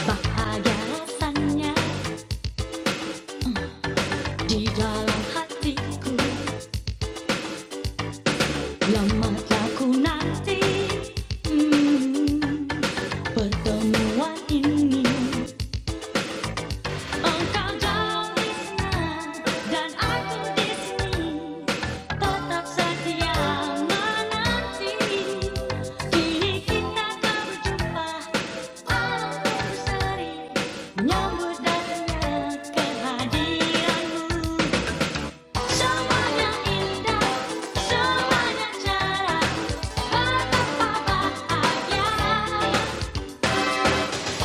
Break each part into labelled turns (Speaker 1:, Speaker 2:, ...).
Speaker 1: Bahagia di dalam hatiku Lamalah nanti Hmm, Pertemuan ini Engkau jauh di sana Dan aku di sini Tetap setia menanti Kini kita akan berjumpa Alam berseri Menyambut datangnya kehadiranmu Semuanya indah, semuanya cerah, betapa bahagia.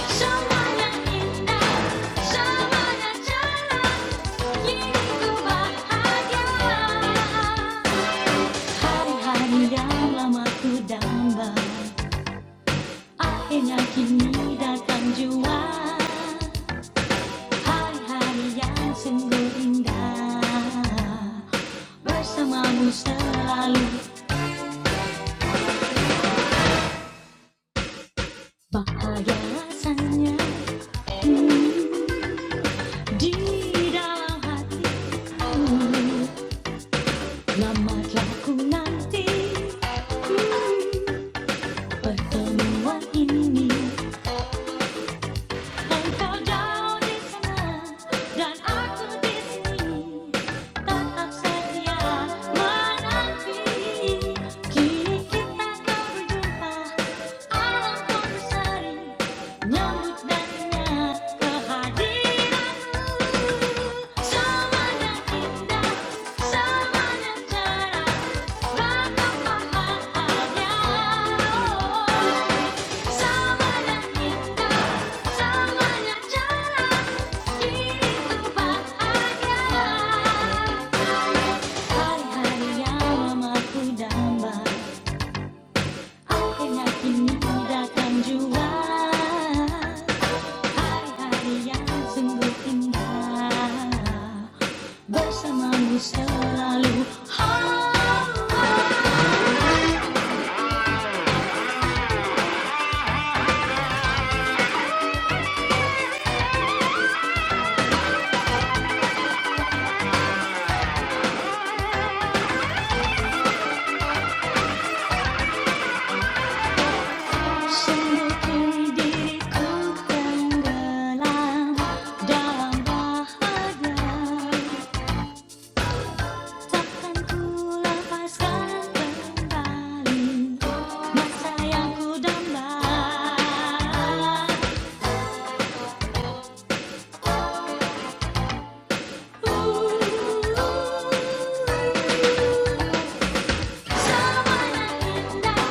Speaker 1: Semuanya indah, semuanya cerah, hidupku bahagia. Hari-hari yang lama ku damba, akhirnya kini datang jua. Hari-hari yang sungguh indah, bersamamu selalu Bahagia rasanya di dalam hati Lama telah ku nanti Hmm, Pertemuan ini Engkau jauh di sana Dan aku di sini Tetap setia menanti Kini kita kau berjumpa Alam pun berseri Menunjukkannya indah, sama yang cerah, ragam bahagia. Sama Hari-hari yang lama ku damba, akhirnya kini datang juga. 하리하리야 승부인다 벌써만 웃어라루 Sungguh tenggelam dalam bahagia Takkan ku lepaskan kembali masa yang ku dambah Semuanya indah, semuanya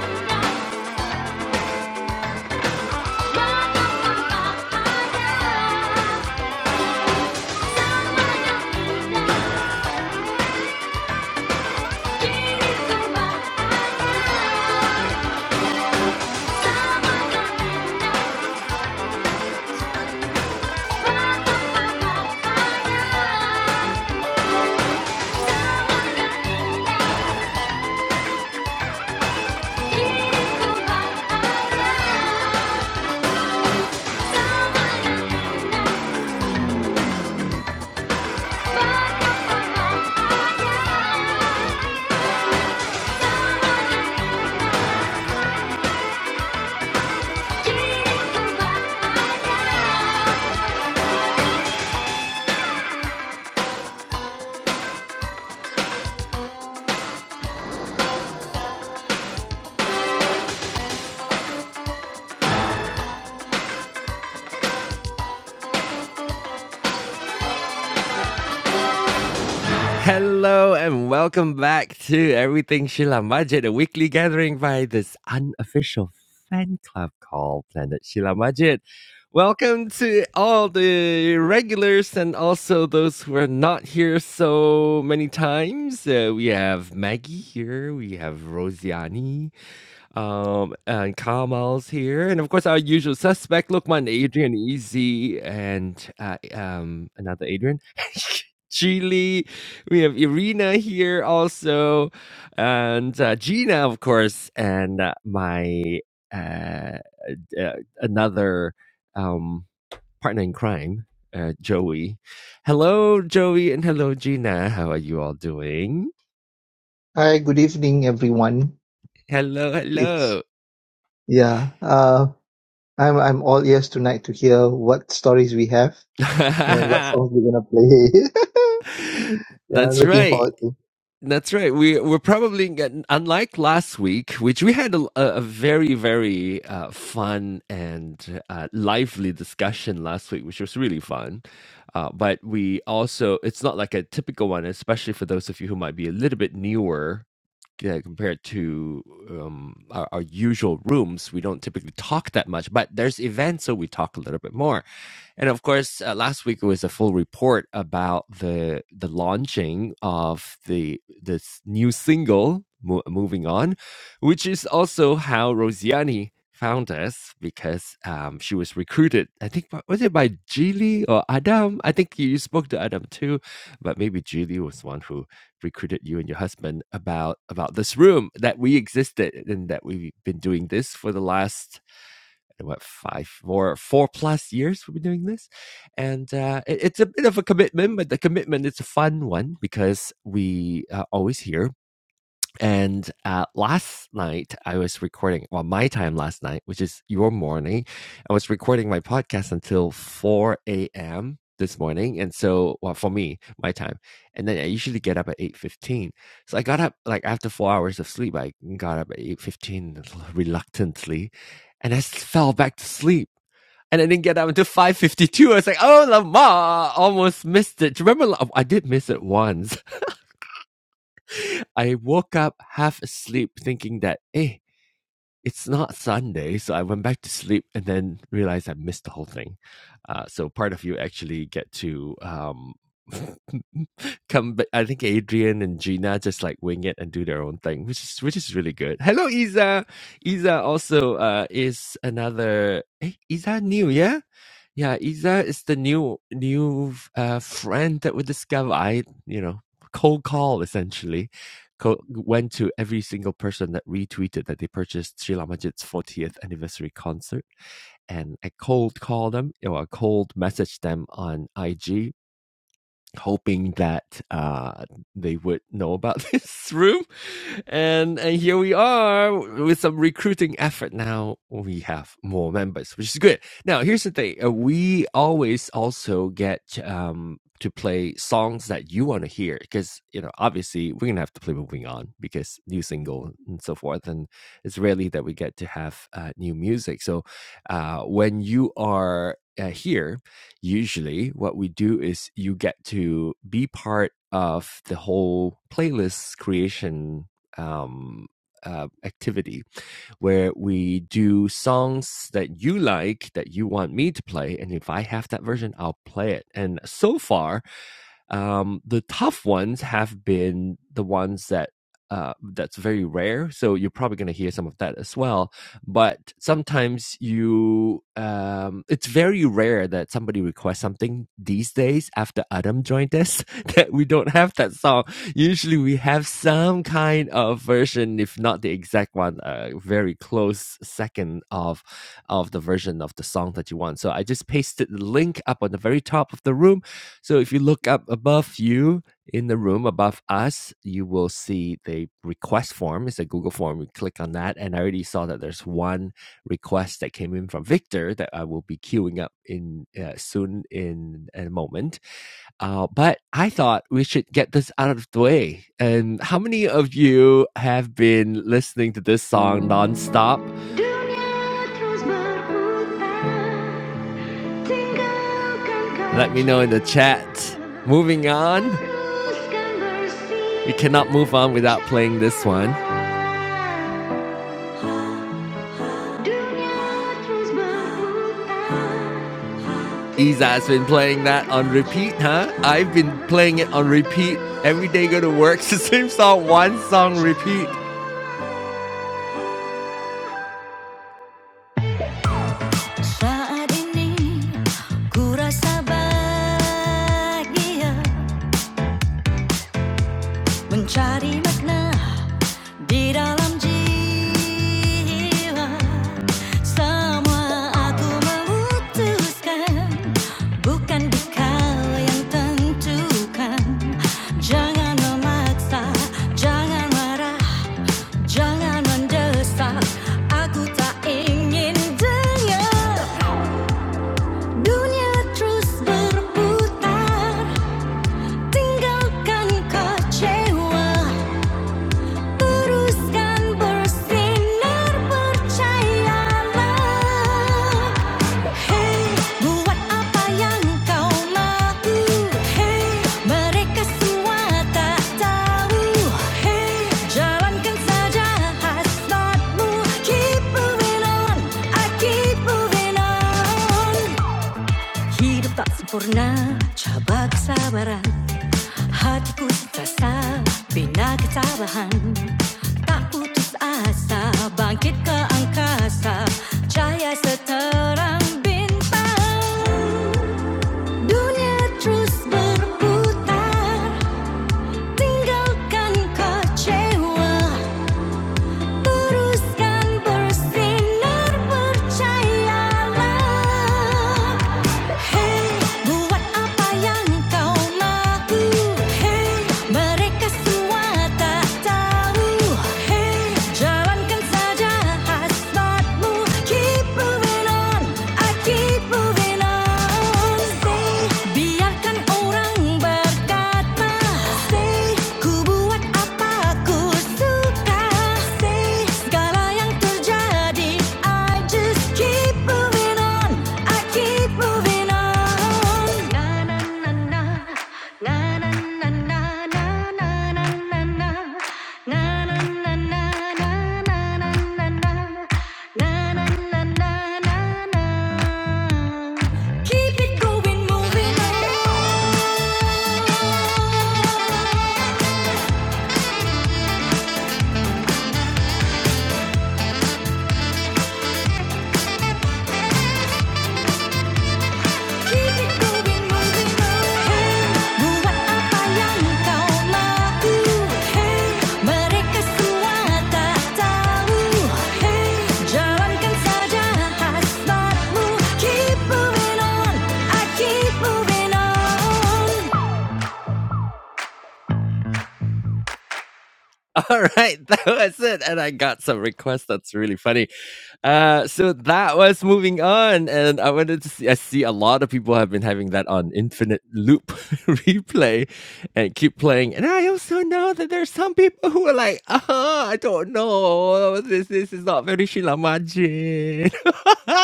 Speaker 1: indah Diriku bahagia Hello and welcome back to Everything Sheila Majid, a weekly gathering by this unofficial fan club called Planet Sheila Majid. Welcome to all the regulars and also those who are not here so many times. Uh, we have Maggie here, we have Rosiani, um, and Kamal's here, and of course our usual suspect, Lukman, Adrian, Easy, and uh, um, another Adrian, Chili. We have Irina here also, and uh, Gina, of course, and uh, my uh, uh, another um, partner in crime, uh, Joey. Hello, Joey, and hello, Gina. How are you all doing?
Speaker 2: Hi, good evening, everyone.
Speaker 1: Hello,
Speaker 2: It's
Speaker 1: hello.
Speaker 2: yeah. Uh, I'm I'm all ears tonight to hear what stories we have and what songs we're gonna play. yeah, I'm
Speaker 1: That's
Speaker 2: looking
Speaker 1: right.
Speaker 2: forward to.
Speaker 1: That's right. We we're probably getting, unlike last week, which we had a, a very very uh, fun and uh, lively discussion last week, which was really fun. Uh, but we also it's not like a typical one, especially for those of you who might be a little bit newer uh, compared to um, our, our usual rooms, we don't typically talk that much, but there's events, so we talk a little bit more. And of course, uh, last week it was a full report about the the launching of the this new single, Mo- Moving On, which is also how Rosiani found us because um, she was recruited, I think, by- was it by Geely or Adam? I think you spoke to Adam too, but maybe Geely was one who recruited you and your husband about about this room that we existed and that we've been doing this for the last what five or four plus years we've been doing this and uh, it, it's a bit of a commitment but the commitment is a fun one because we are always here and uh, last night, I was recording, well, my time last night, which is your morning, I was recording my podcast until 4 a.m. this morning. And so, well, for me, my time. And then I usually get up at 8.15. So I got up, like after four hours of sleep, I got up at 8.15 reluctantly and I fell back to sleep. And I didn't get up until 5.52. I was like, oh, Lamar, almost missed it. Do you remember? I did miss it once. I woke up half asleep thinking that, hey, it's not Sunday. So I went back to sleep and then realized I missed the whole thing. Uh, so part of you actually get to um, come back. I think Adrian and Gina just like wing it and do their own thing, which is which is really good. Hello, Isa. Isa also uh, is another. Hey, Isa new, yeah? Yeah, Isa is the new new uh, friend that we discover. I, you know, cold call essentially co- went to every single person that retweeted that they purchased Sri Majid's 40th anniversary concert. And I cold called them, you know, I cold messaged them on IG hoping that uh, they would know about this room. And and here we are with some recruiting effort. Now we have more members, which is good. Now here's the thing: uh, we always also get. Um, to play songs that you want to hear because you know obviously we're gonna have to play moving on because new single and so forth and it's rarely that we get to have uh, new music so uh, when you are uh, here usually what we do is you get to be part of the whole playlist creation um, uh, activity where we do songs that you like that you want me to play and if i have that version i'll play it and so far um, the tough ones have been the ones that uh, that's very rare. So you're probably going to hear some of that as well. But sometimes you, um, it's very rare that somebody requests something these days after Adam joined us that we don't have that song. Usually we have some kind of version, if not the exact one, a uh, very close second of of the version of the song that you want. So I just pasted the link up on the very top of the room so if you look up above you in the room above us, you will see the request form. It's a Google form. You click on that, and I already saw that there's one request that came in from Victor that I will be queuing up in uh, soon in, in a moment. Uh, but I thought we should get this out of the way. And how many of you have been listening to this song nonstop? Dünya tozlar bulutlar. Let me know in the chat. Moving on. We cannot move on without playing this one. Iza's been playing that on repeat, huh? I've been playing it on repeat every day go to work. It's the same song, one song repeat. Saat ini ku rasa bahagia mencari makna Di dalam jiwa semua aku memutuskan bukan kau yang tentukan jangan memaksa jangan marah jangan mendesak aku tak ingin dengar dunia terus berputar tinggalkan kecewa Teruskan bersinar percayalah Hey buat apa yang kau mau Hey mereka semua tak tahu Hey jalankan saja hasratmu Keep moving on, I keep moving on Hidup tak sempurna, cabak kesabaran. Hatiku ku sensasa Bina ketabahan Tak putus asa Bangkit ke angkasa Cahaya seterang bintang Dunia terus berputar Tinggalkan kecewa terus bersinar percayalah Hey buat apa yang kau mahu Hey mereka semua tak tahu Hey jalankan saja hasratmu Keep moving on, I keep moving on Say biarkan orang berkata Say ku Buat apa aku suka sih segala yang terjadi? I just keep moving on, I keep moving on. na, na na na na na na na na na, na na na na na na na na na, na na na na na na. Keep it going, moving on. Keep moving, on. Hey, buat apa yang kau mahu? Hey, mereka semua tak tahu. Hey, jalankan saja hasratmu. Keep moving on, I keep moving on. All right, that was it, and I got some requests. That's really funny. Uh, so that was moving on, and I wanted to see. I see a lot of people have been having that on infinite loop replay, and keep playing. And I also know that there's some people who are like, "Ah, I don't know. This this is not very Shilamaji." Yay!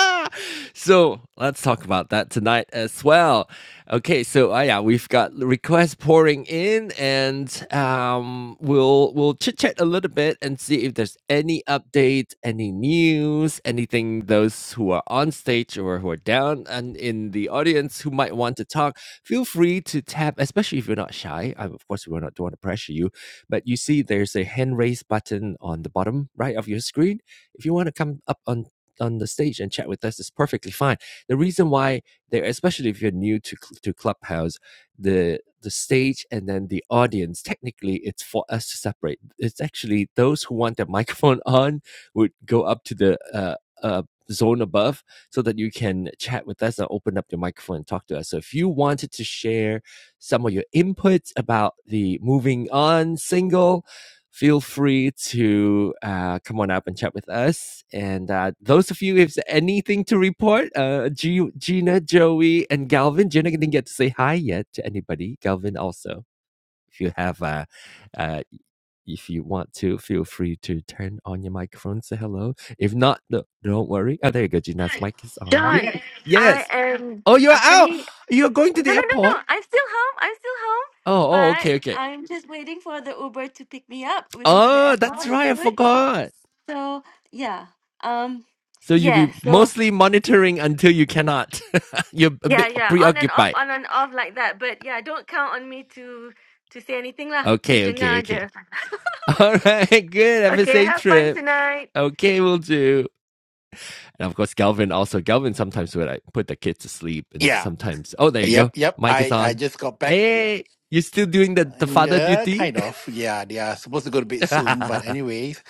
Speaker 1: so let's talk about that tonight as well. Okay, so uh, yeah, we've got requests pouring in, and um, we'll we'll chit chat a little bit and see if there's any update, any news, anything those who are on stage or who are down and in the audience who might want to talk. Feel free to tap, especially if you're not shy. Um, of course, we don't want to pressure you, but you see there's a hand raise button on the bottom right of your screen. If you want to come up on on the stage and chat with us is perfectly fine. The reason why there, especially if you're new to to Clubhouse, the the stage and then the audience, technically, it's for us to separate. It's actually those who want their microphone on would go up to the uh, uh, zone above so that you can chat with us and open up your microphone and talk to us. So if you wanted to share some of your inputs about the moving on single feel free to uh, come on up and chat with us. And uh, those of you, if there's anything to report, uh, G- Gina, Joey, and Galvin. Gina didn't get to say hi yet to anybody. Galvin also. If you have, uh, uh, if you want to, feel free to turn on your microphone, say hello. If not, no, don't worry. Oh, there you go. Gina's mic is on.
Speaker 3: John,
Speaker 4: Yes.
Speaker 3: I
Speaker 1: Yes.
Speaker 3: am
Speaker 1: Oh, you're
Speaker 3: up in
Speaker 1: out. You're going to the
Speaker 3: No, no, no,
Speaker 1: airport.
Speaker 3: no. I'm still home. I'm still home.
Speaker 1: Oh, oh,
Speaker 3: But
Speaker 1: okay, okay.
Speaker 3: I'm just waiting for the Uber to pick me up. We're going to the
Speaker 1: Oh, that's
Speaker 3: airport
Speaker 1: right. I
Speaker 3: soon.
Speaker 1: forgot.
Speaker 3: So, yeah. Um,
Speaker 1: So you'll be
Speaker 3: yeah. So,
Speaker 1: mostly monitoring until you cannot. You're a
Speaker 3: yeah,
Speaker 1: bit
Speaker 3: yeah. On and off,
Speaker 1: preoccupied.
Speaker 3: on and off like that. But yeah, don't count on me to to say anything lah. Just
Speaker 1: Okay, okay,
Speaker 3: dengar
Speaker 1: okay.
Speaker 3: aja.
Speaker 1: All right, good
Speaker 3: Okay,
Speaker 1: FSA
Speaker 3: have fun
Speaker 1: trip.
Speaker 3: tonight.
Speaker 1: Okay, we'll do. And of course, Galvin also. Galvin sometimes would like put the kids to sleep, and
Speaker 4: Yeah.
Speaker 1: sometimes, oh, there you go.
Speaker 4: Yep. Yep.
Speaker 1: Mic is
Speaker 4: I I
Speaker 1: on.
Speaker 4: just got
Speaker 1: Hey,
Speaker 4: back.
Speaker 1: hey, hey. you still doing the, the
Speaker 4: And,
Speaker 1: father
Speaker 4: uh,
Speaker 1: duty?
Speaker 4: kind of, yeah. They are supposed to go to bed soon, but
Speaker 1: oh,
Speaker 4: anyways,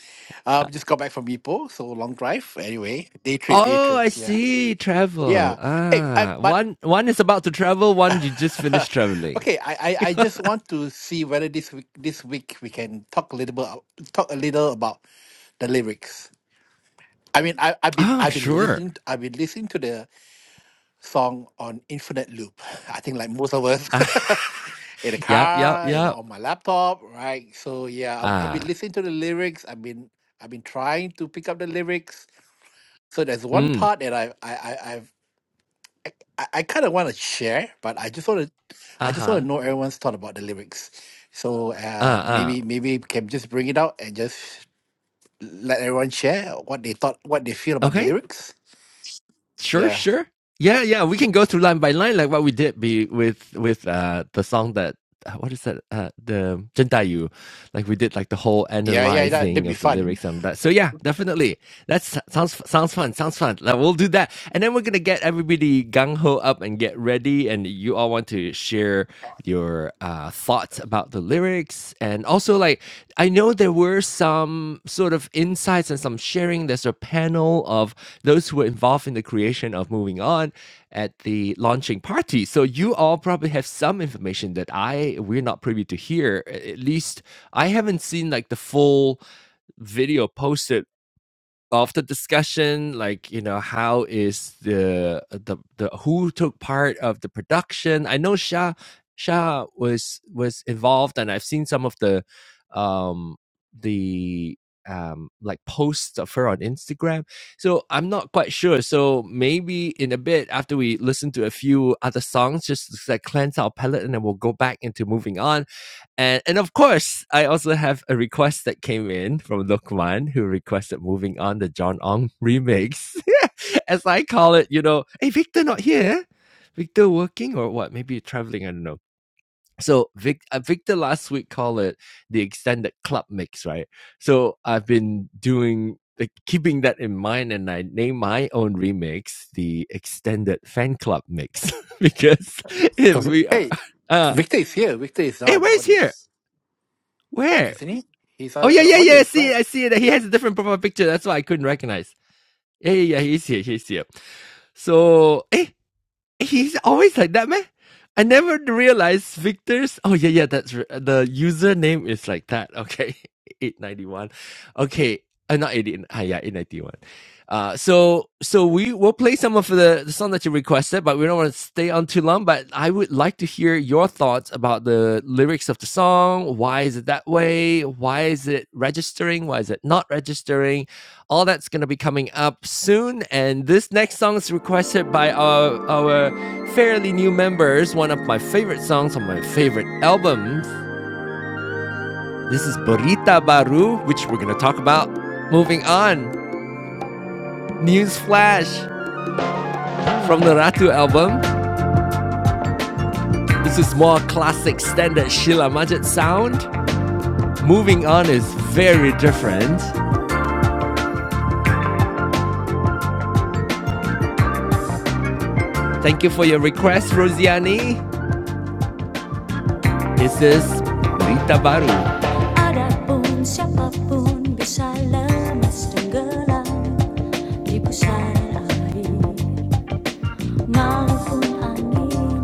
Speaker 4: um, just got back from Ipoh, so long drive. Anyway, day trip, day trip.
Speaker 1: I
Speaker 4: Yeah,
Speaker 1: see. Travel.
Speaker 4: yeah. Hey, I,
Speaker 1: Ah,
Speaker 4: but
Speaker 1: one one is about to travel. One you just finished traveling.
Speaker 4: okay, I, I, I just want to see whether this week, this week we can talk a little bit, talk a little about the lyrics. I mean, I, I've been,
Speaker 1: Oh,
Speaker 4: I've been
Speaker 1: sure.
Speaker 4: listening, I've been listening to the song on infinite loop. I think like most of us in the
Speaker 1: yeah, yeah,
Speaker 4: car, in my-
Speaker 1: yeah.
Speaker 4: on my laptop, right? So yeah, I'm, I've
Speaker 1: Ah,
Speaker 4: been listening to the lyrics. I've been I've been trying to pick up the lyrics. So there's one
Speaker 1: mm,
Speaker 4: part that I I, I I've I, I kind of want to share, but I just want to I
Speaker 1: uh
Speaker 4: just
Speaker 1: huh,
Speaker 4: want to know everyone's thought about the lyrics. So
Speaker 1: uh,
Speaker 4: uh,
Speaker 1: uh.
Speaker 4: maybe maybe we can just bring it out and just let everyone share what they thought, what they feel about the
Speaker 1: Okay,
Speaker 4: lyrics.
Speaker 1: sure,
Speaker 4: Yeah,
Speaker 1: sure. Yeah, yeah. We can go through line by line like what we did be with with uh the song that uh, what is that uh the Jentayu, like we did like the whole
Speaker 4: yeah, yeah. That,
Speaker 1: analyzing
Speaker 4: that'd be
Speaker 1: of the
Speaker 4: fun.
Speaker 1: lyrics and that. So yeah, definitely. That sounds sounds fun. Sounds fun. Like, we'll do that, and then we're gonna get everybody gung ho up and get ready. And you all want to share your uh thoughts about the lyrics and also like i know there were some sort of insights and some sharing there's a panel of those who were involved in the creation of moving on at the launching party so you all probably have some information that i we're not privy to here A- at least i haven't seen like the full video posted of the discussion like you know how is the uh, the, the who took part of the production i know shah shah was was involved and i've seen some of the um the um like posts of her on instagram so i'm not quite sure so maybe in a bit after we listen to a few other songs just to like cleanse our palate, and then we'll go back into moving on and and of course, I also have a request that came in from Lukman, who requested moving on the John Ong remix. As I call it, you know, hey Victor not here. Victor working or what? Maybe traveling, I don't know. So Vic, uh, Victor last week called it the extended club mix, right? So I've been doing like keeping that in mind and I name my own remix the extended fan club mix because if
Speaker 4: 'Cause-
Speaker 1: we are
Speaker 4: Hey,
Speaker 1: uh
Speaker 4: Victor is here. Victor is now
Speaker 1: hey
Speaker 4: an
Speaker 1: where's here?
Speaker 4: audience,
Speaker 1: Where?
Speaker 4: isn't he? He's
Speaker 1: Oh
Speaker 4: an,
Speaker 1: yeah,
Speaker 4: an
Speaker 1: yeah, yeah. I
Speaker 4: audience,
Speaker 1: see it. I
Speaker 4: right?
Speaker 1: see it. He has a different profile picture. That's why I couldn't recognize. Yeah, yeah, yeah. He's here. He's here. So, eh, he's always like that, man. I never realized Victor's. Oh yeah, yeah. That's r- the username is like that. Okay, eight ninety one. Okay, uh, not eighty. Ah, yeah, eight ninety one. Uh, so so we will play some of the, the song that you requested, but we don't want to stay on too long. But I would like to hear your thoughts about the lyrics of the song. Why is it that way? Why is it registering? Why is it not registering? All that's going to be coming up soon. And this next song is requested by our, our fairly new members, one of my favorite songs on my favorite albums. This is Burrita Baru, which we're going to talk about. Moving on, news flash from the Ratu album. This is more classic standard Sheila Majid sound. Moving on is very different. Thank you for your request, Rosiani. This is Rita Baru. Adapun siapapun bisa lemas tenggelam di pusara air maupun angin,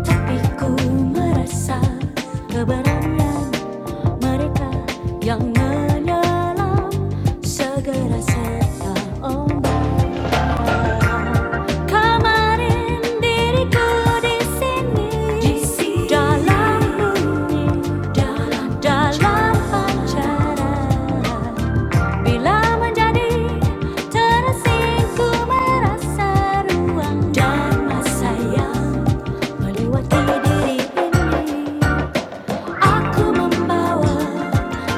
Speaker 1: tapi ku merasa keberanian mereka yang menyelam segera serta ombak Kemarin diriku di sini dalam bunyi dalam dalam Bila menjadi terasing merasa ruang dan masa yang melewati diri ini. Aku membawa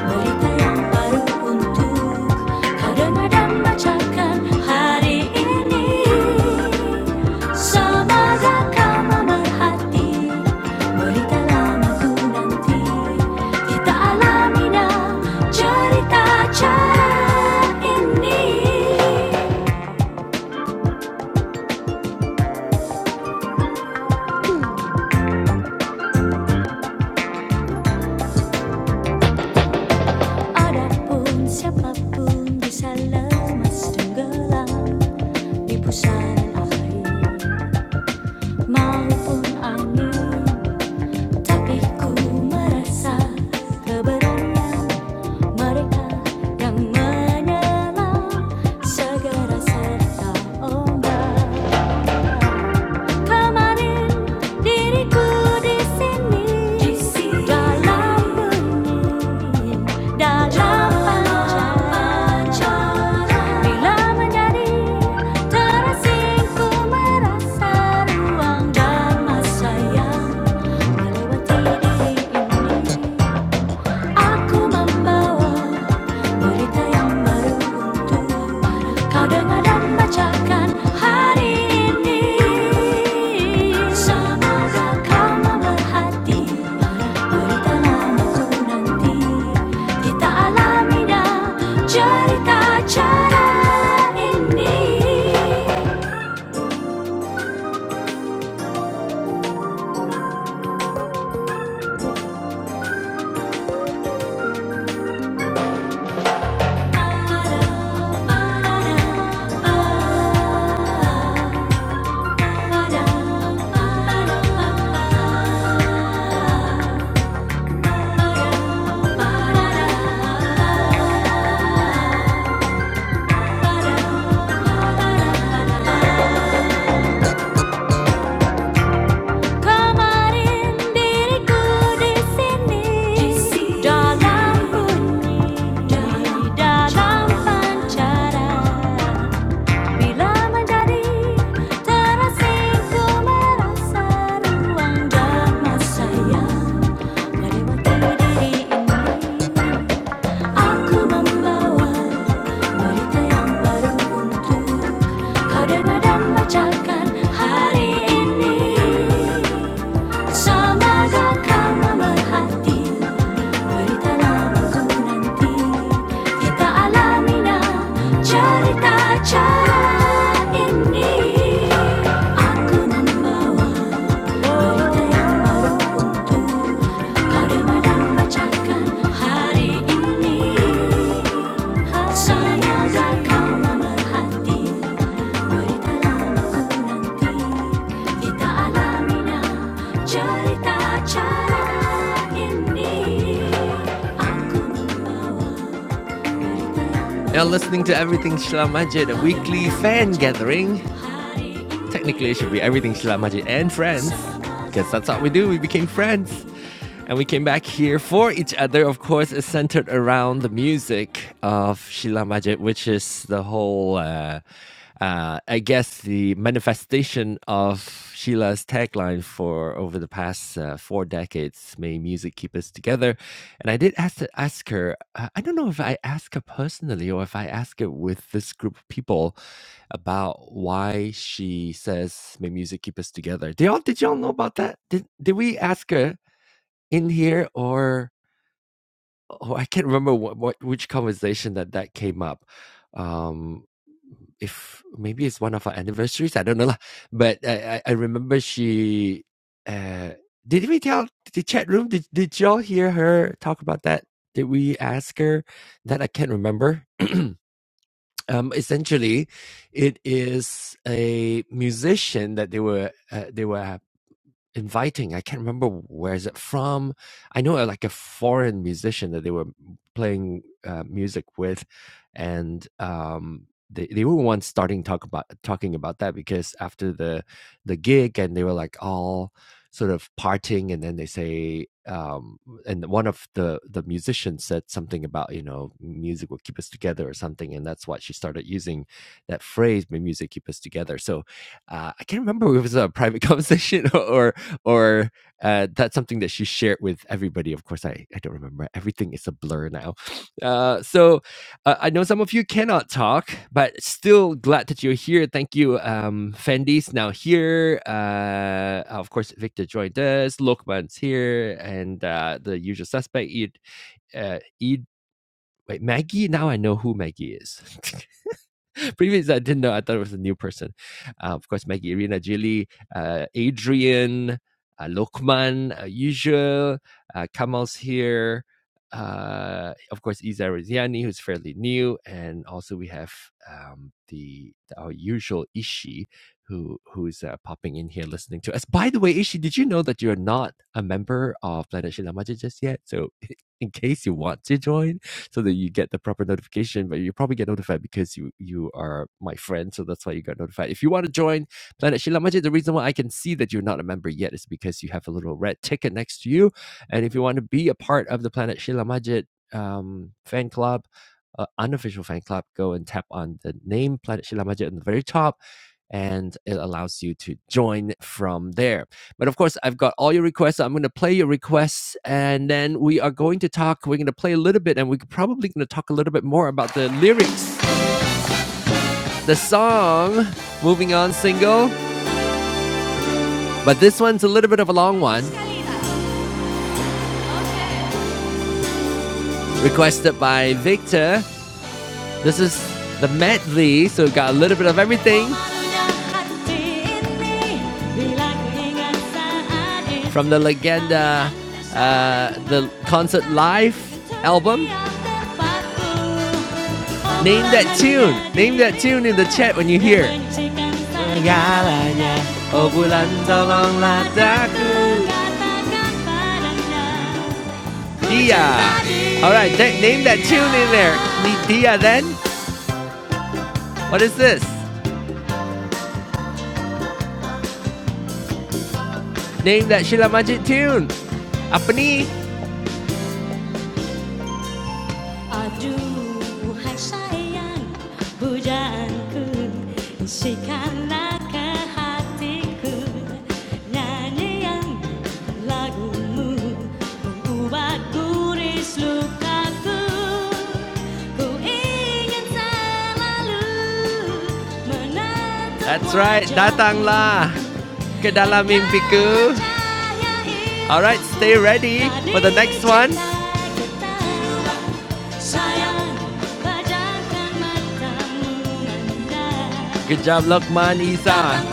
Speaker 1: berita yang baru untuk kau dengar dan hari ini. Semoga kau memerhati berita lamaku nanti. Kita alami dah cerita ini. Adapun siapapun bisa lemas tenggelam di pusaran air. maupun angin Tapi ku merasa keberadaan mereka yang menyelam Segera serta ombak Kemarin diriku di sini di sini Dalam bunyi, dalam pancaran Bila menjadi terasing ku merasa ruang dan masa yang Aku membawa berita yang baru untukmu. Kau dengar dan bacakan hari ini. Semoga kau memerhati berita lamaku nanti. Kita alami dah cerita ini. Ba-da, ba-da-da, Kemarin diriku di sini dalam bunyi dalam pancaran bila menjadi terasing merasa ruang dan masa Aku membawa berita yang baru untuk kau dan bacakan hari ini. Samaga ka mamahati Berita namaku nanti Kita alami na carita ini Aku membawa Berita yang beruntung Kau dengar bacakan hari ini Samaga ka mamahati you're listening to Everything Shlam Majid, a weekly fan gathering Technically, it should be everything Sheila Majid and friends. Because that's what we do. We became friends. And we came back here for each other. Of course, is centered around the music of Sheila Majid, which is the whole, uh, uh, I guess, the manifestation of Sheila's tagline for over the past uh, four decades May music keep us together. And I did ask, to ask her, uh, I don't know if I asked her personally or if I asked it with this group of people about why she says, "May music keep us together." Did y'all did y'all know about that? Did did we ask her in here or oh, I can't remember what, what which conversation that that came up. Um, if maybe it's one of our anniversaries, I don't know lah. But I I, I remember she. Uh, did we tell the chat room? Did did y'all hear her talk about that? Did we ask her that? I can't remember. um, essentially, it is a musician that they were uh, they were inviting. I can't remember where is it from. I know uh, like a foreign musician that they were playing uh, music with, and um, they they were once starting talk about talking about that because after the the gig and they were like all sort of parting, and then they say. Um, and one of the the musicians said something about you know music will keep us together or something, and that's why she started using that phrase. May music keep us together. So uh, I can't remember if it was a private conversation or or uh, that's something that she shared with everybody. Of course, I, I don't remember. Everything is a blur now. Uh, so uh, I know some of you cannot talk, but still glad that you're here. Thank you. Um, Fendi's now here. Uh, of course, Victor joined us. Lokman's here. And uh, the usual suspect, Eid. Uh, Eid wait, Maggie? Now I know who Maggie is. Previous, I didn't know. I thought it was a new person. Uh, of course, Maggie, Irina, Jilly, uh, Adrian, uh, Lokman, uh, usual. Uh, Kamal's here. Uh, of course, Iza Riziani, who's fairly new, and also we have um, the our usual Ishi, who who's uh, popping in here listening to us. By the way, Ishi, did you know that you're not a member of Planet Shilamaja just yet? So, in case you want to join, so that you get the proper notification. But you probably get notified because you you are my friend, so that's why you got notified. If you want to join Planet Shila Majid, the reason why I can see that you're not a member yet is because you have a little red ticket next to you. And if you want to be a part of the Planet Shila Majid um, fan club, uh, unofficial fan club, go and tap on the name Planet Shila Majid on the very top and it allows you to join from there. But of course, I've got all your requests. So I'm going to play your requests, and then we are going to talk. We're going to play a little bit, and we're probably going to talk a little bit more about the lyrics, the song. Moving on, single. But this one's a little bit of a long one, requested by Victor. This is the medley, so we got a little bit of everything from the Legenda, uh, the concert live album. Name that tune. Name that tune in the chat when you hear. it. Dia. All right, th- name that tune in there. Ni- Dia then. What is this? Name that Sheila Majid tune. Apa ni? Aduhai sayang bujanku Isikanlah ke hatiku Nyanyian lagumu Mengubah guris lukaku Ku ingin selalu menatap That's right, wajahmu. datanglah Ke dalam mimpiku. Alright, stay ready for the next one. Good job, Lokman Isa.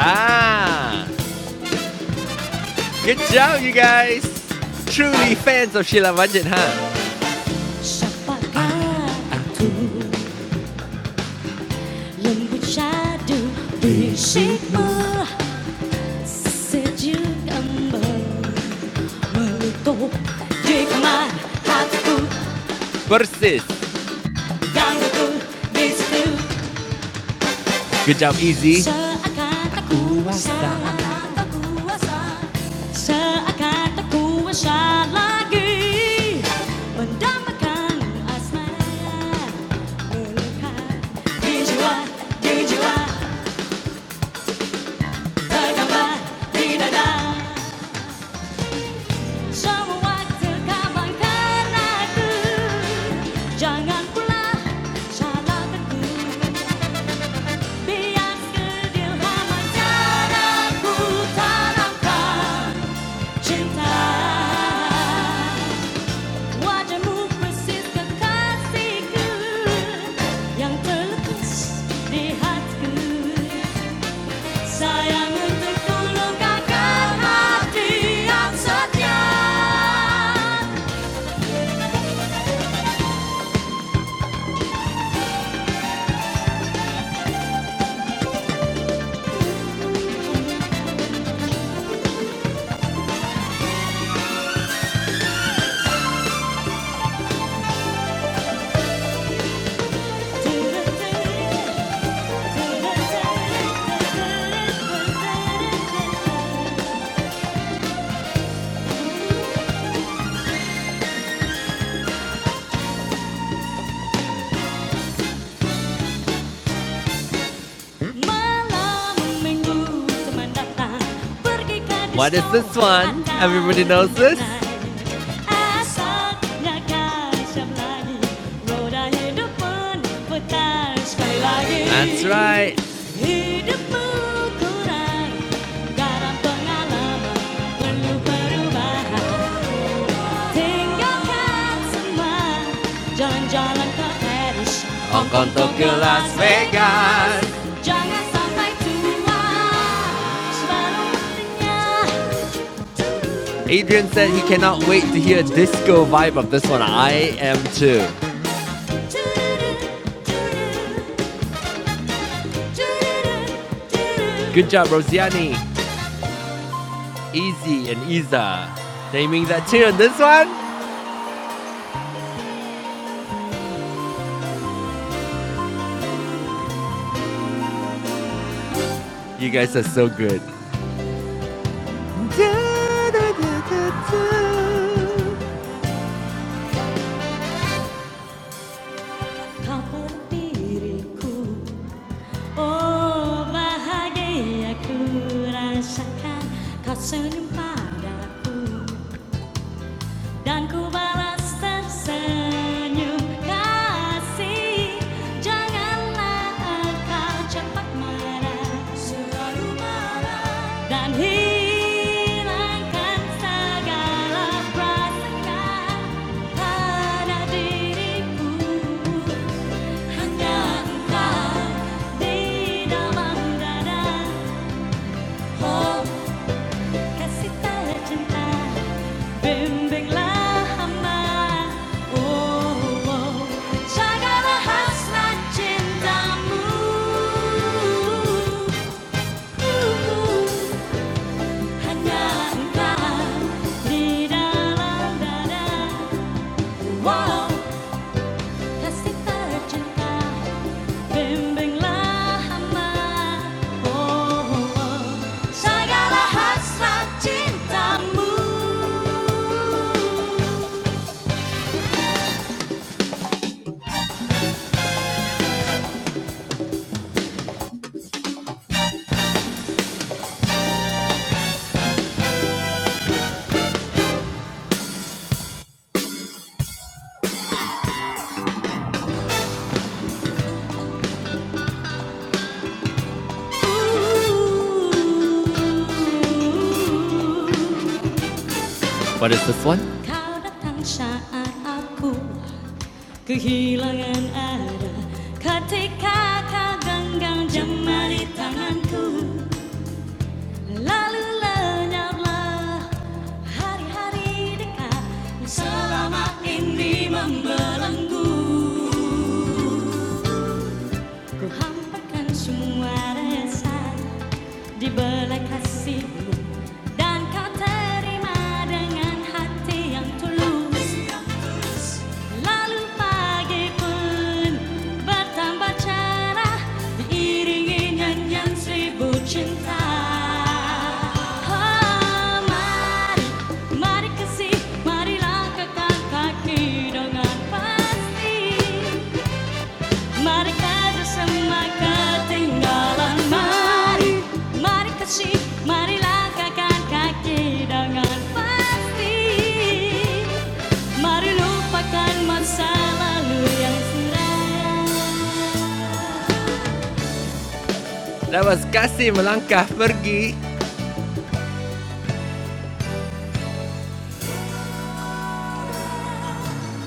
Speaker 1: Ah, good job, you guys. Truly fans of Sheila Majid, huh? Siapakah Versus. Good job, Easy. Sa akatakuwasa, akatakuwasa, sa akatakuwasa lagi. Mendambakan asmara, melekat di jiwa, di jiwa, tergambar di dada. Semua terkabangkan aku, jangan pula salahkanku. Biar kedilha menjaraku tanamkan cinta Wajahmu persis kekasihku Yang terlepas di hatiku Sayang untuk tulungkan hati yang setia Terus, terus, terus, terus, terus, terus, terus What is this one? Everybody knows this? That's right. 생각한 순간 전전한 카페르시 엉건 도쿄 라스베가스 정한 선발 투와 시바로 만드냐 Adrian said he cannot wait to hear disco vibe of this one. I am too. Good job, Rosiani. Easy and Iza. Naming that tune. This one? You guys are so good. Da da da da da, kapan biriku, oh wahai aku rasakan kau senyum padaku. Dan ku balas tersenyum kasih Janganlah engkau cepat marah Dan hilangkan segala perasaan Pada diriku Hanya engkau di dalam Oh kasih tak cinta bimbinglah oh, oh. jagalah hasrat cintamu, hanya engkau di dalam dada, wow, kasih tercinta, bimbinglah hamba, oh, oh. jagalah hasrat cintamu. What is this one? Kau datang saat aku kehilangan arah Ketika kau genggam jemari tanganku Lalu lenyaplah hari-hari dekat Selama ini membelenggu Ku hampakan semua resah Di belai kasihmu dan kau terima dengan hati yang tulus Lalu pagi pun bertambah cerah diiringi nyanyian seribu cinta Oh mari, mari kasih, marilah kakak kaki dengan pasti Mari kaju semua ketinggalan Mari, mari kasih Mari langkahkan kaki dengan pasti Mari lupakan masa lalu yang suram Lawas kasih melangkah pergi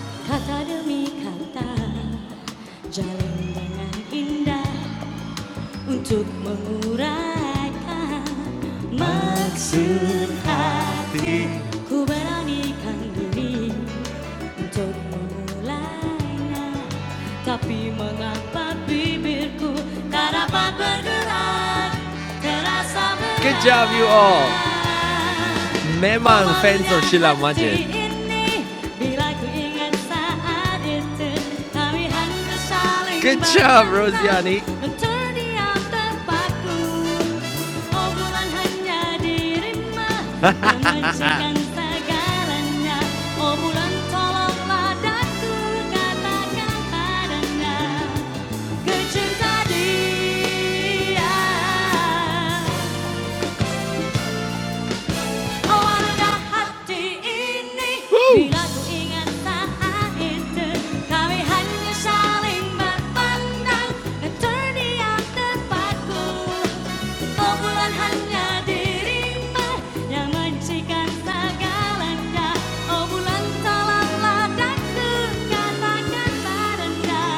Speaker 1: Kata demi kata Jalin dengan indah Untuk menguraikan Maksud hati 구별하니 kandungi Untuk memulainya Tapi mengapa bibirku Tak dapat bergerak Terasa berat Good job, you all memang fans of Sheila Majid. Good job, Rosiani. Oana hati ini bila ingat saat itu kami hanya saling berpandang dan terdiam terpaku. Kumpulan hanya dirimu yang mencikan segalanya. Oh bulan tolonglah daku katakan padanya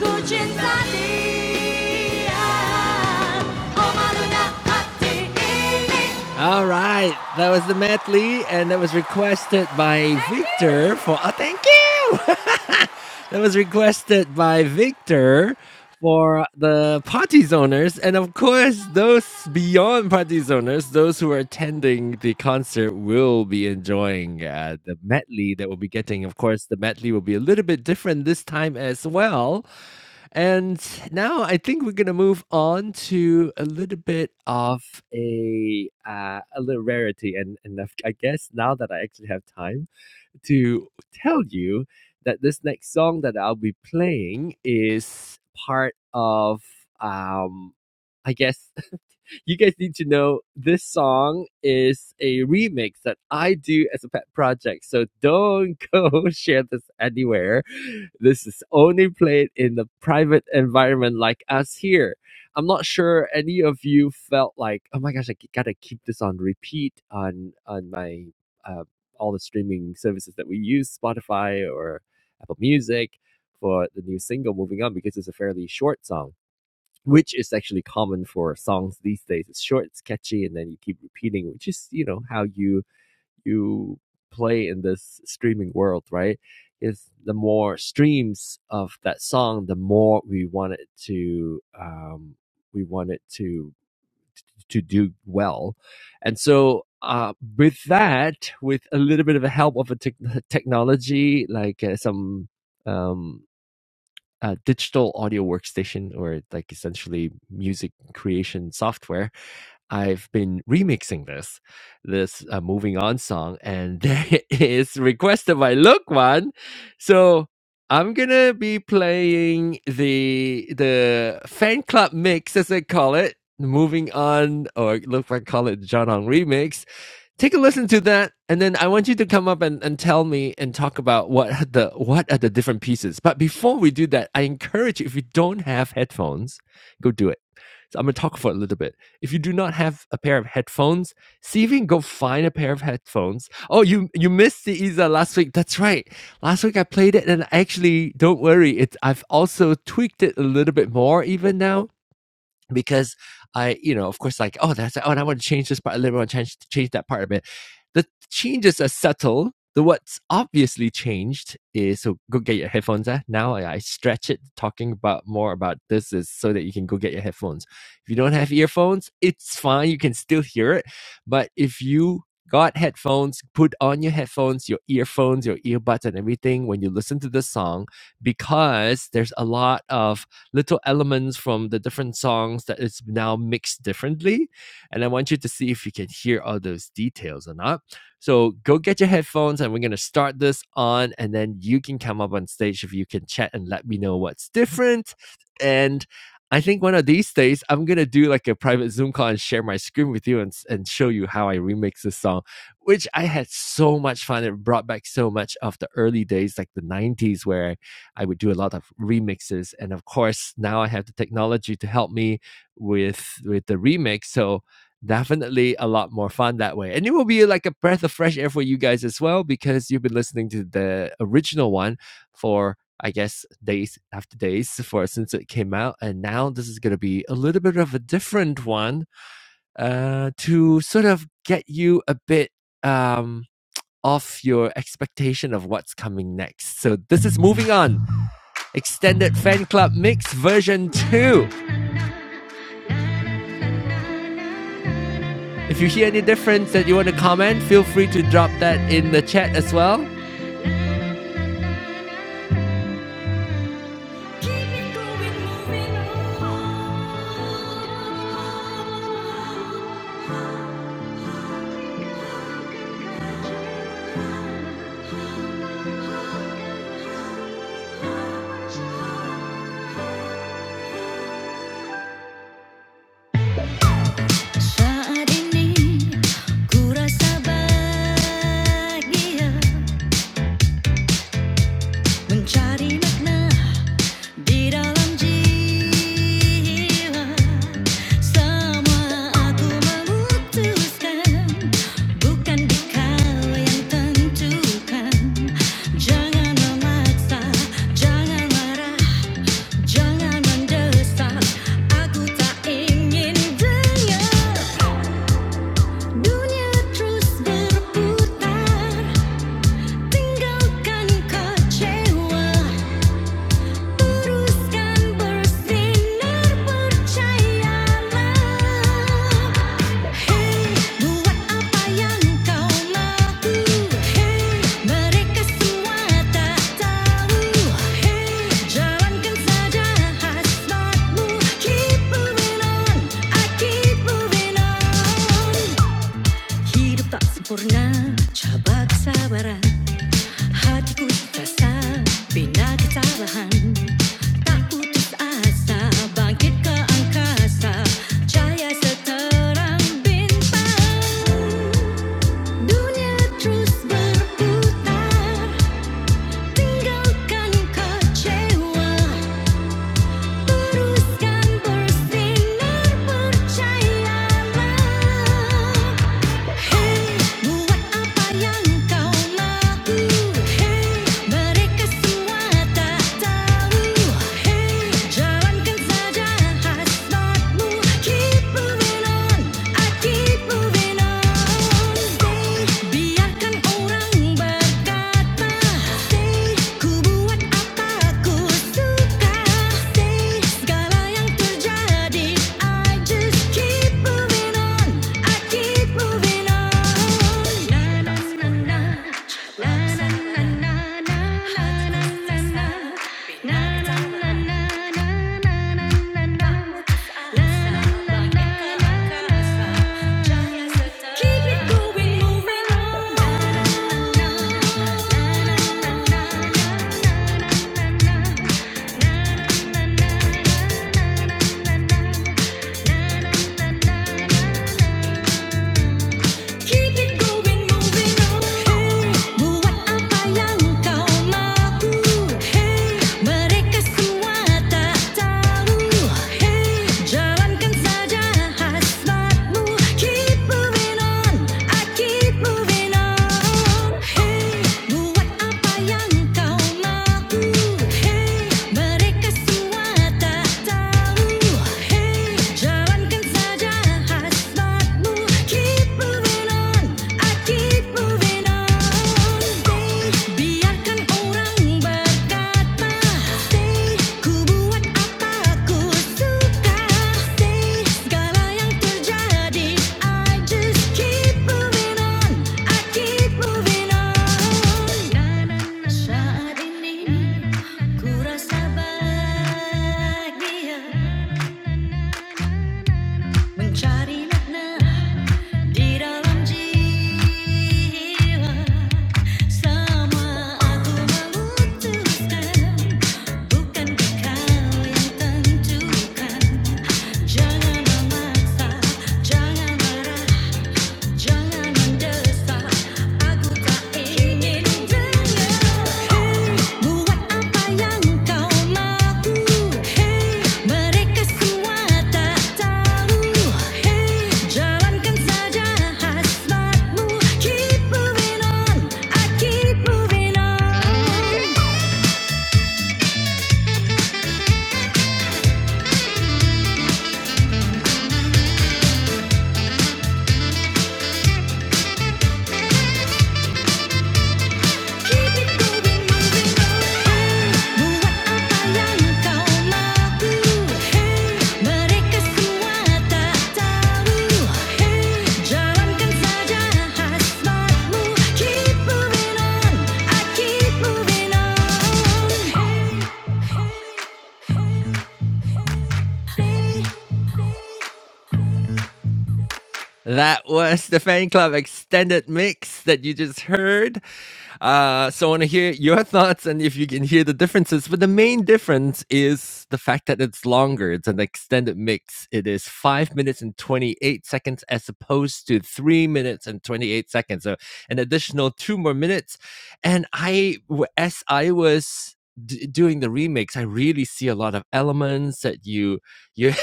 Speaker 1: ku cinta dia. Oh malunya hati ini. All right, that was the Matt Lee, and that was requested by Victor for. Oh, thank you. that was requested by Victor for the party zoners, and of course, those beyond party zoners, those who are attending the concert will be enjoying uh, the medley that we'll be getting. Of course, the medley will be a little bit different this time as well. And now I think we're gonna move on to a little bit of a uh, a little rarity, and and I've- I guess now that I actually have time to tell you that this next song that I'll be playing is part of um I guess you guys need to know this song is a remix that I do as a pet project. So don't go share this anywhere. This is only played in the private environment like us here. I'm not sure any of you felt like, oh my gosh, I gotta keep this on repeat on on my uh, all the streaming services that we use, Spotify or Apple Music, for the new single "Moving On" because it's a fairly short song which is actually common for songs these days. It's short, it's catchy, and then you keep repeating, which is you know how you you play in this streaming world, right? Is the more streams of that song, the more we want it to um, we want it to to do well, and so. Uh, with that, with a little bit of a help of a tech technology, like uh, some um, uh, digital audio workstation or like essentially music creation software. I've been remixing this, this uh, moving on song, and it is requested by Look One. So I'm gonna be playing the the fan club mix, as I call it, moving on, or Look One call it John Hong remix take a listen to that and then i want you to come up and, and tell me and talk about what the what are the different pieces but before we do that i encourage you if you don't have headphones go do it so i'm going to talk for a little bit if you do not have a pair of headphones see if you can go find a pair of headphones oh you you missed the isa last week that's right last week i played it and actually don't worry it's i've also tweaked it a little bit more even now because I, you know, of course, like, oh, that's oh, and I want to change this part a little, I want to change, change that part a bit. The changes are subtle. The what's obviously changed is so go get your headphones. Eh? Now I, I stretch it, talking about more about this is so that you can go get your headphones. If you don't have earphones, it's fine. You can still hear it, but if you got headphones, put on your headphones, your earphones, your earbuds, and everything when you listen to the song, because there's a lot of little elements from the different songs that is now mixed differently. And I want you to see if you can hear all those details or not. So go get your headphones and we're going to start this on. And then you can come up on stage if you can chat and let me know what's different. And I think one of these days, I'm going to do like a private Zoom call and share my screen with you and, and show you how I remix this song, which I had so much fun. It brought back so much of the early days, like the 90s, where I would do a lot of remixes, and of course now I have the technology to help me with with the remix. So definitely a lot more fun that way, and it will be like a breath of fresh air for you guys as well because you've been listening to the original one for. I guess days after days for since it came out, and now this is going to be a little bit of a different one uh, to sort of get you a bit um, off your expectation of what's coming next. So this is moving on. Extended Fan Club Mix version 2. If you hear any difference that you want to comment, feel free to drop that in the chat as well. Di dalam jiwa semua aku memutuskan bukan kau yang tentukan. Jangan memaksa, jangan marah, jangan mendesak. Aku tak ingin dengar dunia terus berputar. Tinggalkan kecewa teruskan bersinar percayalah Hey buat apa yang kau mahu Hey mereka semua tak tahu Hey jalankan saja hasratmu Keep moving on, I keep moving on Hidup tak sempurna, coba kesabaran Hatiku terasa bina kecerahan Tak putus asa bangkit ke angkasa Cahaya seterang bintang Dunia terus berputar Tinggalkan kecewa teruskan Hey, buat apa yang kau mahu Hey, mereka semua tak tahu Hey, jalankan saja hasratmu Keep moving on, I keep moving on Stay, biarkan orang berkata Stay, ku Buat aku suka say segala I just keep moving on I keep moving on Na na na na na na na na na na na na na na na na na na na na Keep it going, moving on. Na na na na na na na na. Keep it going, moving on. Hey, buat apa yang kau mahu? Hey, mereka semua tak tahu. Hey, jalankan saja hasratmu. Keep moving on, I keep moving on. Hey, buat apa yang kau mahu? Hey, mereka semua tak tahu. Hey, jalankan saja. Saat ini ku rasa bahagia mencari makna Jangan memaksa, jangan marah Hey, buat apa yang kau mahu? Hey, mereka semua tak tahu. Hey, jalankan saja hasratmu. Keep moving on, I keep moving on. Hey, hey, hey, hey. That was the fan club extended mix that you just heard. Uh, so I want to hear your thoughts and if you can hear the differences. But the main difference is the fact that it's longer. It's an extended mix. It is five minutes and 28 seconds as opposed to three minutes and 28 seconds. So an additional two more minutes. And I, as I was d- doing the remix, I really see a lot of elements that you you,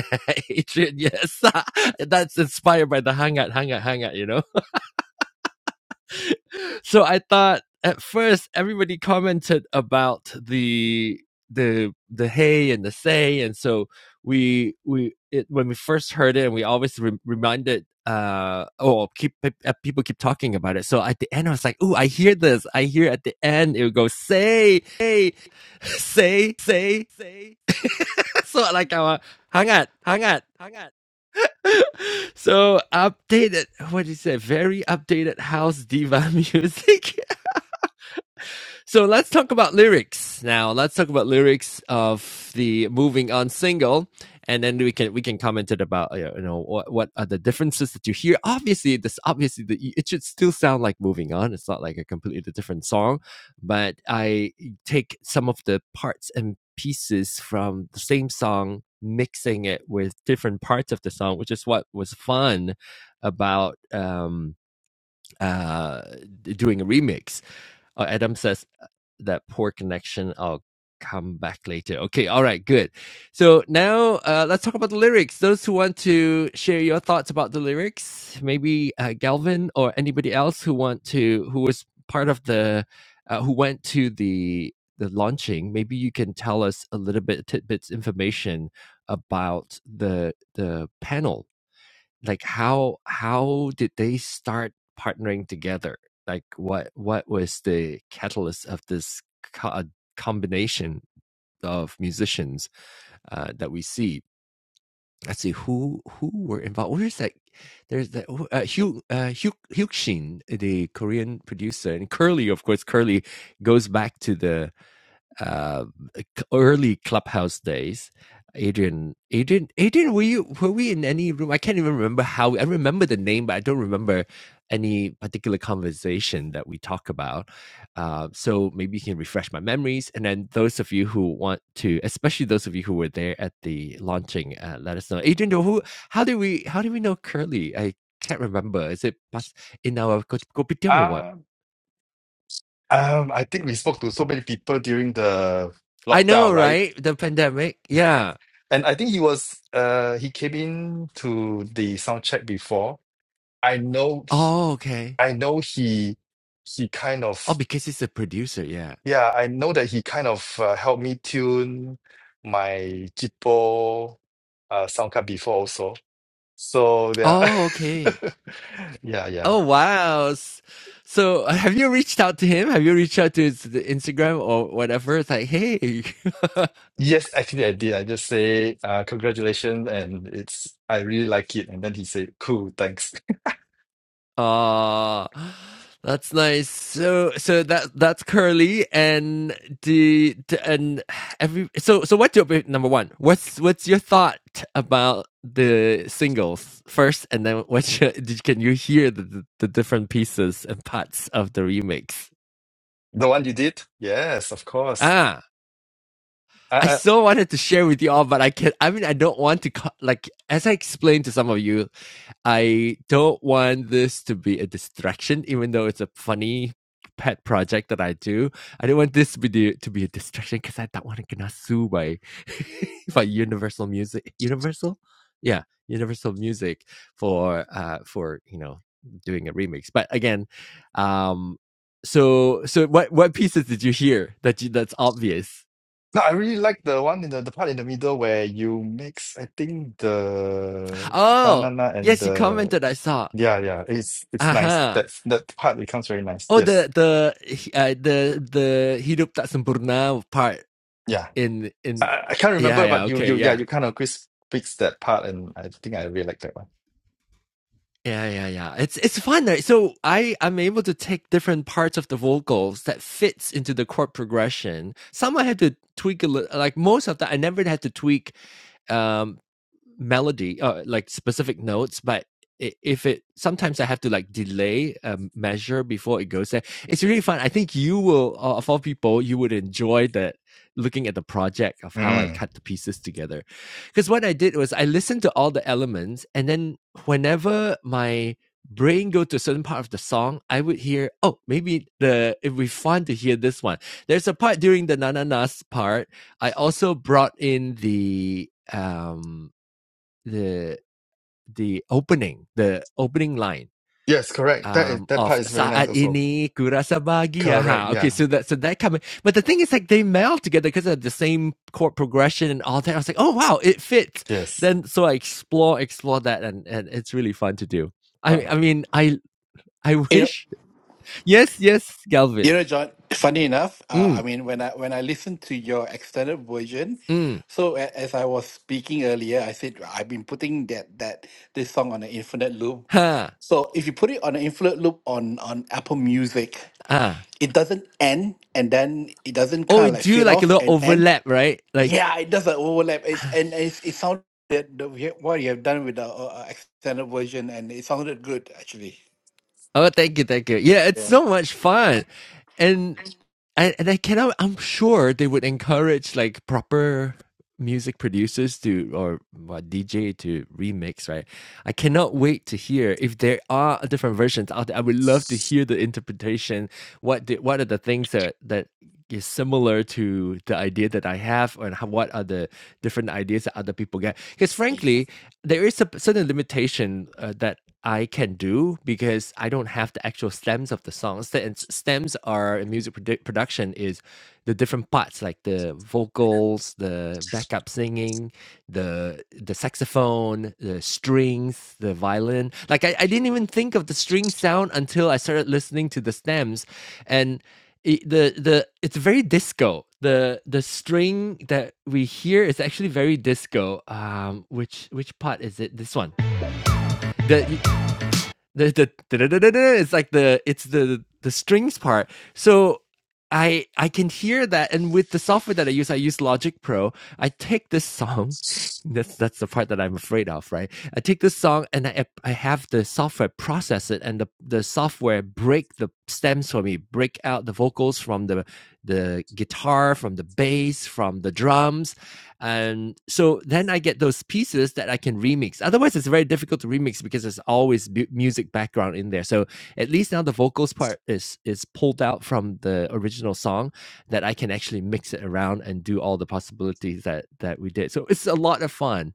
Speaker 1: Adrian, yes, that's inspired by the hangout, hangout, hangout. You know. So I thought at first everybody commented about the the the hey and the say, and so we we it, when we first heard it, and we always re- reminded uh oh keep uh, people keep talking about it so at the end i was like oh i hear this i hear at the end it would go say say say say say so like our hang on hang So updated, what is it? Very updated house diva music. So let's talk about lyrics now. Let's talk about lyrics of the "Moving On" single, and then we can we can comment it about uh, you know what what are the differences that you hear. Obviously, this obviously the, it should still sound like "Moving On." It's not like a completely different song, but I take some of the parts and pieces from the same song, mixing it with different parts of the song, which is what was fun about um uh, doing a remix. Uh, Adam says "Uh, that poor connection. I'll come back later. Okay, all right, good. So now uh, let's talk about the lyrics. Those who want to share your thoughts about the lyrics, maybe uh, Galvin or anybody else who want to who was part of the uh, who went to the the launching. Maybe you can tell us a little bit tidbits information about the the panel like how how did they start partnering together like what what was the catalyst of this co- uh, combination of musicians uh, that we see let's see who who were involved where is that there's that oh, uh, Hugh uh, Hugh Hugh Shin, the Korean producer, and Curly, of course. Curly goes back to the uh, early clubhouse days adrian adrian adrian were you were we in any room i can't even remember how i remember the name but i don't remember any particular conversation that we talk about uh, so maybe you can refresh my memories and then those of you who want to especially those of you who were there at the launching uh, let us know adrian who how did we how did we know curly i can't remember is it past in our kop- kopitiam or what
Speaker 5: Uh, um, I think we spoke to so many people during the
Speaker 1: i
Speaker 5: lockdown,
Speaker 1: know
Speaker 5: right?
Speaker 1: right the pandemic yeah
Speaker 5: And I think he was uh he came in to the sound check before. I know he-
Speaker 1: oh okay
Speaker 5: I know he he kind
Speaker 1: Oh,
Speaker 5: of
Speaker 1: because he's a producer, yeah.
Speaker 5: yeah, I know that he kind of uh, helped me tune my Jitpo uh sound card before also. So there are
Speaker 1: Oh, okay.
Speaker 5: yeah, yeah.
Speaker 1: Oh, wow. S- So, uh, have you reached out to him? Have you reached out to his the Instagram or whatever? It's like, hey,
Speaker 5: Yes, actually I did. I just say uh, congratulations and it's I really like it. And then he said, Cool, thanks.
Speaker 1: ah, that's nice. So, so that that's Curly, and the, the and every. So, so what's your opi- number one? What's what's your thought about the singles first, and then what's your, did, can you hear the, the the different pieces and parts of the remix?
Speaker 5: The one you did? Yes, of course.
Speaker 1: Ah.
Speaker 5: I,
Speaker 1: I
Speaker 5: I
Speaker 1: so wanted to share with you all, but I can't. I mean, I don't want to, like, as I explained to some of you, I don't want this to be a distraction, even though it's a funny pet project that I do. I don't want this to be, to be a distraction because I don't want to get no sued by, by Universal Music. Universal? Yeah, Universal Music for, uh, for, you know, doing a remix. But again, um, so, so what, what pieces did you hear that you, that's obvious?
Speaker 5: no, I really like the one in the, the part in the middle where you mix I think the na
Speaker 1: Oh,
Speaker 5: na na and
Speaker 1: yes, you
Speaker 5: the
Speaker 1: commented. I saw.
Speaker 5: yeah yeah it's it's nice.
Speaker 1: Aha.
Speaker 5: That that part becomes very nice.
Speaker 1: Oh,
Speaker 5: Yes.
Speaker 1: the the uh, the the hidup tak sempurna part
Speaker 5: Yeah.
Speaker 1: in
Speaker 5: I,
Speaker 1: in
Speaker 5: I I can't
Speaker 1: yeah
Speaker 5: remember
Speaker 1: yeah
Speaker 5: but you
Speaker 1: okay
Speaker 5: you yeah
Speaker 1: yeah
Speaker 5: you kind of quiz fix that part and I think I really like that one.
Speaker 1: yeah yeah yeah. It's it's fun. right? So I I'm able to take different parts of the vocals that fits into the chord progression. Some I had to tweak a little. Like most of that, I never had to tweak um melody uh, like specific notes but if it sometimes i have to like delay a measure before it goes there it's really fun i think you will uh, of all people you would enjoy that looking at the project of how i
Speaker 5: Mm.
Speaker 1: cut the pieces together because what i did was i listened to all the elements and then whenever my brain go to a certain part of the song i would hear oh maybe the it would be fun to hear this one there's a part during the na na na's part I also brought in the um the the opening, the opening line
Speaker 5: Yes, correct. That is
Speaker 1: um,
Speaker 5: that part
Speaker 1: of
Speaker 5: is very nice
Speaker 1: Saat
Speaker 5: also.
Speaker 1: ini kurasa bahagia.
Speaker 5: Correct.
Speaker 1: Ha. Okay,
Speaker 5: Yeah.
Speaker 1: so that so that coming, but the thing is like they meld together because of the same chord progression and all that. I was like, oh wow, it fits.
Speaker 5: Yes.
Speaker 1: Then so I explore explore that, and and it's really fun to do. I
Speaker 5: Uh,
Speaker 1: I mean I I
Speaker 4: You know,
Speaker 1: wish yes yes Galvin.
Speaker 4: you know, John. Funny enough, uh, I
Speaker 1: Mm
Speaker 4: mean, when I when I listened to your extended version,
Speaker 1: mm
Speaker 4: so a- as I was speaking earlier, I said I've been putting that that this song on an infinite loop.
Speaker 1: ha
Speaker 4: So if you put it on an infinite loop on on Apple Music,
Speaker 1: ah.
Speaker 4: it doesn't end, and then it doesn't
Speaker 1: Oh,
Speaker 4: kind of
Speaker 1: it
Speaker 4: like
Speaker 1: do
Speaker 4: fade
Speaker 1: like a
Speaker 4: off
Speaker 1: little
Speaker 4: and end.
Speaker 1: overlap, right? Like.
Speaker 4: Yeah, it doesn't overlap. It's
Speaker 1: ah,
Speaker 4: and it's, it sounded the, what you have done with the uh, extended version, and it sounded good actually.
Speaker 1: Oh, thank you, thank you. Yeah, it's so much fun, and and, and I cannot. I'm sure they would encourage like proper music producers to or what DJ to remix. Right, I cannot wait to hear if there are different versions out there. I would love to hear the interpretation. What the, what are the things that that is similar to the idea that I have, and how, what are the different ideas that other people get? Because frankly, there is a certain limitation uh, that I can do because I don't have the actual stems of the songs. The and s- stems are in music produ- production is the different parts like the vocals, the backup singing, the the saxophone, the strings, the violin. Like I, I didn't even think of the string sound until I started listening to the stems, and it, the the it's very disco. The the string that we hear is actually very disco. Um, which which part is it? This one. The the the da da da da da. it's like the it's the the strings part. So I I can hear that, and with the software that I use, I use Logic Pro. I take this song, that's that's the part that I'm afraid of, right? I take this song and I I have the software process it, and the the software break the stems for me, break out the vocals from the the guitar, from the bass, from the drums, and so then I get those pieces that I can remix. Otherwise, it's very difficult to remix because there's always bu- music background in there. So at least now the vocals part is is pulled out from the original song that I can actually mix it around and do all the possibilities that that we did. So it's a lot of fun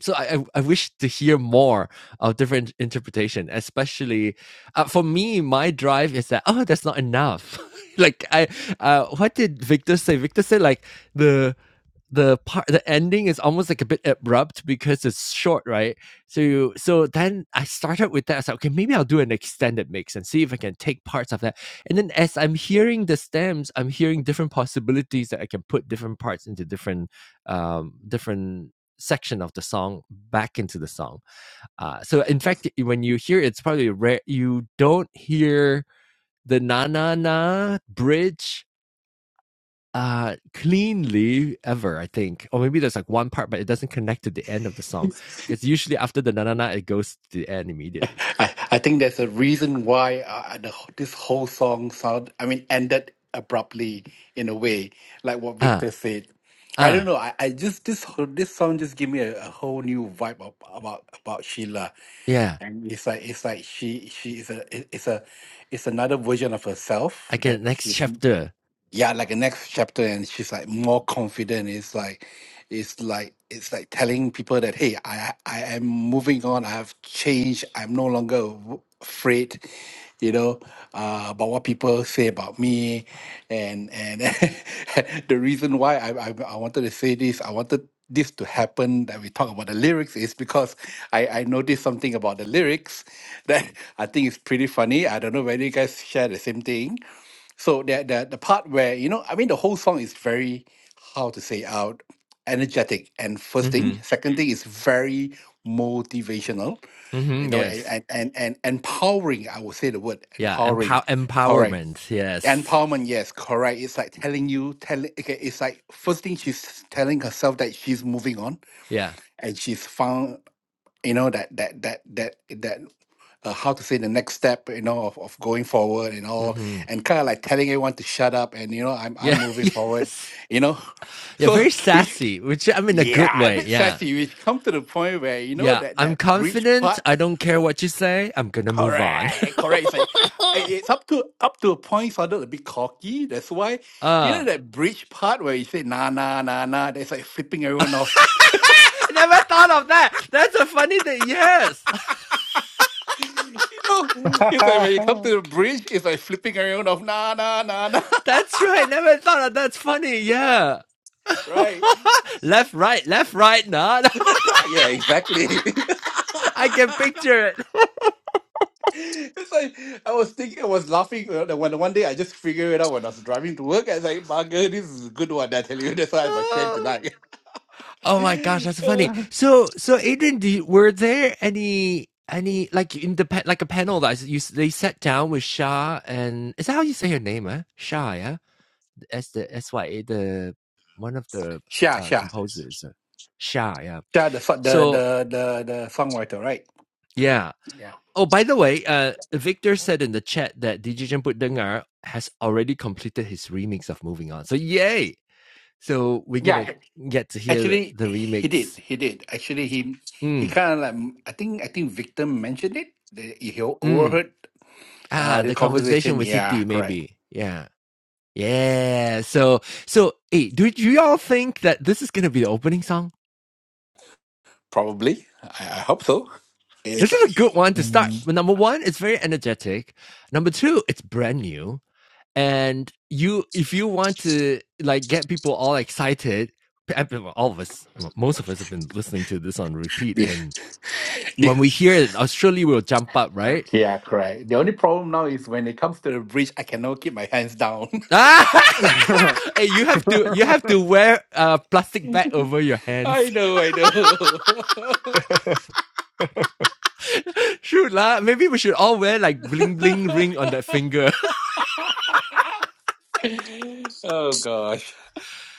Speaker 1: so I, I wish to hear more of different interpretation, especially uh, for me. My drive is that oh, that's not enough. like I, uh, what did Victor say? Victor said like the the part the ending is almost like a bit abrupt because it's short, right? So you, so then I started with that. I was like, okay, maybe I'll do an extended mix and see if I can take parts of that. And then as I'm hearing the stems, I'm hearing different possibilities that I can put different parts into different um different section of the song back into the song. Uh, so in fact, when you hear it, it's probably rare. You don't hear the na na na bridge uh, cleanly ever, I think. Or maybe there's like one part, but it doesn't connect to the end of the song because usually after the na na na, it goes to the end immediately.
Speaker 4: I, I think there's a reason why uh, uh, the, this whole song sound. I mean, ended abruptly in a way, like what
Speaker 1: Ah,
Speaker 4: Victor said. I don't
Speaker 1: ah,
Speaker 4: know. I, I just this whole- this song just gave me a, a whole new vibe ab- about about Sheila,
Speaker 1: yeah.
Speaker 4: and it's like it's like she she is a it- it's a it's another version of herself
Speaker 1: I
Speaker 4: that
Speaker 1: can next
Speaker 4: she's
Speaker 1: chapter.
Speaker 4: yeah, like the next chapter, and she's like more confident. It's like, it's like, it's like telling people that, hey, I, I am moving on. I have changed. I'm no longer w- afraid, you know, uh, about what people say about me, and and the reason why I, I I wanted to say this, I wanted this to happen that we talk about the lyrics is because I, I noticed something about the lyrics that I think is pretty funny. I don't know whether you guys share the same thing so that the the part where you know, I mean, the whole song is very how to say out energetic and first
Speaker 1: Mm-hmm.
Speaker 4: thing, second thing is very motivational, you
Speaker 1: Mm-hmm.
Speaker 4: know, and
Speaker 1: Yes.
Speaker 4: and and, and empowering. I would say the word
Speaker 1: Yeah.
Speaker 4: empowering.
Speaker 1: Empower
Speaker 4: Correct.
Speaker 1: empowerment. Yes.
Speaker 4: Empowerment, yes, correct. It's like telling you, telling. Okay, it's like first thing she's telling herself that she's moving on
Speaker 1: Yeah.
Speaker 4: and she's found, you know, that that that that that uh, how to say the next step, you know, of, of going forward and all,
Speaker 1: Mm-hmm.
Speaker 4: and kind of like telling everyone to shut up and you know, I'm I'm
Speaker 1: Yeah.
Speaker 4: moving forward,
Speaker 1: yes.
Speaker 4: you know.
Speaker 1: Yeah,
Speaker 4: So
Speaker 1: very
Speaker 4: which
Speaker 1: sassy, which I'm in a good
Speaker 4: yeah, a
Speaker 1: way.
Speaker 4: bit
Speaker 1: Yeah.
Speaker 4: sassy, which come to the point where you know
Speaker 1: Yeah,
Speaker 4: that
Speaker 1: I'm
Speaker 4: that breach
Speaker 1: confident.
Speaker 4: part,
Speaker 1: I don't care what you say. I'm gonna move on.
Speaker 4: correct, correct. It's like i- it's up to up to a point sounded a bit cocky. That's why, you
Speaker 1: uh,
Speaker 4: know, that bridge part where you say nah nah nah nah, that's like flipping everyone off.
Speaker 1: never thought of that. That's a funny thing. Yes,
Speaker 4: you know, it's like when you come to the bridge, it's like flipping everyone off, nah nah nah nah.
Speaker 1: that's right. Never thought of that's funny. Yeah.
Speaker 4: right?
Speaker 1: left, right, left, right. Not.
Speaker 4: yeah, exactly.
Speaker 1: I can picture
Speaker 4: it's like I was thinking, I was laughing uh, the one one day. I just figured it out when I was driving to work. I was like, "Bugger, this is a good one." I tell you, that's why I shared
Speaker 1: it.
Speaker 4: tonight.
Speaker 1: Oh my gosh, that's so funny.
Speaker 4: Uh,
Speaker 1: So, so Adrian, do you, were there any any like in the pa- like a panel that you they sat down with Shah and is that how you say her name? Eh? Shah, yeah, as the S Y A, the one of the
Speaker 4: Sha
Speaker 1: uh,
Speaker 4: Sha
Speaker 1: composers, uh, Shah, yeah.
Speaker 4: Sha, the so- the
Speaker 1: So,
Speaker 4: the the the songwriter, right?
Speaker 1: yeah.
Speaker 4: Yeah,
Speaker 1: Oh, by the way, uh, Victor said in the chat that DJ Jemput Dengar has already completed his remix of Moving On. So, yay! So we're gonna
Speaker 4: yeah.
Speaker 1: get to hear the,
Speaker 4: Actually,
Speaker 1: the
Speaker 4: he did.
Speaker 1: remix.
Speaker 4: He did. Actually, he he
Speaker 1: Mm,
Speaker 4: kind of like I think I think victim mentioned it. The- He
Speaker 1: mm.
Speaker 4: overheard
Speaker 1: Ah,
Speaker 4: uh, the
Speaker 1: the conversation
Speaker 4: conversation.
Speaker 1: with City,
Speaker 4: Yeah, correct.
Speaker 1: maybe. Yeah. Yeah. So, so, hey, do you all think that this is going to be the opening song?
Speaker 4: Probably. I, I hope so.
Speaker 1: This
Speaker 4: Yes.
Speaker 1: is a good one to start.
Speaker 5: mm.
Speaker 1: But number one, it's very energetic. Number two, it's brand new. And you, if you want to like get people all excited, all of us, most of us have been listening to this on repeat. And
Speaker 4: Yeah,
Speaker 1: when we hear it, uh, surely we'll jump up, right?
Speaker 4: yeah, correct. The only problem now is when it comes to the bridge, I cannot keep my hands down.
Speaker 1: Ah! Hey, you have to you have to wear a plastic bag over your hands.
Speaker 4: I know, I know.
Speaker 1: Shoot lah. Maybe we should all wear like bling bling ring on that finger.
Speaker 4: oh gosh.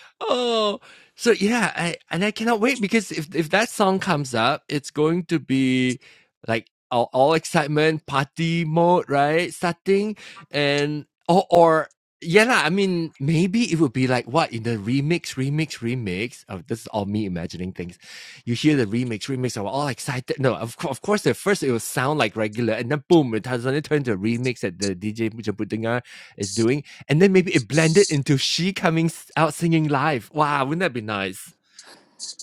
Speaker 1: oh, so yeah, I, and I cannot wait because if if that song comes up, it's going to be like all, all excitement party mode, right? Starting and or or Yeah, lah. I mean, maybe it would be like what in the remix, remix, remix. Of this is all me imagining things. You hear the remix, remix. I'm all excited. No, of course, of course. At first, it will sound like regular, and then boom, it has suddenly turned to a remix that the DJ Jabutinga is doing, and then maybe it blended into she coming s- out singing live. Wow, wouldn't that be nice?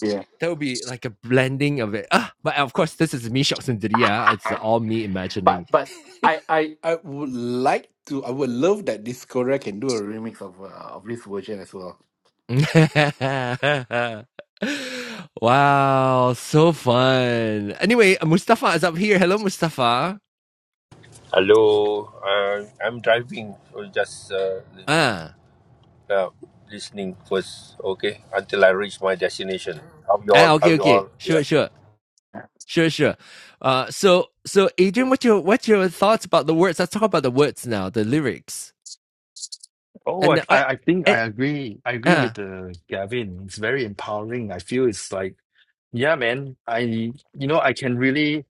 Speaker 4: Yeah.
Speaker 1: That would be like a blending of it. Ah, but of course, this is me, Shok Sundaria. It's all me imagining.
Speaker 4: But but I I I would like to. I would love that this Korea can do a remix of uh, of this version as well.
Speaker 1: wow, so fun. Anyway, uh, Mustafa is up here. Hello, Mustafa.
Speaker 6: Hello, uh, I'm driving, so just uh, li-
Speaker 1: Ah,
Speaker 6: uh, listening first, okay, until I reach my destination. How you
Speaker 1: ah,
Speaker 6: all? How
Speaker 1: okay,
Speaker 6: you
Speaker 1: okay,
Speaker 6: all? Yeah.
Speaker 1: sure, sure, sure, sure. Uh, so, so, Adrian, what's your what's your thoughts about the words? Let's talk about the words now, the lyrics,
Speaker 5: oh, I,
Speaker 1: and uh,
Speaker 5: I I think
Speaker 1: uh,
Speaker 5: I agree. I agree
Speaker 1: uh
Speaker 5: with the Gavin. It's very empowering. I feel it's like, yeah, man. I you know I can really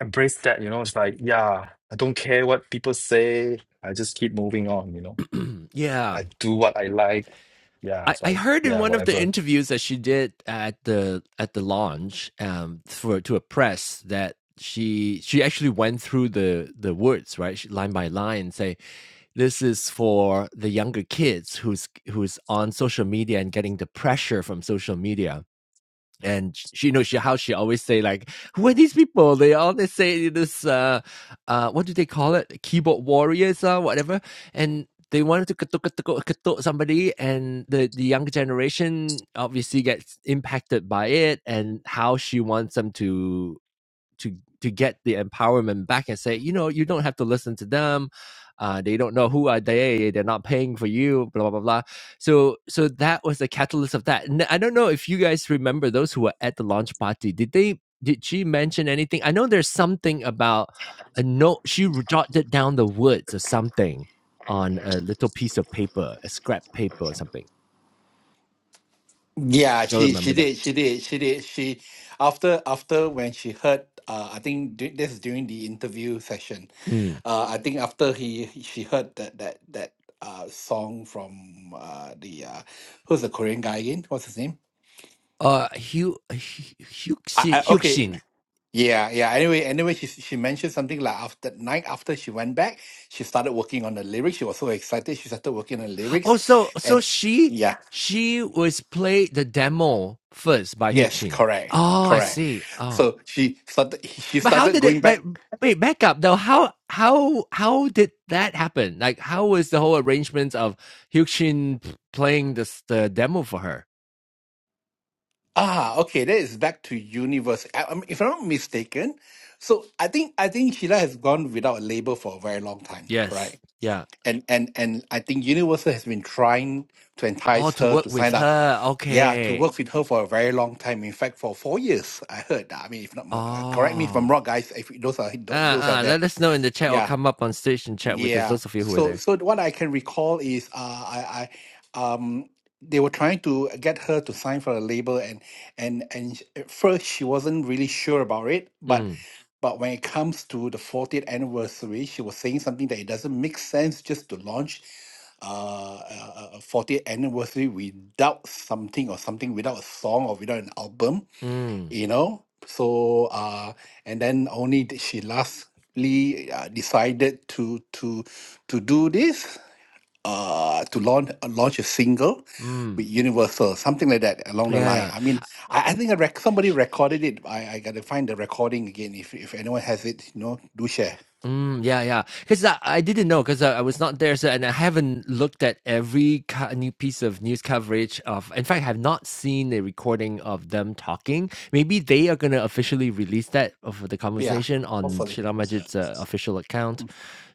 Speaker 5: embrace that. You know, it's like, yeah, I don't care what people say. I just keep moving on. You know,
Speaker 1: yeah.
Speaker 5: I do what I like. Yeah,
Speaker 1: I,
Speaker 5: it's
Speaker 1: I
Speaker 5: like,
Speaker 1: heard in
Speaker 5: yeah,
Speaker 1: one of the
Speaker 5: whatever.
Speaker 1: interviews that she did at the at the launch um, for to a press that she she actually went through the the words right she, line by line and say this is for the younger kids who's who's on social media and getting the pressure from social media and she you know she how she always say like who are these people they always say this uh uh what do they call it keyboard warriors or uh, whatever and they wanted to ketuk, ketuk, ketuk somebody and the, the younger generation obviously gets impacted by it and how she wants them to to to get the empowerment back and say, you know, you don't have to listen to them. Uh, they don't know who are they. They're not paying for you. Blah blah blah. So so that was the catalyst of that. And I don't know if you guys remember those who were at the launch party. Did they? Did she mention anything? I know there's something about a note. She jotted down the words or something on a little piece of paper, a scrap paper or something.
Speaker 4: Yeah,
Speaker 1: Do you
Speaker 4: she
Speaker 1: remember
Speaker 4: she
Speaker 1: that?
Speaker 4: did, she did, she did. She after after when she heard, uh, I think du- this is during the interview session.
Speaker 1: Mm.
Speaker 4: Uh, I think after he he- she heard that that that uh song from uh the uh who's the Korean guy again? What's his name?
Speaker 1: Uh, Hugh, Hugh,
Speaker 4: I,
Speaker 1: Hugh,
Speaker 4: I, okay,
Speaker 1: Hugh
Speaker 4: yeah, yeah. Anyway, anyway, she she mentioned something like after night after she went back, she started working on the lyrics. She was so excited. She started working on the lyrics,
Speaker 1: Oh, so so
Speaker 4: and
Speaker 1: she
Speaker 4: yeah.
Speaker 1: she was played the demo first by
Speaker 4: Yes,
Speaker 1: Hyukshin.
Speaker 4: correct,
Speaker 1: Oh, I
Speaker 4: correct.
Speaker 1: see. Oh,
Speaker 4: So she started. She
Speaker 1: but how
Speaker 4: started
Speaker 1: did
Speaker 4: going
Speaker 1: it? But
Speaker 4: back.
Speaker 1: wait, back up though. How how how did that happen? Like, how was the whole arrangement of Hyukshin p- playing this the demo for her?
Speaker 4: Ah, okay, that is back to university. I, I'm- if I'm not mistaken, so I think I think Sheila has gone without a label for a very long time,
Speaker 1: Yes.
Speaker 4: correct?
Speaker 1: Yeah.
Speaker 4: And and and I think Universal has been trying to
Speaker 1: Oh,
Speaker 4: entice
Speaker 1: to
Speaker 4: her
Speaker 1: work
Speaker 4: to
Speaker 1: with
Speaker 4: sign up.
Speaker 1: her.
Speaker 4: Yeah, to
Speaker 1: Okay.
Speaker 4: work with her for a very long time. In fact, for four years, I heard. I mean, if not, mo- uh, correct me if I'm
Speaker 1: Oh.
Speaker 4: wrong, guys. If those are
Speaker 1: Uh,
Speaker 4: those are
Speaker 1: uh,
Speaker 4: there.
Speaker 1: let us know in the chat or
Speaker 4: Yeah,
Speaker 1: come up on stage and chat with us,
Speaker 4: Yeah.
Speaker 1: those of you who are
Speaker 4: So
Speaker 1: there.
Speaker 4: so what I can recall is uh I I um they were trying to get her to sign for a label and and and sh- at first she wasn't really sure about it, but
Speaker 1: Mm,
Speaker 4: but when it comes to the 40th anniversary, she was saying something that it doesn't make sense just to launch uh, a a- a 40th anniversary without something or something without a song or without an album
Speaker 1: mm,
Speaker 4: you know so uh and then only d- she lastly uh, decided to to to do this uh to launch uh, launch a single
Speaker 1: mm.
Speaker 4: with universal something like that along the
Speaker 1: Yeah,
Speaker 4: line
Speaker 1: yeah.
Speaker 4: i mean i, I think I rec-
Speaker 1: Sh-
Speaker 4: somebody recorded it I, I gotta find the recording again if if anyone has it you know do share
Speaker 1: Mm, yeah, yeah. Because I, I didn't know because I, I was not there, so and I haven't looked at every co- new piece of news coverage of. In fact, I have not seen a recording of them talking. Maybe they are going to officially release that of the
Speaker 4: yeah
Speaker 1: conversation on
Speaker 4: hopefully
Speaker 1: Sheila Majid's uh, official account.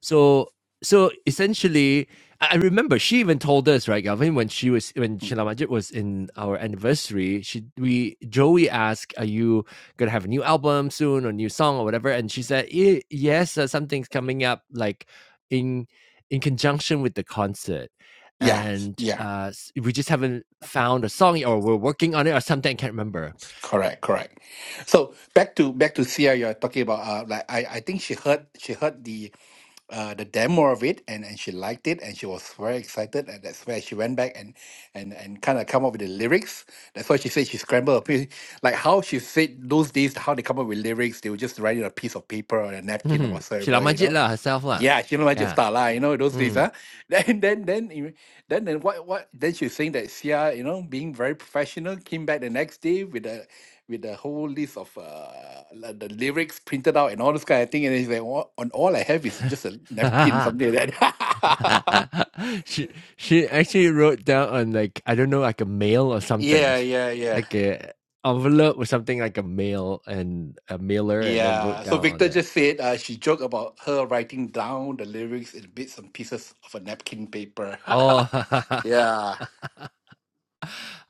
Speaker 1: So, so essentially, I I remember she even told us right, Galvin, when she was when
Speaker 4: Mm.
Speaker 1: Sheila Majid was in our anniversary. She we Joey asked, "Are you?" gonna have a new album soon or new song or whatever and she said "Eh, yes uh, something's coming up like in in conjunction with the concert
Speaker 4: yeah
Speaker 1: and
Speaker 4: yeah
Speaker 1: uh s- we just haven't found a song yet, or we're working on it or something i can't remember
Speaker 4: correct correct so back to back to sia you're talking about uh like i i think she heard she heard the uh, the demo of it and, and she liked it and she was very excited and that's where she went back and and, and kind of come up with the lyrics that's why she said she scrambled a piece like how she said those days how they come up with lyrics they would just write it on a piece of paper or a napkin or
Speaker 1: Mhm. she la
Speaker 4: whatsoever you
Speaker 1: majit
Speaker 4: know
Speaker 1: lah herself lah
Speaker 4: yeah, I Shimla Magic
Speaker 1: yeah
Speaker 4: Star, lah, you know, those days,
Speaker 1: Mm.
Speaker 4: huh? Then then then you- then then what what then she was saying that Sia, you know, being very professional, came back the next day with the with the whole list of uh like the lyrics printed out and all this kind of thing. And he's like, "All- on all I have is just a napkin, something like that.
Speaker 1: she she actually wrote down on like I don't know like a mail or something,
Speaker 4: yeah, yeah, yeah.
Speaker 1: like a envelope or something like a mail and a mailer, and then wrote
Speaker 4: Yeah. So
Speaker 1: down on
Speaker 4: Victor
Speaker 1: there.
Speaker 4: just said uh, she joked about her writing down the lyrics in bits and pieces of a napkin paper.
Speaker 1: Oh,
Speaker 4: yeah.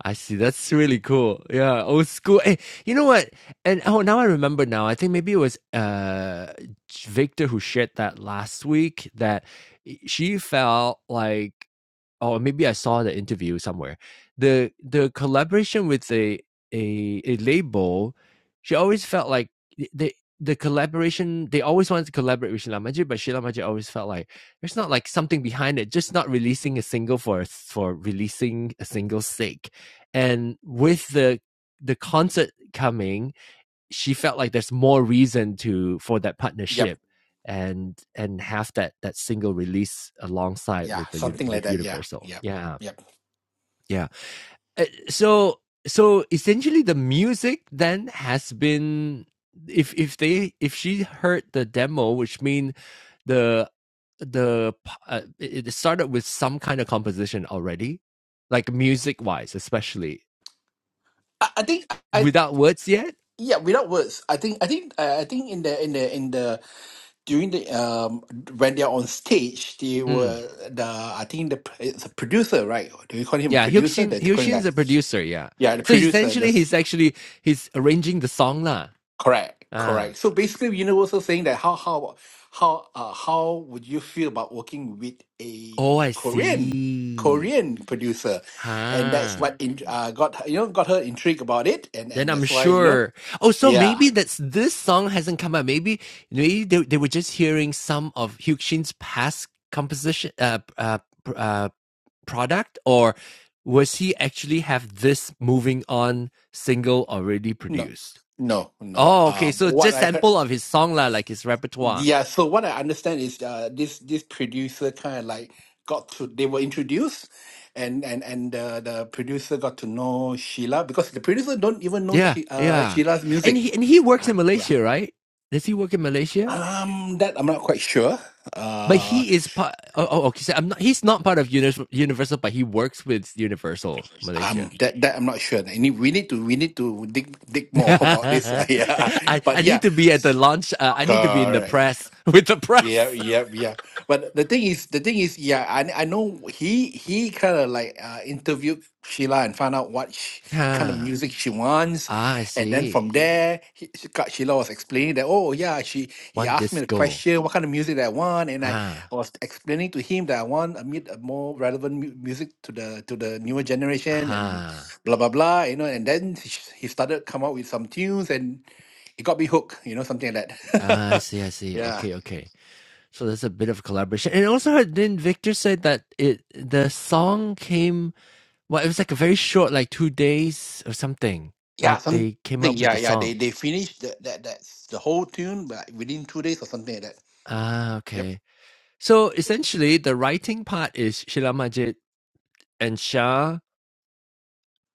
Speaker 1: I see. That's really cool. Yeah, old school. Hey, you know what? And oh, now I remember. Now I think maybe it was uh Victor who shared that last week that she felt like or maybe I saw the interview somewhere. The the collaboration with a a, a label, she always felt like the the collaboration they always wanted to collaborate with Sheila Majid, but Sheila Majid always felt like there's not like something behind it, just not releasing a single for for releasing a single's sake. And with the the concert coming, she felt like there's more reason to for that
Speaker 4: Yep.
Speaker 1: partnership and and have that that single release alongside
Speaker 4: Yeah.
Speaker 1: with the
Speaker 4: Something
Speaker 1: with
Speaker 4: like that. Yeah.
Speaker 1: universal
Speaker 4: Yeah.
Speaker 1: yeah
Speaker 4: Yep.
Speaker 1: yeah Uh, so so essentially the music then has been if if they if she heard the demo which means the the uh, it it started with some kind of composition already like music wise especially
Speaker 4: I, I think I
Speaker 1: without words yet
Speaker 4: yeah without words I think I think uh, I think in the in the in the during the um when they're on stage they
Speaker 1: Mm.
Speaker 4: were the I think the pr- it's a producer right do you call him
Speaker 1: Yeah,
Speaker 4: producer
Speaker 1: Hyuk-shin,
Speaker 4: the Korean
Speaker 1: Hyuk-shin's
Speaker 4: guy
Speaker 1: a producer, yeah.
Speaker 4: yeah the
Speaker 1: So
Speaker 4: producer
Speaker 1: essentially,
Speaker 4: that's
Speaker 1: he's actually, he's arranging the song lah.
Speaker 4: correct
Speaker 1: Ah.
Speaker 4: correct so basically Universal saying that how how how uh, how would you feel about working with a
Speaker 1: Oh, I
Speaker 4: Korean
Speaker 1: see.
Speaker 4: Korean producer and that's
Speaker 1: Huh.
Speaker 4: what in, uh, got her- you know got her intrigued about it and
Speaker 1: Then
Speaker 4: and
Speaker 1: I'm
Speaker 4: that's why you know
Speaker 1: sure. Oh, so
Speaker 4: yeah
Speaker 1: maybe that's, this song hasn't come out. Maybe, maybe they, they were just hearing some of Hyuk-shin's past composition, uh, uh, uh, product, or was he actually have this moving on single already
Speaker 4: No,
Speaker 1: produced?
Speaker 4: no, no.
Speaker 1: Oh, okay.
Speaker 4: Uh,
Speaker 1: So
Speaker 4: what
Speaker 1: just
Speaker 4: I heard,
Speaker 1: sample of his song lah, like his repertoire.
Speaker 4: yeah. So what I understand is, uh, this this producer kind of like got to they were introduced, and and and uh, the producer got to know Sheila because the producer don't even know
Speaker 1: Yeah,
Speaker 4: she uh
Speaker 1: yeah.
Speaker 4: Sheila's
Speaker 1: And
Speaker 4: music.
Speaker 1: he and he works in
Speaker 4: Yeah.
Speaker 1: Malaysia, right? Does he work in Malaysia?
Speaker 4: Um, that I'm not quite sure.
Speaker 1: But
Speaker 4: Uh,
Speaker 1: he is part. Oh, oh okay. So I'm not. He's not part of Unis- Universal, but he works with Universal Malaysia.
Speaker 4: um, that that I'm not sure. I need, we need to we need to dig dig more about this.
Speaker 1: I
Speaker 4: yeah, but
Speaker 1: I need
Speaker 4: yeah,
Speaker 1: to be at the launch. Uh, I need to be in the
Speaker 4: correct.
Speaker 1: press with the
Speaker 4: Yeah,
Speaker 1: press.
Speaker 4: yeah, yeah. But the thing is, the thing is, yeah, I I know he he kind of like uh, interviewed Sheila and found out what sh kind of
Speaker 1: ah,
Speaker 4: music she wants,
Speaker 1: ah, I
Speaker 4: and then from
Speaker 1: see.
Speaker 4: there, he, she got- Sheila was explaining that oh yeah, she he
Speaker 1: One
Speaker 4: asked me the
Speaker 1: disco.
Speaker 4: question, what kind of music that I want, and I
Speaker 1: Ah,
Speaker 4: was explaining to him that I want a, mu- a more relevant mu- music to the to the newer generation and
Speaker 1: ah.
Speaker 4: blah blah blah, you know, and then he he started come up with some tunes and it got me hooked, you know, something like
Speaker 1: Ah, I
Speaker 4: that.
Speaker 1: see. I see.
Speaker 4: yeah.
Speaker 1: Okay, okay. So there's a bit of collaboration. And also, heard- didn't Victor say that it the song came? Well, it was like a very short, like two days or something.
Speaker 4: Yeah,
Speaker 1: Like
Speaker 4: something.
Speaker 1: they came up with
Speaker 4: Yeah,
Speaker 1: the
Speaker 4: yeah.
Speaker 1: song.
Speaker 4: They they finished that that that's the whole tune, but within two days or something like that.
Speaker 1: Ah,
Speaker 4: Yep.
Speaker 1: okay. So essentially, the writing part is Sheila Majid and Shah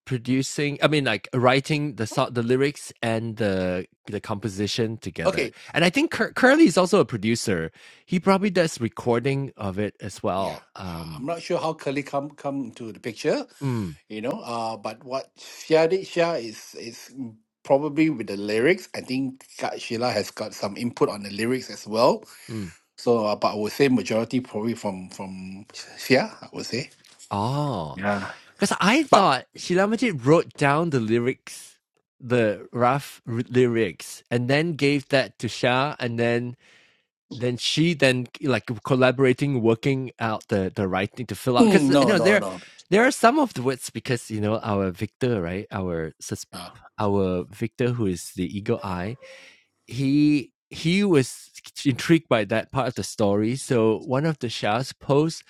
Speaker 1: producing. I mean, like writing the so- the lyrics and the the composition together.
Speaker 4: Okay.
Speaker 1: And I think Cur- Curly is also a producer. He probably does recording of it as
Speaker 4: Yeah,
Speaker 1: well.
Speaker 4: uh, I'm
Speaker 1: Um.
Speaker 4: not sure how Curly come come into the picture,
Speaker 1: Mm,
Speaker 4: you know. Uh, but what Shia did, Shia is is probably with the lyrics. I think Kak Sheila has got some input on the lyrics as well.
Speaker 1: mm.
Speaker 4: So, uh, but I would say majority probably from from Shia. I would say.
Speaker 1: Oh.
Speaker 4: Yeah.
Speaker 1: Because I
Speaker 4: But
Speaker 1: thought Sheila Majid wrote down the lyrics, the rough r- lyrics, and then gave that to Shah, and then then she then like collaborating, working out the the writing to fill out.
Speaker 4: mm,
Speaker 1: Because you
Speaker 4: no,
Speaker 1: know
Speaker 4: no,
Speaker 1: there
Speaker 4: no.
Speaker 1: there are some of the words because you know our Victor, right? Our sus-
Speaker 4: Uh,
Speaker 1: our Victor who is the eagle eye he he was intrigued by that part of the story. So one of the Shah's posts,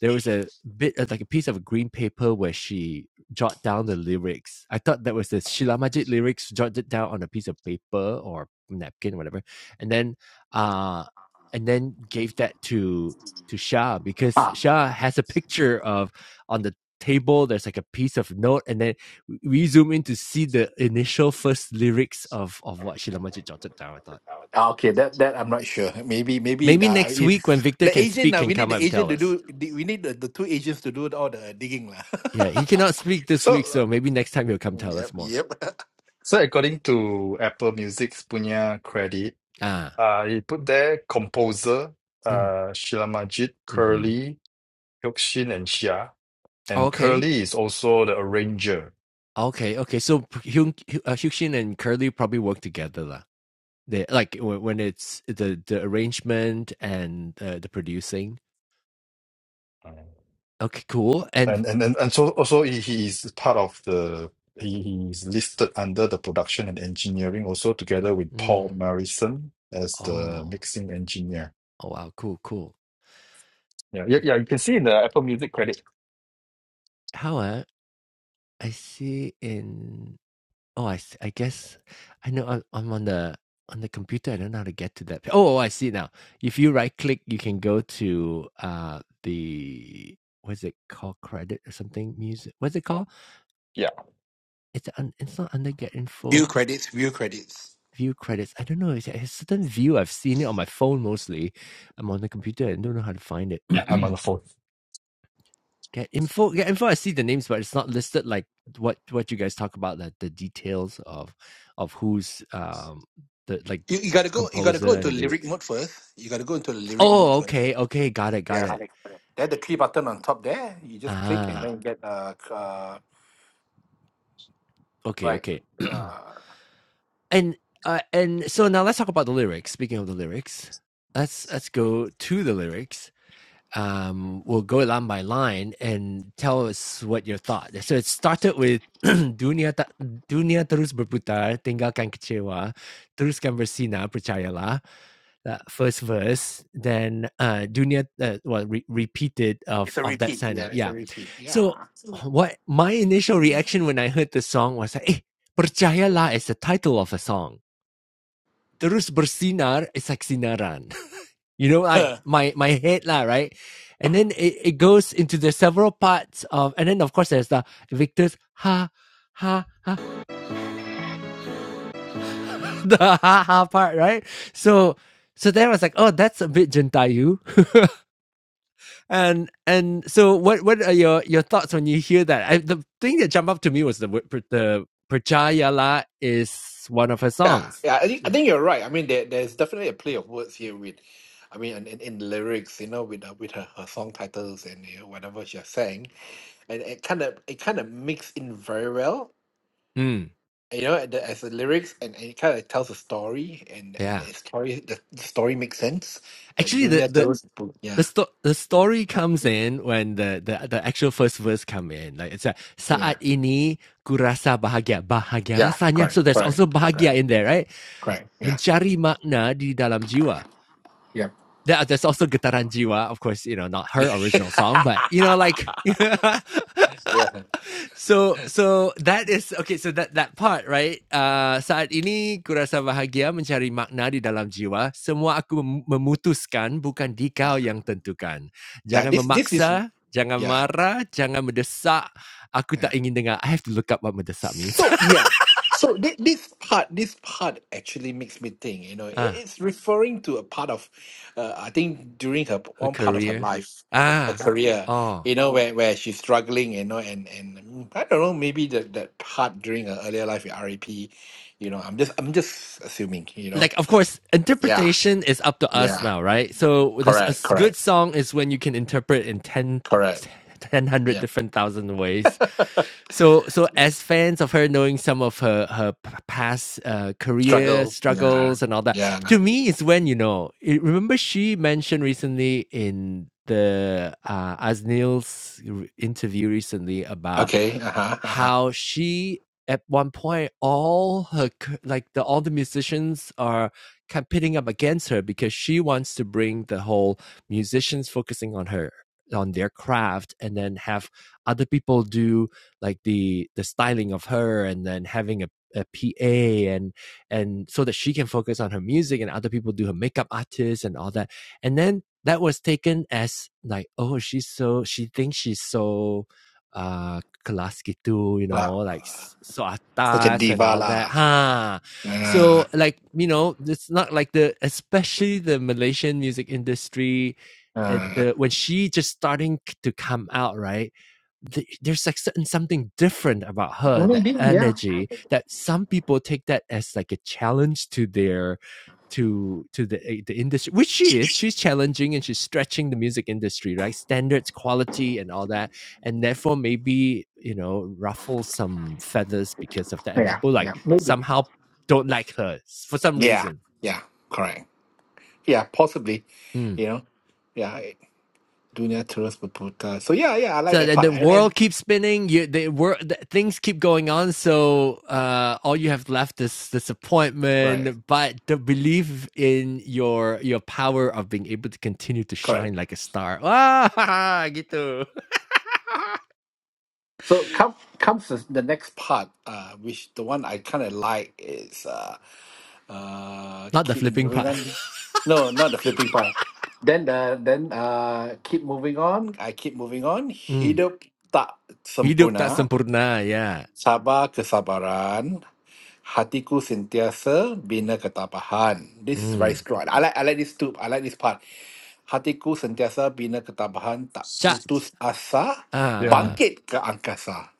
Speaker 1: there was a bit of like a piece of a green paper where she jot down the lyrics. I thought that was the Shila Majid lyrics jotted down on a piece of paper or napkin whatever. And then uh and then gave that to to Shah because
Speaker 4: Ah.
Speaker 1: Shah has a picture of on the table there's like a piece of note and then we zoom in to see the initial first lyrics of, of what Sheila Majid jotted down, I thought.
Speaker 4: Ah, Okay, that that I'm not sure. Maybe maybe
Speaker 1: Maybe
Speaker 4: uh,
Speaker 1: next
Speaker 4: it,
Speaker 1: week when Victor
Speaker 4: the
Speaker 1: can
Speaker 4: agent
Speaker 1: speak,
Speaker 4: now
Speaker 1: can
Speaker 4: we need
Speaker 1: come up
Speaker 4: the
Speaker 1: and
Speaker 4: agent
Speaker 1: tell
Speaker 4: to
Speaker 1: us.
Speaker 4: do the- we need the, the two agents to do all the digging lah.
Speaker 1: Yeah, he cannot speak this
Speaker 5: So,
Speaker 1: week,
Speaker 5: uh,
Speaker 1: so maybe next time he'll come tell us
Speaker 4: yep,
Speaker 1: more.
Speaker 4: yep.
Speaker 5: so according to Apple Music's punya credit.
Speaker 1: Ah,
Speaker 5: Uh, he put there composer, uh, Sheila Majid,
Speaker 1: mm-hmm.
Speaker 5: Curly, Hyuk-shin, and Shia. And
Speaker 1: okay,
Speaker 5: Curly is also the arranger.
Speaker 1: okay, okay. So Hyun, uh, Hyukshin and Curly probably work together lah. They like when when it's the the arrangement and uh, the producing.
Speaker 5: Uh,
Speaker 1: Okay, cool. And
Speaker 5: And and and, and so also he, he is part of the he, he is listed under the production and engineering also together with Paul
Speaker 1: mm,
Speaker 5: Marison as the
Speaker 1: oh,
Speaker 5: mixing engineer.
Speaker 1: oh wow, cool, cool.
Speaker 5: Yeah, yeah, yeah. You can see in the Apple Music credit.
Speaker 1: How uh, I see in Oh, I s- I guess I know I'm I'm on the on the computer, I don't know how to get to that. Oh, oh, I see now. If you right click, you can go to uh the what is it called? Credit or something? Music. What's it called?
Speaker 5: Yeah.
Speaker 1: It's un, it's not under get
Speaker 4: View
Speaker 1: info.
Speaker 4: credits, view credits.
Speaker 1: View credits. I don't know. It's a certain view. I've seen it on my phone mostly. I'm on the computer and don't know how to find it.
Speaker 5: Yeah, I'm on the phone.
Speaker 1: Get info. Get info. I see the names, but it's not listed like what what you guys talk about like the details of of who's um the like
Speaker 4: You, you gotta go you gotta
Speaker 1: composer
Speaker 4: go into
Speaker 1: and
Speaker 4: lyric
Speaker 1: lyrics.
Speaker 4: mode first. You gotta go into the lyric mode
Speaker 1: Oh,
Speaker 4: first.
Speaker 1: okay, okay, got it, got
Speaker 4: Yeah.
Speaker 1: it.
Speaker 4: There's the three button on top there. You just click and
Speaker 1: Ah,
Speaker 4: then you get uh, c- uh
Speaker 1: okay,
Speaker 4: right.
Speaker 1: okay.
Speaker 4: Uh,
Speaker 1: and uh, and so now let's talk about the lyrics. Speaking of the lyrics, let's let's go to the lyrics. um, we'll go line by line and tell us what your thought. So it started with dunia ta- dunia terus berputar, tinggalkan kecewa, teruskan bersinar, percayalah. That first verse, then uh, dunia uh, well re- repeated
Speaker 4: it's
Speaker 1: of
Speaker 4: a
Speaker 1: of that
Speaker 4: repeat.
Speaker 1: sana.
Speaker 4: Yeah, it's a
Speaker 1: Yeah.
Speaker 4: repeat. Yeah.
Speaker 1: So what my initial reaction when I heard the song was like, eh, percayalah is the title of a song. Terus bersinar is like sinaran you know, like my my head lah, right? And then it, it goes into the several parts of, and then of course there's the Victor's ha ha ha the ha ha part, right? So so then I was like, oh, that's a bit Gentayu, and and so what what are your your thoughts when you hear that? I, the thing that jumped up to me was the the percaya lah is one of her
Speaker 4: Yeah,
Speaker 1: songs.
Speaker 4: yeah, I think I think you're right. I mean, there there's definitely a play of words here with, I mean, in, in, in lyrics, you know, with uh, with her, her song titles and you know, whatever she sang, and it kind of it kind of mixed in very well,
Speaker 1: mm,
Speaker 4: you know, at the, as the lyrics, and, and it kind of tells a story, and and
Speaker 1: yeah,
Speaker 4: the story the, the story makes sense. Like
Speaker 1: actually the
Speaker 4: Dunia
Speaker 1: the
Speaker 4: terus, ber-
Speaker 1: the
Speaker 4: yeah,
Speaker 1: sto- the story comes in when the, the the actual first verse come in. Like it's like
Speaker 4: yeah,
Speaker 1: saat ini kurasa bahagia, bahagia
Speaker 4: yeah,
Speaker 1: rasanya.
Speaker 4: correct,
Speaker 1: So there's
Speaker 4: correct,
Speaker 1: also bahagia
Speaker 4: correct,
Speaker 1: in there, right?
Speaker 4: correct, yeah,
Speaker 1: Mencari makna di dalam jiwa.
Speaker 4: yeah,
Speaker 1: There, there's also getaran jiwa, of course. You know, not her original song, but you know, like I
Speaker 4: yeah,
Speaker 1: so so that is okay so that that part right uh, saat ini kurasa bahagia mencari makna di dalam jiwa semua aku mem- memutuskan bukan dikau yang tentukan
Speaker 4: yeah.
Speaker 1: jangan
Speaker 4: This this is
Speaker 1: memaksa jangan
Speaker 4: yeah.
Speaker 1: marah jangan mendesak aku
Speaker 4: yeah.
Speaker 1: tak ingin dengar I have to look up what mendesak means
Speaker 4: So yeah, so thi- this part, this part actually makes me think. You know, it,
Speaker 1: ah
Speaker 4: it's referring to a part of, uh, I think during her p-
Speaker 1: her
Speaker 4: one part of her
Speaker 1: career
Speaker 4: life, her
Speaker 1: ah
Speaker 4: career.
Speaker 1: oh
Speaker 4: You know, where where she's struggling. You know, and and mm, I don't know, maybe that that part during her earlier life with RAP. You know, I'm just I'm just assuming. You know,
Speaker 1: like of course
Speaker 4: yeah,
Speaker 1: interpretation is up to us
Speaker 4: yeah,
Speaker 1: now right so this a
Speaker 4: correct,
Speaker 1: good
Speaker 4: correct,
Speaker 1: song is when you can interpret in 10
Speaker 4: correct.
Speaker 1: ten, ten hundred
Speaker 4: Yeah,
Speaker 1: different thousand ways so so as fans of her knowing some of her her p- past uh, career
Speaker 4: struggle. Yeah,
Speaker 1: struggles and all that
Speaker 4: yeah.
Speaker 1: to me is when you know it, remember she mentioned recently in the uh Aznil's interview recently about
Speaker 4: Okay. Uh huh. Uh huh.
Speaker 1: how she at one point all her c- like the all the musicians are competing up against her because she wants to bring the whole musicians focusing on her on their craft and then have other people do like the the styling of her and then having a, a PA and and so that she can focus on her music and other people do her makeup artists and all that and then that was taken as like oh she's so she thinks she's so uh kelas gitu, you
Speaker 4: Like,
Speaker 1: know, like so
Speaker 4: such a
Speaker 1: atas and
Speaker 4: diva
Speaker 1: all that.
Speaker 4: lah.
Speaker 1: Ha.
Speaker 4: Yeah.
Speaker 1: So like, you know, it's not like the especially the Malaysian music industry at
Speaker 4: Uh,
Speaker 1: the when she just starting to come out, right? the, there's like certain something different about her, the
Speaker 4: maybe, yeah,
Speaker 1: energy that some people take that as like a challenge to their to to the eh, the industry, which she is. She's challenging and she's stretching the music industry, right? Standards, quality, and all that, and therefore maybe you know ruffle some feathers because of that. And
Speaker 4: yeah,
Speaker 1: people like
Speaker 4: yeah, maybe,
Speaker 1: somehow don't like her for some
Speaker 4: yeah,
Speaker 1: reason.
Speaker 4: yeah, correct, yeah, possibly,
Speaker 1: Mm.
Speaker 4: you know, yeah, dunya terus berputar. So yeah, yeah, I like
Speaker 1: So
Speaker 4: that
Speaker 1: and
Speaker 4: part,
Speaker 1: the
Speaker 4: and then
Speaker 1: world keeps spinning. You, the world, the, things keep going on. So uh, all you have left is
Speaker 4: right,
Speaker 1: disappointment, but the belief in your your power of being able to continue to shine
Speaker 4: correct.
Speaker 1: like a star. Wah, haha, gitu.
Speaker 4: So come comes the the next part, uh, which the one I kind of like is uh, uh,
Speaker 1: Not the
Speaker 4: keep
Speaker 1: flipping
Speaker 4: moving
Speaker 1: part.
Speaker 4: on. No, not the flipping part. Then the then uh, keep moving on. I keep moving on.
Speaker 1: Mm.
Speaker 4: Hidup tak
Speaker 1: Hidup tak
Speaker 4: sempurna.
Speaker 1: sempurna. Yeah.
Speaker 4: Sabar kesabaran. Hatiku sentiasa bina ketabahan. This is very
Speaker 1: Mm.
Speaker 4: strong. I like I like this too. I like this part. Hatiku sentiasa bina ketabahan, tak
Speaker 1: Cha.
Speaker 4: putus asa,
Speaker 1: Ah.
Speaker 5: Yeah.
Speaker 1: ah.
Speaker 4: bangkit ke angkasa.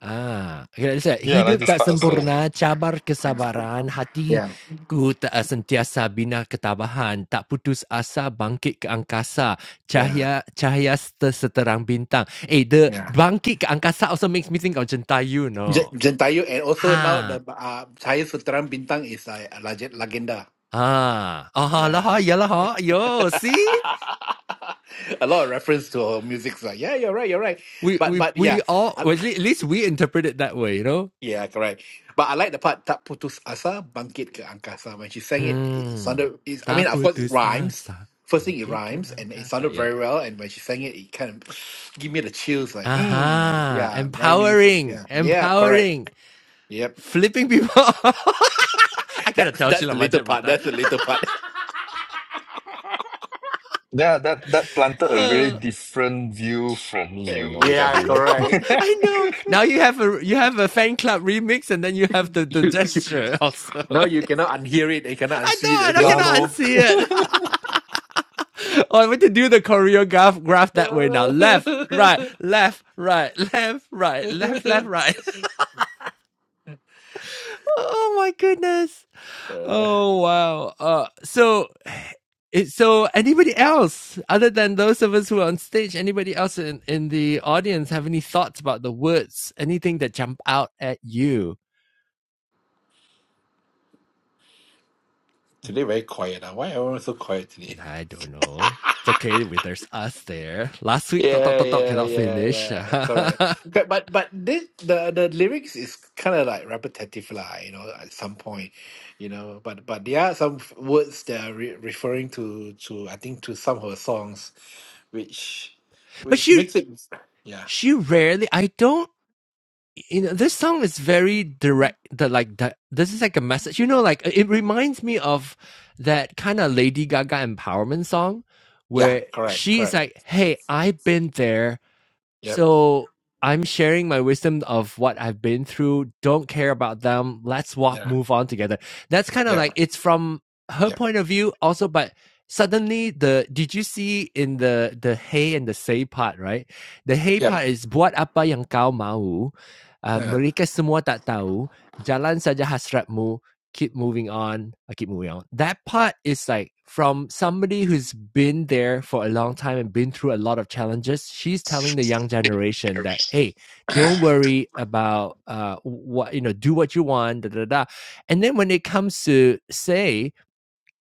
Speaker 1: Ah, kira saya,
Speaker 5: Yeah, I like
Speaker 1: hidup
Speaker 5: this
Speaker 1: tak
Speaker 5: part also.
Speaker 1: sempurna, cabar kesabaran,
Speaker 4: Yeah.
Speaker 1: hatiku tak uh, sentiasa bina ketabahan, tak putus asa bangkit ke angkasa,
Speaker 4: Yeah.
Speaker 1: cahaya cahaya se- seterang bintang. Eh, the
Speaker 4: Yeah.
Speaker 1: bangkit ke angkasa also makes me think of Jentayu,
Speaker 4: Je-
Speaker 1: no?
Speaker 4: Jentayu and also now the
Speaker 1: Ha,
Speaker 4: uh, Cahaya Suteram Bintang is uh, a leg- legenda.
Speaker 1: ah, ah, lah, ha,
Speaker 4: Yeah.
Speaker 1: ya lah, ha, yo, see?
Speaker 4: a lot of reference to her music. So yeah, you're right, you're right.
Speaker 1: We
Speaker 4: But
Speaker 1: we
Speaker 4: but
Speaker 1: we
Speaker 4: yeah.
Speaker 1: all, well, at lea- at least we interpret it that way, you know?
Speaker 4: Yeah, correct. But I like the part tak putus asa bangkit ke angkasa. When she sang it, it
Speaker 1: Hmm,
Speaker 4: sounded. It, I mean,
Speaker 1: tak
Speaker 4: of course, it
Speaker 1: putus
Speaker 4: rhymes.
Speaker 1: asa,
Speaker 4: First thing, it
Speaker 1: bangkit ke
Speaker 4: rhymes, and it
Speaker 1: angkasa,
Speaker 4: sounded
Speaker 1: ya.
Speaker 4: very well. And when she sang it, it kind of give me the chills. Like, mm,
Speaker 1: Aha,
Speaker 4: yeah, very meaningful.
Speaker 1: empowering,
Speaker 4: Yeah, yeah, correct.
Speaker 1: empowering,
Speaker 4: Yep,
Speaker 1: flipping people. off. I gotta
Speaker 4: that's
Speaker 1: tell
Speaker 4: that's
Speaker 1: Sheila
Speaker 4: the little
Speaker 1: Majid about
Speaker 4: part.
Speaker 1: that.
Speaker 4: That's the little part.
Speaker 5: Yeah, that that planted a very
Speaker 1: Uh,
Speaker 5: different view for me, you know,
Speaker 1: I,
Speaker 4: yeah,
Speaker 1: I
Speaker 5: Gavin.
Speaker 1: know,
Speaker 4: correct.
Speaker 1: I know. Now you have a you have a fan club remix, and then you have the, the
Speaker 4: You, you,
Speaker 1: gesture also.
Speaker 4: no, you cannot unhear it. You cannot
Speaker 1: I
Speaker 4: unsee
Speaker 1: don't,
Speaker 4: it.
Speaker 1: I
Speaker 4: Also.
Speaker 5: Yeah,
Speaker 1: cannot
Speaker 5: no.
Speaker 1: unsee it. oh, I want to do the choreograph graph that way now. Left,
Speaker 4: Uh,
Speaker 1: right, left, right, left, right, left, left, right. oh my goodness.
Speaker 4: uh,
Speaker 1: Oh wow. Uh, so It, so anybody else other than those of us who are on stage anybody else in, in the audience have any thoughts about the words anything that jump out at you
Speaker 4: today very quiet. ah. Why everyone so quiet today?
Speaker 1: i don't know it's okay with there's us there last week Talk, talk,
Speaker 4: Yeah,
Speaker 1: talk, talk.
Speaker 4: yeah,
Speaker 1: cannot
Speaker 4: yeah,
Speaker 1: finish
Speaker 4: yeah. Correct.
Speaker 1: but
Speaker 4: Correct, But but this the the lyrics is kind of like repetitive lah, you know, at some point, you know. But but there are some f- words that are re- referring to to I think to some of her songs, which which
Speaker 1: she
Speaker 4: makes it yeah
Speaker 1: she rarely i don't you know this song is very direct the like the, this is like a message you know like it reminds me of that kind of lady gaga empowerment song
Speaker 4: yeah
Speaker 1: where
Speaker 4: correct
Speaker 1: she's
Speaker 4: correct
Speaker 1: like hey i've been there
Speaker 4: yep
Speaker 1: So I'm sharing my wisdom of what I've been through. Don't care about them. Let's walk,
Speaker 4: yeah
Speaker 1: move on together. That's kind of
Speaker 4: yep
Speaker 1: like it's from her
Speaker 4: yep
Speaker 1: point of view also, but suddenly the did you see in the the hey and the say part, right? The hey
Speaker 4: yep
Speaker 1: part is buat apa yang kau mau. Uh,
Speaker 4: yeah
Speaker 1: mereka semua tak tahu. Jalan saja hasratmu keep moving on. I keep moving on. That part is like from somebody who's been there for a long time and been through a lot of challenges. She's telling the young generation that, hey, don't worry about uh, what, you know, do what you want, da da da. And then when it comes to say,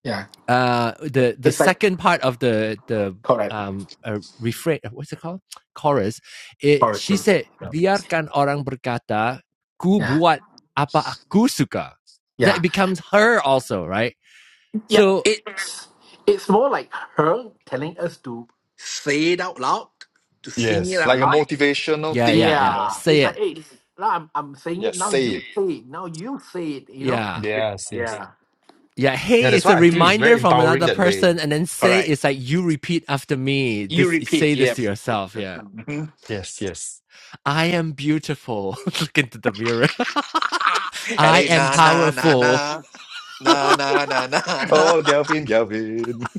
Speaker 4: yeah
Speaker 1: uh the the
Speaker 4: it's like
Speaker 1: second part of the the
Speaker 4: correct
Speaker 1: um uh, refrain what's it called chorus it she
Speaker 4: Horizon.
Speaker 1: said
Speaker 5: Yes.
Speaker 1: biarkan orang berkata ku
Speaker 4: yeah
Speaker 1: buat apa aku suka
Speaker 4: Yeah.
Speaker 1: that becomes her also right
Speaker 4: Yeah,
Speaker 1: so
Speaker 4: it's it's more like her telling us to say it out loud, to sing it
Speaker 5: Yes,
Speaker 4: out
Speaker 5: like a
Speaker 4: loud.
Speaker 5: motivational
Speaker 1: yeah
Speaker 5: thing,
Speaker 1: yeah
Speaker 5: you
Speaker 1: yeah
Speaker 5: know.
Speaker 4: Yeah,
Speaker 1: say
Speaker 4: it's like,
Speaker 1: it
Speaker 4: hey, now I'm I'm saying it
Speaker 5: Yes,
Speaker 4: now. You
Speaker 5: say it.
Speaker 4: say it now. You say it. You know.
Speaker 1: yeah
Speaker 5: Yes, yes.
Speaker 4: Yeah.
Speaker 1: yeah
Speaker 5: Yeah,
Speaker 1: hey
Speaker 5: that's
Speaker 1: is a
Speaker 5: why I feel it's very
Speaker 1: reminder from
Speaker 5: empowering
Speaker 1: another
Speaker 5: that way.
Speaker 1: person and then say
Speaker 4: Correct.
Speaker 1: is like you repeat after me this
Speaker 4: You repeat.
Speaker 1: say this to
Speaker 4: Yep.
Speaker 1: yourself yeah
Speaker 4: Mhm.
Speaker 5: Yes, yes.
Speaker 1: i am beautiful look into the mirror
Speaker 4: And
Speaker 1: i
Speaker 4: then
Speaker 1: am
Speaker 4: na na na na
Speaker 1: powerful
Speaker 4: na na na na na.
Speaker 5: Oh, Gavin, Gavin.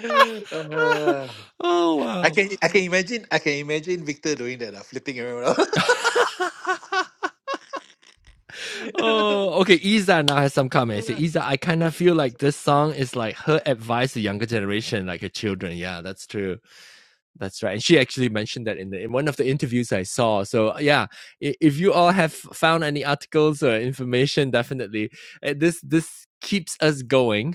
Speaker 4: Uh,
Speaker 1: oh
Speaker 4: I
Speaker 1: wow.
Speaker 4: can I can imagine I can imagine Victor doing that, uh, flipping around.
Speaker 1: oh, okay. Isa now has some comments. Isa, I kind of feel like this song is like her advice to younger generation, like her children. Yeah, that's true. That's right. And she actually mentioned that in, the, in one of the interviews I saw. So yeah, if you all have found any articles or information, definitely uh, this this keeps us going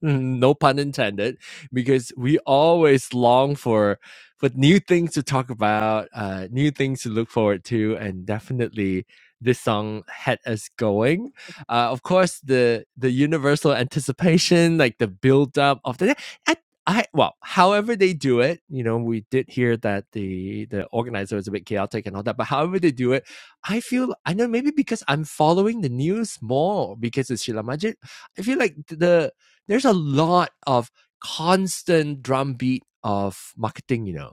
Speaker 1: Mm, no pun intended, because we always long for for new things to talk about, uh, new things to look forward to, and definitely this song had us going. Uh, of course, the the universal anticipation, like the build up of the. I, I well, however they do it, you know, we did hear that the the organizer was a bit chaotic and all that, but however they do it, I feel I know maybe because I'm following the news more because it's Sheila Majid, I feel like the there's a lot of constant drumbeat of marketing, you know.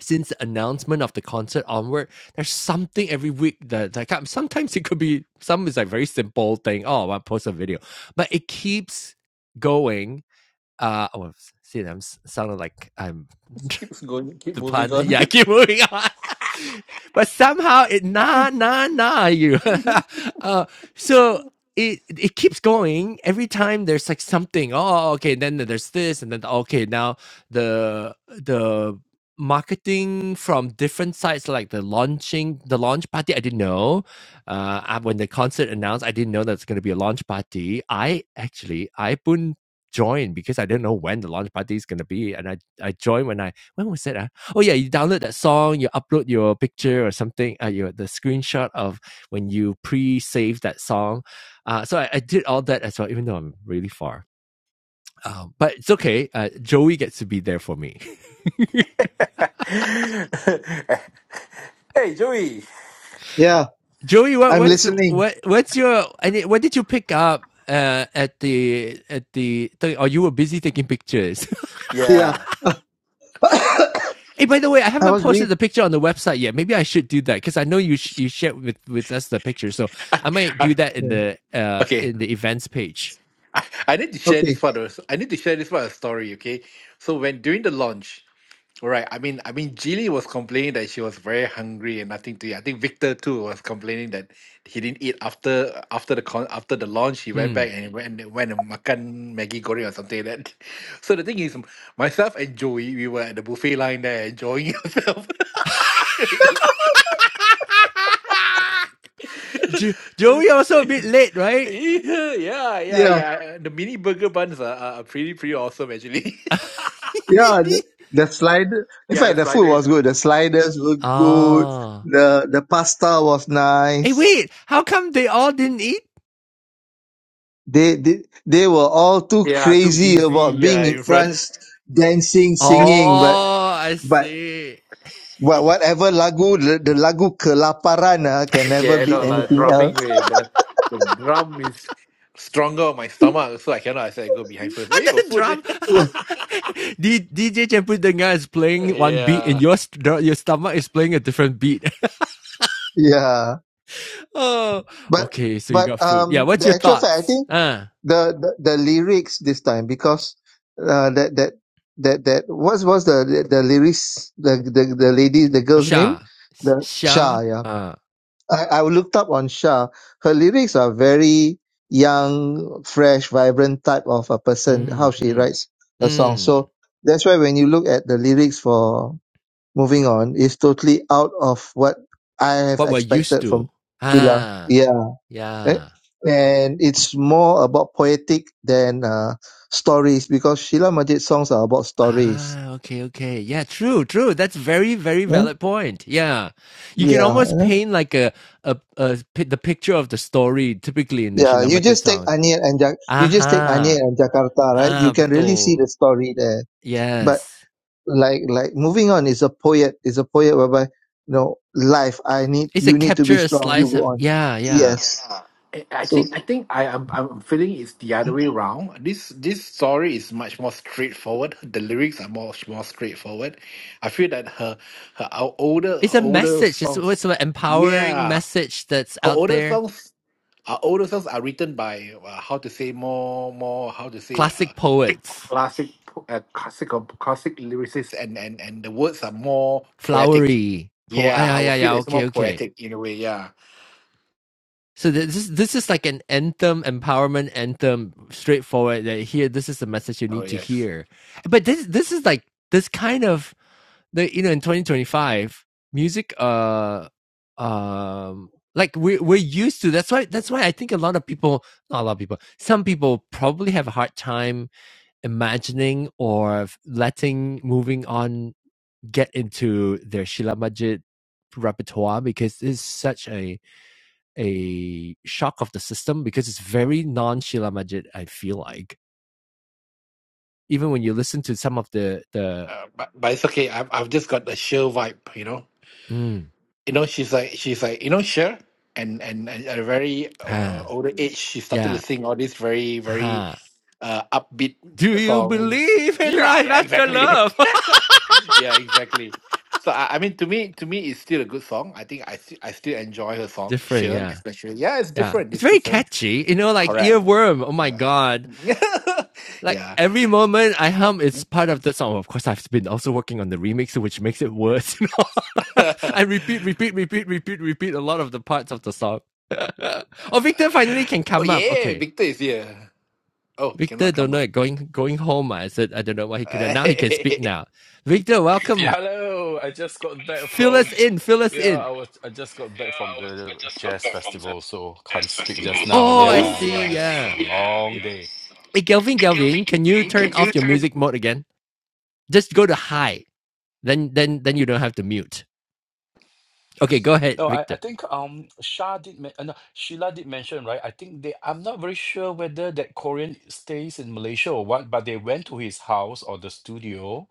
Speaker 1: Since the announcement of the concert onward, there's something every week that like um, sometimes it could be some is like very simple thing. Oh, I post a video, but it keeps going. Uh, oh, well, see, I'm s- sounding like I'm
Speaker 4: Keeps going, keep
Speaker 1: the
Speaker 4: moving
Speaker 1: pun.
Speaker 4: on.
Speaker 1: Yeah, I keep moving on. but somehow it nah nah nah you. uh, so it it keeps going every time. There's like something. Oh, oh, okay. Then there's this, and then okay. Now the the marketing from different sites like the launching the launch party i didn't know uh I- when the concert announced i didn't know that's going to be a launch party i actually i wouldn't join because i didn't know when the launch party is going to be and i i joined when i when was it Uh, oh yeah, you download that song, you upload your picture or something, uh, your the screenshot of when you pre-save that song. Uh, so I, I did all that as well, even though I'm really far. Um, but it's okay. Uh, Joey gets to be there for me.
Speaker 4: hey, Joey.
Speaker 2: Yeah,
Speaker 1: Joey, what
Speaker 2: I'm
Speaker 1: what's
Speaker 2: listening.
Speaker 1: what what's your I mean, what did you pick up uh, at the at the? Or you were busy taking pictures.
Speaker 2: Yeah,
Speaker 4: Yeah.
Speaker 2: I
Speaker 1: Hey, by the way, I haven't
Speaker 2: was
Speaker 1: posted
Speaker 2: read.
Speaker 1: the picture on the website yet. Maybe I should do that because I know you sh- you shared with with us the picture, so I might do
Speaker 4: I,
Speaker 1: that in
Speaker 2: Yeah.
Speaker 1: the uh
Speaker 4: okay.
Speaker 1: in the events page.
Speaker 4: I, I need to share this
Speaker 2: Okay.
Speaker 4: part of I need to share this part of the story, okay? So when during the launch, all right, I mean I mean Jilly was complaining that she was very hungry and nothing to eat. I think Victor too was complaining that he didn't eat after after the con after the launch, he went
Speaker 1: Hmm.
Speaker 4: back and he went went and makan Maggie Goreng or something like that. So the thing is myself and Joey, we were at the buffet line there enjoying ourselves.
Speaker 1: jo- Joey also a bit late, right?
Speaker 4: yeah, yeah, yeah,
Speaker 2: Yeah.
Speaker 4: yeah. The mini burger buns are, are are pretty, pretty awesome actually.
Speaker 2: Yeah. The, the slide. In
Speaker 4: yeah, the
Speaker 2: fact, the food
Speaker 4: sliders.
Speaker 2: was good. The sliders were good.
Speaker 1: ah.
Speaker 2: The the pasta was
Speaker 1: Hey,
Speaker 2: nice.
Speaker 1: wait. How come they all didn't eat?
Speaker 2: They they they were all too
Speaker 4: Yeah, too
Speaker 2: crazy
Speaker 4: busy.
Speaker 2: about being
Speaker 4: Yeah,
Speaker 2: in
Speaker 4: in front.
Speaker 2: France, dancing, singing, but
Speaker 1: Oh, I
Speaker 2: But
Speaker 1: see.
Speaker 2: but whatever lagu, the, the lagu kelaparan ah, can never
Speaker 4: Yeah,
Speaker 2: beat
Speaker 4: no, like
Speaker 2: anything
Speaker 4: drumming.
Speaker 2: else.
Speaker 4: eh, The, the drum is stronger on my stomach, so I cannot. I said I go behind first. Hey, got
Speaker 1: the drum.
Speaker 4: food.
Speaker 2: Yeah,
Speaker 1: D- DJ Champu Dengar is playing one beat
Speaker 4: yeah.
Speaker 1: and your, st- your stomach is playing a different beat.
Speaker 2: yeah.
Speaker 1: oh,
Speaker 2: But
Speaker 1: okay. So you
Speaker 2: but
Speaker 1: got food. Yeah.
Speaker 2: um,
Speaker 1: What's
Speaker 2: the
Speaker 1: your
Speaker 2: actual fact, I
Speaker 1: thoughts?
Speaker 2: think
Speaker 1: Ah,
Speaker 2: the the, the lyrics this time because uh, that that that that what was the, the the lyrics the, the the lady the
Speaker 1: Uh,
Speaker 2: girl's name
Speaker 1: Sha.
Speaker 2: the
Speaker 1: Sha.
Speaker 2: Shah yeah
Speaker 1: Ah.
Speaker 2: I, I looked up on Shah. Her lyrics are very young, fresh, vibrant type of a person, how
Speaker 1: mm,
Speaker 2: she
Speaker 1: mm,
Speaker 2: writes a song.
Speaker 1: mm.
Speaker 2: So that's why when you look at the lyrics for Moving On, it's totally out of what I have
Speaker 1: What we're used
Speaker 2: expected from
Speaker 1: to.
Speaker 2: Sheila.
Speaker 1: Ah,
Speaker 2: Yeah. Eh,
Speaker 1: yeah.
Speaker 2: And it's more about poetic than uh, stories because Sheila Majid's songs are about stories.
Speaker 1: Ah, okay, okay. Yeah, true, true. That's very, very
Speaker 2: Yeah.
Speaker 1: valid point. Yeah. You can
Speaker 2: Yeah.
Speaker 1: almost paint like a a, a pi- the picture of the story typically in the
Speaker 2: Yeah, you
Speaker 1: Shilamachi
Speaker 2: just take
Speaker 1: song.
Speaker 2: Anir and Jak- you just take Anir
Speaker 1: Aha.
Speaker 2: and Jakarta, right? You
Speaker 1: Ah,
Speaker 2: can really see
Speaker 1: betul.
Speaker 2: the story there. But
Speaker 1: Yes.
Speaker 2: like like moving on is a poet is a poet whereby you know life. I need
Speaker 1: It's a
Speaker 2: you need to be
Speaker 1: capture a
Speaker 2: strong. You
Speaker 1: slice
Speaker 2: go
Speaker 1: of
Speaker 2: on.
Speaker 1: yeah, yeah.
Speaker 2: Yes.
Speaker 4: I I
Speaker 2: So
Speaker 4: think I think I am I'm I'm feeling it's the other way round. This this story is much more straightforward. The lyrics are much more straightforward. I feel that her her our older
Speaker 1: It's
Speaker 4: her
Speaker 1: a
Speaker 4: older
Speaker 1: message. It's,
Speaker 4: songs,
Speaker 1: it's an empowering
Speaker 4: yeah,
Speaker 1: message that's
Speaker 4: her
Speaker 1: out
Speaker 4: older
Speaker 1: there.
Speaker 4: songs, her older songs are written by uh, how to say more more how to say uh,
Speaker 1: Classic poets.
Speaker 4: classic uh, classic classic lyricists and and and the words are more poetic.
Speaker 1: Flowery. Po- ah,
Speaker 4: Yeah,
Speaker 1: yeah,
Speaker 4: I
Speaker 1: yeah,
Speaker 4: would feel
Speaker 1: yeah.
Speaker 4: it's
Speaker 1: Okay,
Speaker 4: more
Speaker 1: okay.
Speaker 4: poetic in a way. Yeah.
Speaker 1: So this is this is like an anthem, empowerment anthem, straightforward. That here, this is the message you
Speaker 4: Oh
Speaker 1: need to
Speaker 4: yes.
Speaker 1: hear. But this this is like this kind of the you know in 2025 music. Uh, um, like we we're we're used to. That's why that's why I think a lot of people, not a lot of people, some people probably have a hard time imagining or letting moving on get into their Sheila Majid repertoire because it's such a a shock of the system because it's very non Sheila Majid. I feel like even when you listen to some of the the
Speaker 4: Uh, but but it's okay. I've I've just got the Cher vibe, you know.
Speaker 1: mm,
Speaker 4: You know, she's like she's like you know Cher, and and, and at a very uh,
Speaker 1: ah,
Speaker 4: older age, she started to
Speaker 1: yeah
Speaker 4: sing all these very very
Speaker 1: ah,
Speaker 4: uh, upbeat
Speaker 1: do you
Speaker 4: songs.
Speaker 1: believe in
Speaker 4: Yeah,
Speaker 1: life
Speaker 4: yeah,
Speaker 1: after
Speaker 4: exactly.
Speaker 1: love?
Speaker 4: yeah, exactly. So I, I mean, to me, to me, it's still a good song. I think I sti- I still enjoy her song,
Speaker 1: Different,
Speaker 4: Cher,
Speaker 1: yeah,
Speaker 4: especially. Yeah, it's
Speaker 1: yeah.
Speaker 4: different.
Speaker 1: It's
Speaker 4: It's
Speaker 1: very
Speaker 4: different.
Speaker 1: catchy, you know, like
Speaker 4: Correct.
Speaker 1: earworm. Oh my god!
Speaker 4: Yeah.
Speaker 1: like
Speaker 4: yeah.
Speaker 1: every moment I hum is part of the song. Of course, I've been also working on the remix, which makes it worse. I repeat, repeat, repeat, repeat, repeat a lot of the parts of the song. oh, Victor finally can
Speaker 4: Oh
Speaker 1: come up.
Speaker 4: yeah,
Speaker 1: Okay,
Speaker 4: Victor is here. Oh,
Speaker 1: Victor
Speaker 4: cannot
Speaker 1: don't
Speaker 4: come out.
Speaker 1: know going going home. I said I don't know why he couldn't.
Speaker 4: Hello,
Speaker 1: Now he can
Speaker 4: I
Speaker 1: speak
Speaker 4: just
Speaker 1: now. Victor,
Speaker 7: Yeah,
Speaker 1: welcome.
Speaker 7: hello. I just got back
Speaker 1: Fill us
Speaker 7: from
Speaker 1: in.
Speaker 4: got
Speaker 1: Fill us
Speaker 7: yeah,
Speaker 4: back
Speaker 7: I
Speaker 1: in.
Speaker 4: from
Speaker 7: was I just got back
Speaker 4: yeah, I
Speaker 7: from
Speaker 4: was I
Speaker 7: the
Speaker 4: just got
Speaker 7: jazz
Speaker 4: back from the
Speaker 7: festival, so can't
Speaker 4: jazz
Speaker 7: speak just
Speaker 4: festival. So.
Speaker 7: now.
Speaker 4: oh
Speaker 1: Oh,
Speaker 4: Oh, I
Speaker 1: I
Speaker 7: Yeah,
Speaker 1: see.
Speaker 7: yeah, it's
Speaker 1: Yeah.
Speaker 7: a
Speaker 4: see. Yeah,
Speaker 7: long
Speaker 4: yeah.
Speaker 7: day.
Speaker 4: So,
Speaker 1: Hey, Galvin,
Speaker 4: can
Speaker 1: Galvin, can you
Speaker 4: you
Speaker 1: turn
Speaker 4: can you
Speaker 1: off your
Speaker 4: turn?
Speaker 1: music mode again? Just go to high. Then, then, then you don't have to mute. Okay, go ahead,
Speaker 7: No, I,
Speaker 1: Victor.
Speaker 7: I think um Shah did men- uh, no, Sheila did mention, right? I think they I'm not very sure whether that Korean stays in Malaysia or what, but they went to his house or the studio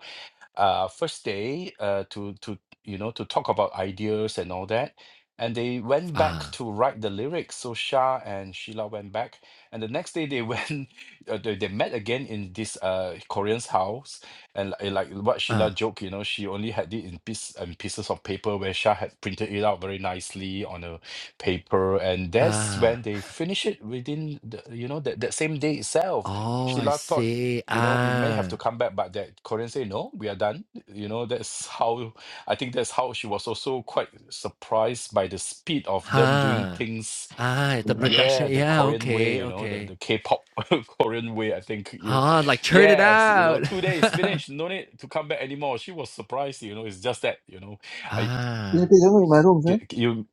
Speaker 7: uh, first day uh, to to you know to talk about ideas and all that. And they went back
Speaker 1: Ah,
Speaker 7: to write the lyrics. So Shah and Sheila went back, and the next day they went. Uh, they, they met again in this uh, Korean's house, and li- like what Sheila
Speaker 1: ah,
Speaker 7: joked, you know, she only had it in piece and pieces of paper where Shah had printed it out very nicely on a paper, and that's
Speaker 1: ah!
Speaker 7: when they finished it within the, you know that, that same day itself.
Speaker 1: Oh, I
Speaker 7: Sheila thought
Speaker 1: see.
Speaker 7: you know, we may have to
Speaker 1: Ah,
Speaker 7: come back, but that Korean say, no, we are done. You know, that's how I think that's how she was also quite surprised by the speed of them doing
Speaker 1: ha.
Speaker 7: things.
Speaker 1: Ah, the production.
Speaker 7: Yeah, the
Speaker 1: Yeah,
Speaker 7: Korean way,
Speaker 1: okay,
Speaker 7: you know, the,
Speaker 1: okay.
Speaker 7: the K-pop Korean way. I think you,
Speaker 1: Ah, like churn it
Speaker 7: yes, you know,
Speaker 1: out.
Speaker 7: two days finished, no need to come back anymore. She was surprised, you know, it's just that, you know, I
Speaker 2: Will you
Speaker 1: ah,
Speaker 2: please help me in my room, sir?
Speaker 7: you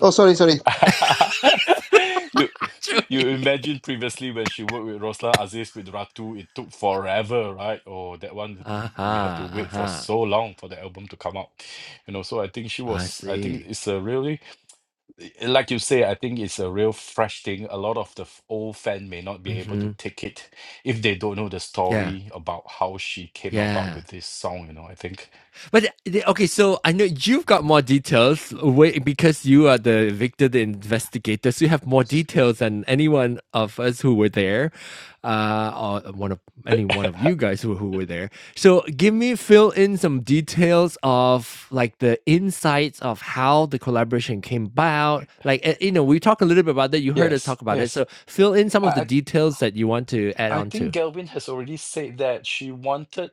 Speaker 2: Oh, sorry, sorry.
Speaker 7: you you
Speaker 1: Chewy.
Speaker 7: imagine previously when she worked with Roslan Aziz with Ratu, it took forever, right? Oh, that one we had to
Speaker 1: Aha,
Speaker 7: wait for
Speaker 1: aha.
Speaker 7: so long for the album to come out. You know, so I think she
Speaker 1: I
Speaker 7: was I think
Speaker 1: see.
Speaker 7: it's a really i- like you say, I think it's a real fresh thing. A lot of the f- old fan may not be able to
Speaker 1: Mm-hmm.
Speaker 7: take it if they don't know the
Speaker 1: Yeah,
Speaker 7: story about how she came about
Speaker 1: yeah.
Speaker 7: with this song, you know. I think
Speaker 1: But okay, so I know you've got more details because you are the victor, the investigator. So you have more details than anyone of us who were there, uh, or one of any one of you guys who, who were there. So give me fill in some details of like the insights of how the collaboration came about. Like eh, you know, we talked a little bit about that. You heard us
Speaker 7: yes,
Speaker 1: talk about it.
Speaker 7: yes.
Speaker 1: So fill in some
Speaker 7: I,
Speaker 1: of the
Speaker 7: I
Speaker 1: details that you want to add
Speaker 7: I
Speaker 1: on
Speaker 7: think
Speaker 1: to.
Speaker 7: Galvin has already said that she wanted,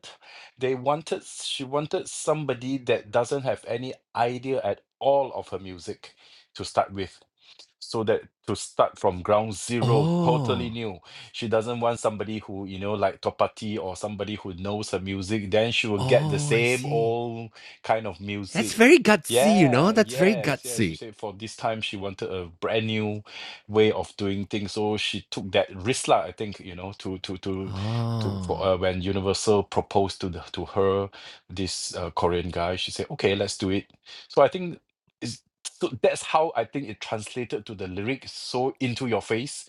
Speaker 7: they wanted, she wanted somebody that doesn't have any idea at all of her music to start with so that to start from ground zero totally
Speaker 1: Oh,
Speaker 7: new she doesn't want somebody who you know like topati or somebody who knows her music then she will get the
Speaker 1: oh, I
Speaker 7: same
Speaker 1: see.
Speaker 7: old kind of
Speaker 1: That's
Speaker 7: music
Speaker 1: very gutsy, you know?
Speaker 7: yeah
Speaker 1: That's very
Speaker 7: yes yes she
Speaker 1: gutsy.
Speaker 7: said for this time she wanted a brand new way of doing things so she took that risk lah, i think you know to to to to for
Speaker 1: Oh.
Speaker 7: uh, when universal proposed to the, to her this uh, korean guy she said okay let's do it so i think It's so that's how I think it translated to the lyrics so into your face,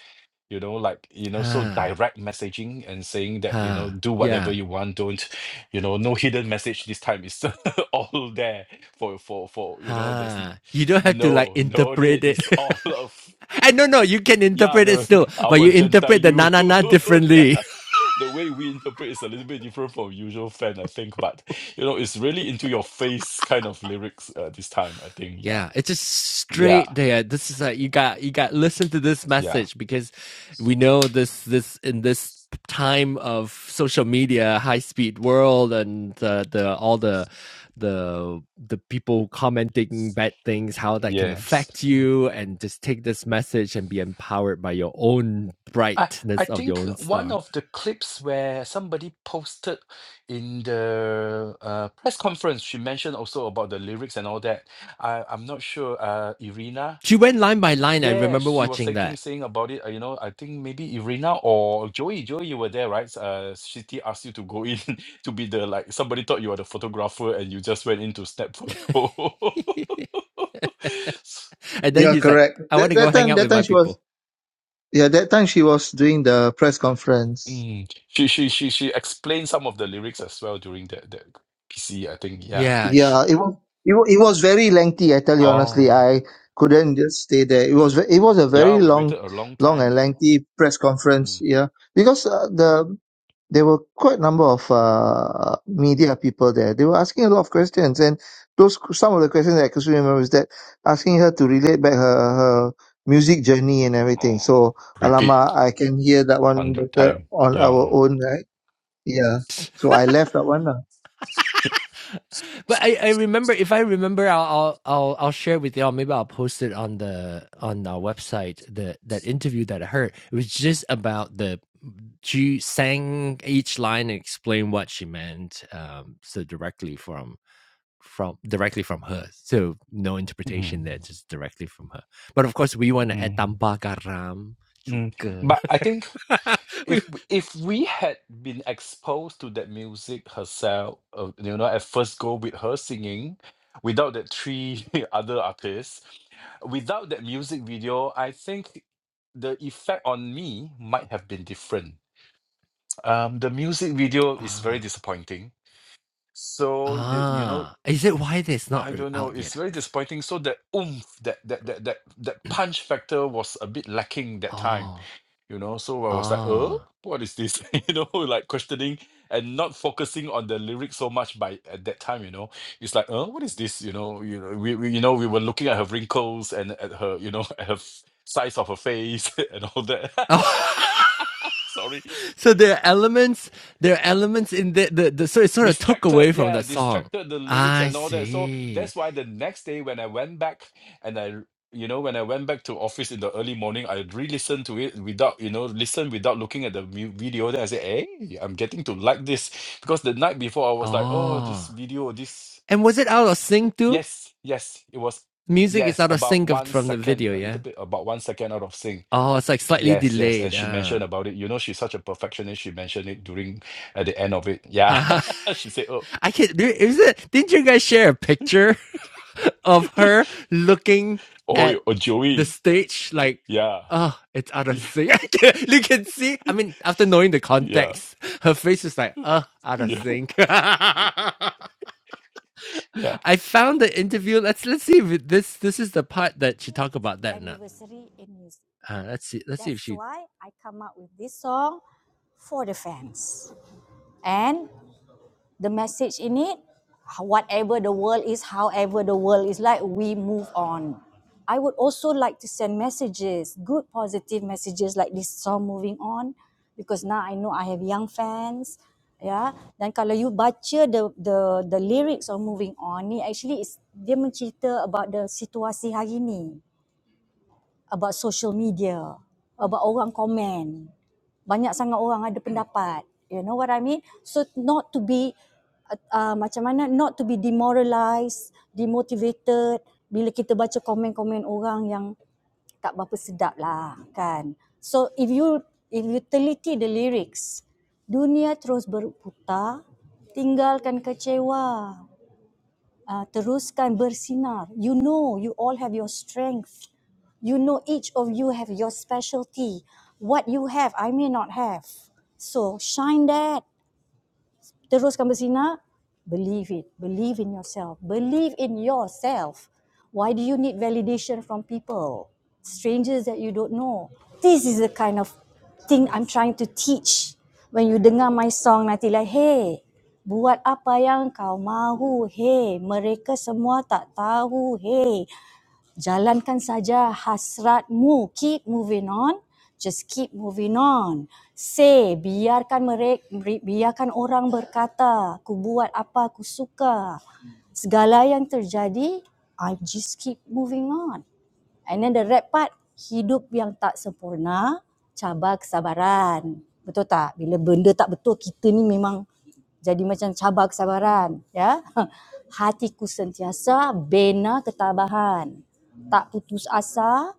Speaker 7: you know, like you know, so
Speaker 1: Huh.
Speaker 7: direct messaging and saying that you
Speaker 1: Huh.
Speaker 7: know, do whatever
Speaker 1: Yeah.
Speaker 7: you want, don't, you know, no hidden message this time. It's all there for for for you know. There's
Speaker 1: Huh.
Speaker 7: n-
Speaker 1: You don't have to like
Speaker 7: no no need.
Speaker 1: interpret it.
Speaker 7: It's all of
Speaker 1: and no, no, you can
Speaker 7: yeah
Speaker 1: interpret it
Speaker 7: the
Speaker 1: still, but
Speaker 7: our
Speaker 1: you
Speaker 7: gentile
Speaker 1: interpret the na
Speaker 7: you
Speaker 1: na na
Speaker 7: yeah.
Speaker 1: differently.
Speaker 7: The way we interpret is a little bit different from usual fan, I think, but you know, it's really into your face kind of lyrics uh, this time, I think. Yeah.
Speaker 1: Yeah, it's just
Speaker 7: Yeah.
Speaker 1: straight there. This is a, you got you got listen to this
Speaker 7: Yeah.
Speaker 1: message because we know this this in this time of social media, high speed world, and uh, the all the the the people commenting bad things, how that can
Speaker 7: Yes.
Speaker 1: affect
Speaker 7: Mm.
Speaker 1: you, and just take this message and be empowered by your own
Speaker 7: I I
Speaker 1: brightness of
Speaker 7: think
Speaker 1: your own
Speaker 7: one
Speaker 1: star.
Speaker 7: of the clips where somebody posted in the uh, press conference, she mentioned also about the lyrics and all that. I I'm not sure. Uh, Irina.
Speaker 1: She went line by line. I
Speaker 7: Yeah,
Speaker 1: remember
Speaker 7: she was
Speaker 1: watching
Speaker 7: taking
Speaker 1: that,
Speaker 7: saying about it. uh, You know, I think maybe Irina or Joey. Joey, you were there, right? Uh, Shitty asked you to go in to be the like somebody thought you were the photographer and you just went in to snap photo.
Speaker 1: and then
Speaker 2: Yeah,
Speaker 1: he's like,
Speaker 2: correct.
Speaker 1: "I
Speaker 2: That,
Speaker 1: want to
Speaker 2: that
Speaker 1: go hang
Speaker 2: time,
Speaker 1: out
Speaker 2: that
Speaker 1: with my
Speaker 2: time she was
Speaker 1: people."
Speaker 2: yeah, that time she was doing the press conference.
Speaker 7: Mm. She she she she explained some of the lyrics as well during that that PC, I think. Yeah.
Speaker 1: Yeah, sh-
Speaker 2: Yeah, it was it, wa- it was very lengthy. I tell you honestly,
Speaker 7: Oh.
Speaker 2: I couldn't just stay there. It was ve- it was a
Speaker 7: Yeah,
Speaker 2: very
Speaker 7: we
Speaker 2: long,
Speaker 7: waited a long
Speaker 2: long and
Speaker 7: time.
Speaker 2: lengthy press conference.
Speaker 7: Mm.
Speaker 2: Yeah, because uh, the there were quite a number of uh, media people there. They were asking a lot of questions, and those some of the questions that I could still remember is that asking her to relate back her her music journey and everything.
Speaker 7: Oh.
Speaker 2: So,
Speaker 7: Repeat
Speaker 2: Alama, I can hear that one
Speaker 7: hundred
Speaker 2: better
Speaker 7: time.
Speaker 2: on our
Speaker 7: Yeah.
Speaker 2: own, right? Yeah. So I left that one. lah.
Speaker 1: But I, I remember if I remember I'll, I'll I'll share with y'all. Maybe I'll post it on the on our website. The that interview that I heard it was just about the she sang each line and explained what she meant. Um, so directly from from directly from her. So no
Speaker 7: Mm.
Speaker 1: interpretation there, just directly from her. But of course, we want to add
Speaker 7: Mm.
Speaker 1: tambah garam
Speaker 7: Mm.
Speaker 1: juga.
Speaker 7: But I think
Speaker 1: we
Speaker 7: if w- if we had been exposed to that music herself, uh, you know, at first go with her singing, without that three other artists, without that music video, I think the effect on me might have been different. Um, the music video is very
Speaker 1: ah
Speaker 7: disappointing. So the, you know,
Speaker 1: ah. Is it why it's not
Speaker 7: I don't know,
Speaker 1: out
Speaker 7: it's
Speaker 1: yet?
Speaker 7: very disappointing. So that oomph, that that that that that punch factor was a bit lacking that time
Speaker 1: Oh
Speaker 7: you know so i was like "Oh,
Speaker 1: ah.
Speaker 7: what is this you know like questioning and not focusing on the lyrics so much by at that time you know it's like "Oh, what is this you know you know we, we you know we were looking at her wrinkles and at her you know at her f- size of her face and all that
Speaker 1: Oh,
Speaker 7: sorry
Speaker 1: so there are elements, there are elements in the, the, the so it sort of took
Speaker 7: distracted
Speaker 1: away from
Speaker 7: yeah
Speaker 1: the song.
Speaker 7: distracted the lyrics
Speaker 1: I
Speaker 7: and all that so
Speaker 1: see.
Speaker 7: that's why the next day when i went back and i you know when i went back to office in the early morning i re-listened to it without you know listen without looking at the mu- video then i said hey i'm getting to like this because the night before i was like oh this
Speaker 1: Oh.
Speaker 7: video this
Speaker 1: And was it out of sync too?
Speaker 7: yes yes it was
Speaker 1: Music is
Speaker 7: yes
Speaker 1: out of
Speaker 7: about
Speaker 1: sync of,
Speaker 7: one
Speaker 1: from the
Speaker 7: second
Speaker 1: video,
Speaker 7: a
Speaker 1: yeah?
Speaker 7: little bit about one second out of sync
Speaker 1: Oh, it's like slightly
Speaker 7: yes yes and
Speaker 1: delayed.
Speaker 7: she
Speaker 1: Ah.
Speaker 7: mentioned about it you know she's such a perfectionist she mentioned it during at the end of it yeah
Speaker 1: Haha!
Speaker 7: she said oh
Speaker 1: I can't. There, is it? Didn't you guys share a picture of her looking
Speaker 7: Oh, y-
Speaker 1: at
Speaker 7: oh,
Speaker 1: the
Speaker 7: Joey.
Speaker 1: stage like,
Speaker 7: Yeah.
Speaker 1: oh, it's out of sync? you can see. I mean, after knowing the
Speaker 7: Yeah.
Speaker 1: context, her face is like, oh, out of
Speaker 7: Yeah.
Speaker 1: sync.
Speaker 7: Yeah. Yeah.
Speaker 1: I found the interview. Let's let's see if this this is the part that she talked about that. Now, anniversary in music. uh, let's see. Let's see if That's she. why I come up with this song for the fans. And the message in it whatever the world is however the world is like we move on i would also like to send messages good positive messages like this song moving on because now i know i have young fans yeah dan kalau you baca the the the lyrics of moving on ni actually is dia mencerita about the situasi hari ni about social media, about orang komen. Banyak sangat orang ada pendapat. You know what I mean? So not to be uh, uh, macam mana not to be demoralized, demotivated bila kita baca komen-komen orang yang tak berapa sedap lah kan. So if you if you teliti the lyrics, dunia terus berputar, tinggalkan kecewa uh, teruskan bersinar. You know, you all have your strength. You know, each of you have your specialty. What you have, I may not have. So shine that. Terus kamu berzina, believe it. Believe in yourself. Believe in yourself. Why do you need validation from people? Strangers that you don't know. This is the kind of thing I'm trying to teach. When you dengar my song nanti like, hey, buat apa yang kau mahu, hey, mereka semua tak tahu, hey, Jalankan saja hasratmu. Keep moving on. Just keep moving on. Say, biarkan mereka, biarkan orang berkata, aku buat apa aku suka. Segala yang terjadi, I just keep moving on. And then the red part, hidup yang tak sempurna, cabar kesabaran. Betul tak? Bila benda tak betul, kita ni memang jadi macam cabar kesabaran. Ya? Hatiku sentiasa bina ketabahan. Tak putus asa,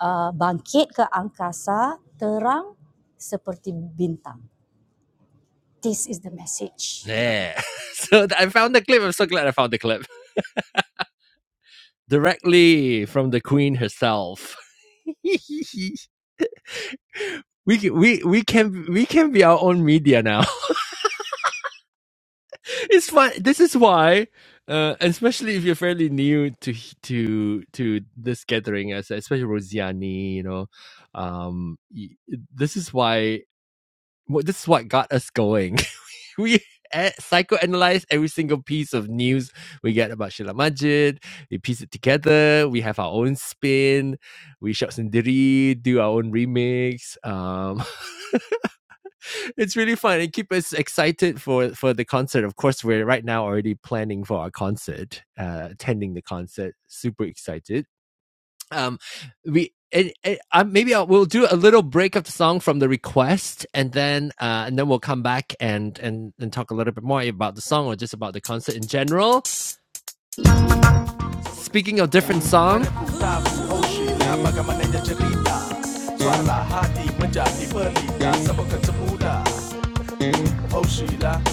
Speaker 1: uh, bangkit ke angkasa, terang seperti bintang. This is the message. Yeah. So I found the clip. I'm so glad I found the clip. Directly from the queen herself. we we we can we can be our own media now. It's fun. This is why, uh, especially if you're fairly new to to to this gathering, as especially Rosiani, you know, um, this is why. This is what got us going. we psychoanalyze every single piece of news we get about Sheila Majid. We piece it together. We have our own spin. We shot sendiri, do our own remix. Um, it's really fun. It keeps us excited for for the concert. Of course, we're right now already planning for our concert, uh, attending the concert. Super excited. Um, we. It, it, uh, maybe I'll, we'll do a little break of the song from the request, and then uh, and then we'll come back and, and and talk a little bit more about the song or just about the concert in general. Speaking of different song,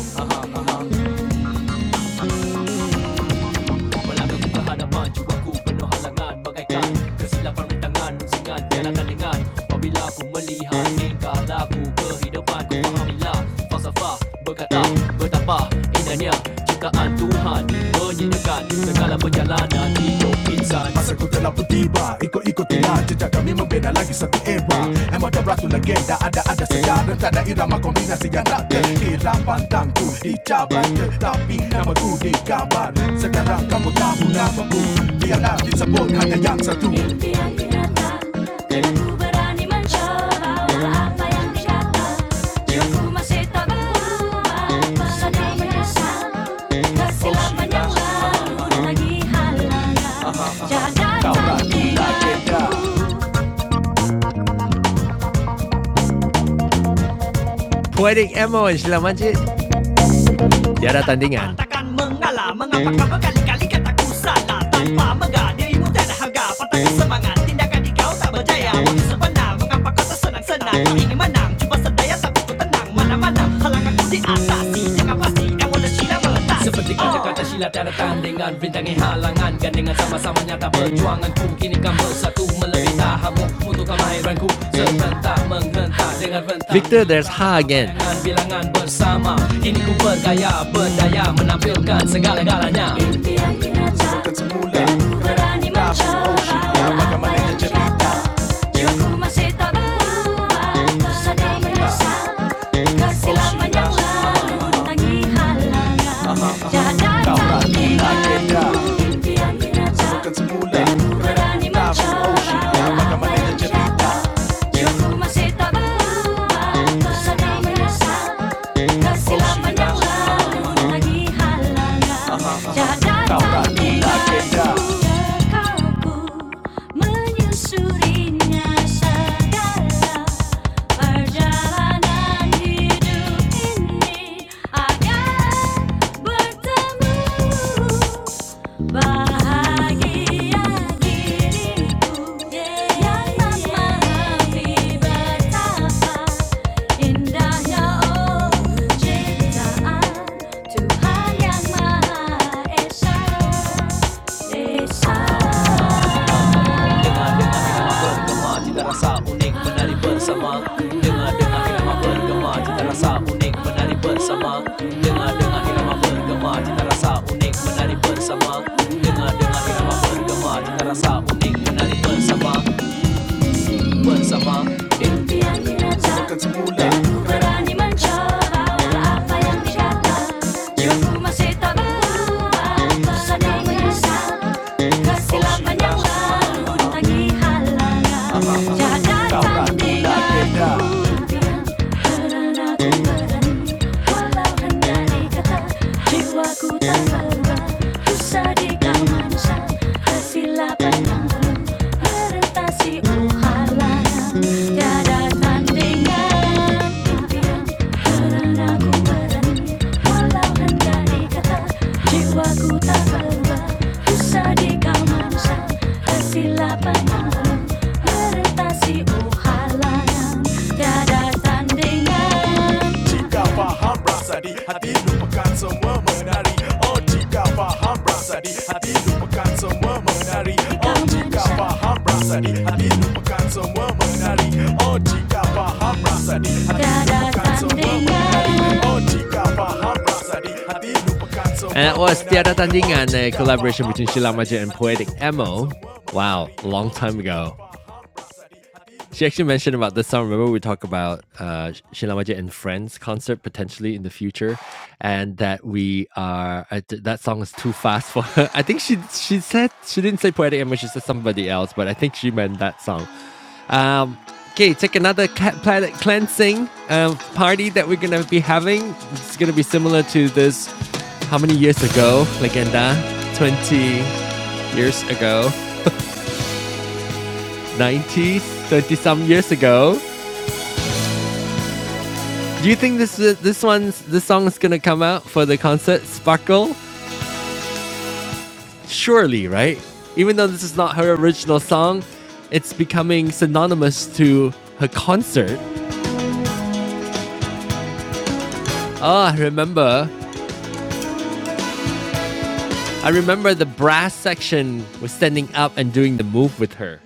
Speaker 1: Malamig ang kahanapan, Diwaku, puno halangan Magaikan, kasilapan ng tangan Singan, kaya kalingan Pabila kung malihan Tingkala ko kehidupan Kung pahamila, falsafa Berkata, bertapa Indahnya ciptaan Tuhan Menyenangkan segala perjalanan hidup ini minsan Masagutan ang putiba Iko-ikotina Diyadya kami mabena lagi sa kuiba Ang mga braso na genda Ada-ada sa gara Tada irama kombinasi yan natin Hirang pantang ku icabat tapi nama ku kabar Sekarang kamu tahu namaku Biar natin sa buong hanya yang satu Piang berani mencoba Apa yang didapat Aku masih tak berubah Pernah menyesal Lagi halangan Jaga hati Poetic Emo is la manche Tiara tandingan. Takkan mengalah Mengapa kau berkali-kali kata ku salah Tanpa menggah dirimu tak ada harga Patahkan semangat Tindakan di kau tak berjaya Waktu sebenar Mengapa kau tersenang-senang Kau ingin menang Cuba sedaya tapi ku tenang Mana-mana Halangan ku diatasi Jangan pasti Yang mula Sheila meletasi Seperti kata-kata silat tiada tandingan Rintangi halangan Gandengan sama-sama nyata perjuanganku Kini kan bersatu melebihi tahamu Untuk kemahiranku Serentak menghentak Victor, there's Ha again. bilangan bersama Ini ku bergaya berdaya Menampilkan segala-galanya Berani mencoba Berani mencoba Perjalanan hidup ini bertemu bahagia diriku yang tak memahami betapa indahnya oh ciptaan Tuhan yang maha esa, esa. Dengar dengar irama bergema cita rasa unik menari bersama Dengar dengar irama bergema cita rasa unik menari bersama Dengar dengar irama bergema cita rasa unik menari bersama Dengar dengar irama bergema cita rasa unik menari bersama पण समा Jiwaku tak berubah, usah diganggu manusia Persilatan yang penuh orientasi uhalangan Tiada tandingan Karena ku berani Walau hanya dikata Jiwaku tak berubah Bisa di kau manusia Persilatan yang penuh orientasi uhalangan Tiada tandingan Alhambra sadi hati lupakan semua menari Oh jika faham prasadi hati lupakan semua menari Oh jika faham prasadi hati lupakan semua menari Oh jika lupakan semua menari Oh, semua And that was Tiada menari. Tandingan, a collaboration between Sheila Majid and Poetic Emo. Wow, a long time ago. She actually mentioned about this song. Remember, we talked about uh, Shinamaji and Friends concert potentially in the future, and that we are uh, that song is too fast for her. I think she she said she didn't say poetic image. She said somebody else, but I think she meant that song. Um, okay, take another cat planet cleansing um, party that we're gonna be having. It's gonna be similar to this. How many years ago, Legenda? Twenty years ago, 90s, 30 some years ago. Do you think this uh, this one's this song is gonna come out for the concert Sparkle? Surely, right? Even though this is not her original song, it's becoming synonymous to her concert. Oh, I remember. I remember the brass section was standing up and doing the move with her.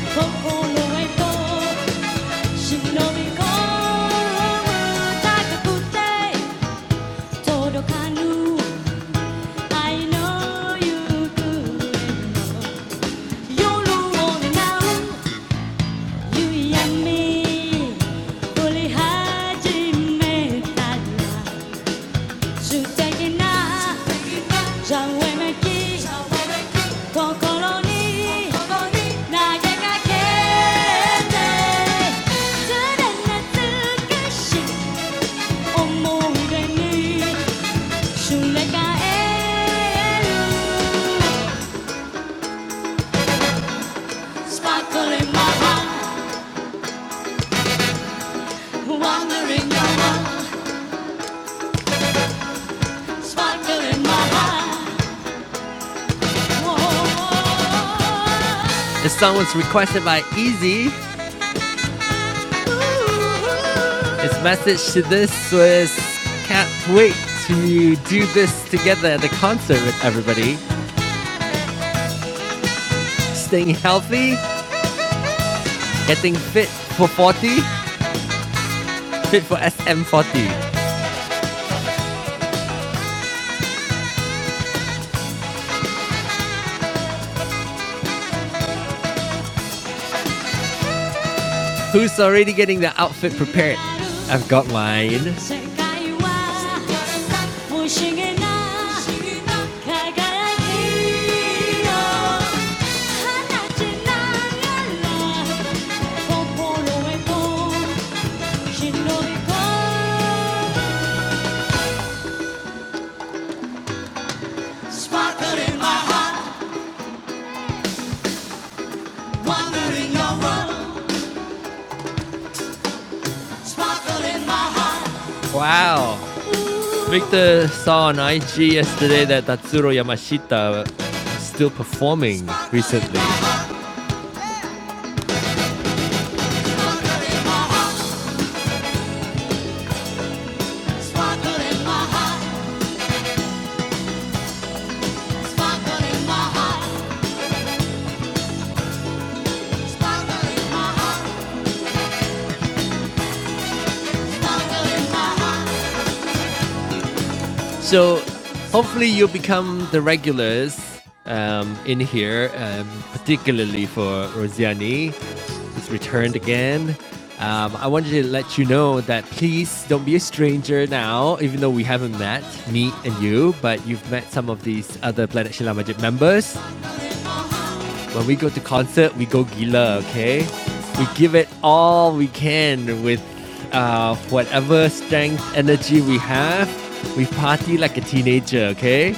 Speaker 1: 広がる世界は不思議な輝きよ放ちながら心へと忍び込む高くて届かぬ愛の行方夜を願う You and me, fully hajime tadna, suteki na, jauemeki, kokoro ni, nagekakete, tsuden natsukashi omoide ni shurekaeru. Sparkle in my heart, wandering your heart, sparkle in my heart. This song was requested by Easy. His message to this was can't wait to do this together at the concert with everybody. Staying healthy, getting fit for 40, fit for SM40. Who's already getting their outfit prepared? I've got mine. Wow. Victor saw on IG yesterday that Tatsuro Yamashita is still performing recently. So hopefully you become the regulars um, in here, um, particularly for Rosiani, who's returned again. Um, I wanted to let you know that please don't be a stranger now, even though we haven't met, me and you, but you've met some of these other Planet Shila Majid members when we go to concert, we go gila, okay? We give it all we can with uh, whatever strength, energy we have. We party like a teenager, okay?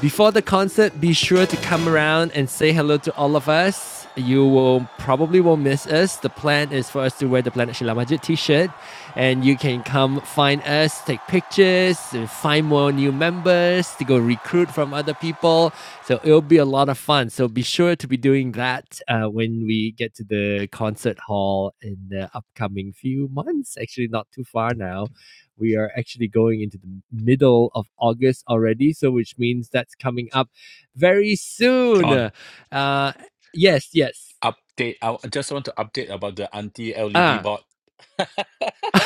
Speaker 1: Before the concert, be sure to come around and say hello to all of us. You will probably won't miss us. The plan is for us to wear the Planet Shila Majid t-shirt and you can come find us, take pictures, find more new members to go recruit from other people. So it'll be a lot of fun. So be sure to be doing that uh, when we get to the concert hall in the upcoming few months. Actually, not too far now we are actually going into the middle of August already, so which means that's coming up very soon.
Speaker 7: John,
Speaker 1: Uh, yes, yes.
Speaker 7: update. I I just want to update about the anti-LED
Speaker 1: Ah,
Speaker 7: board.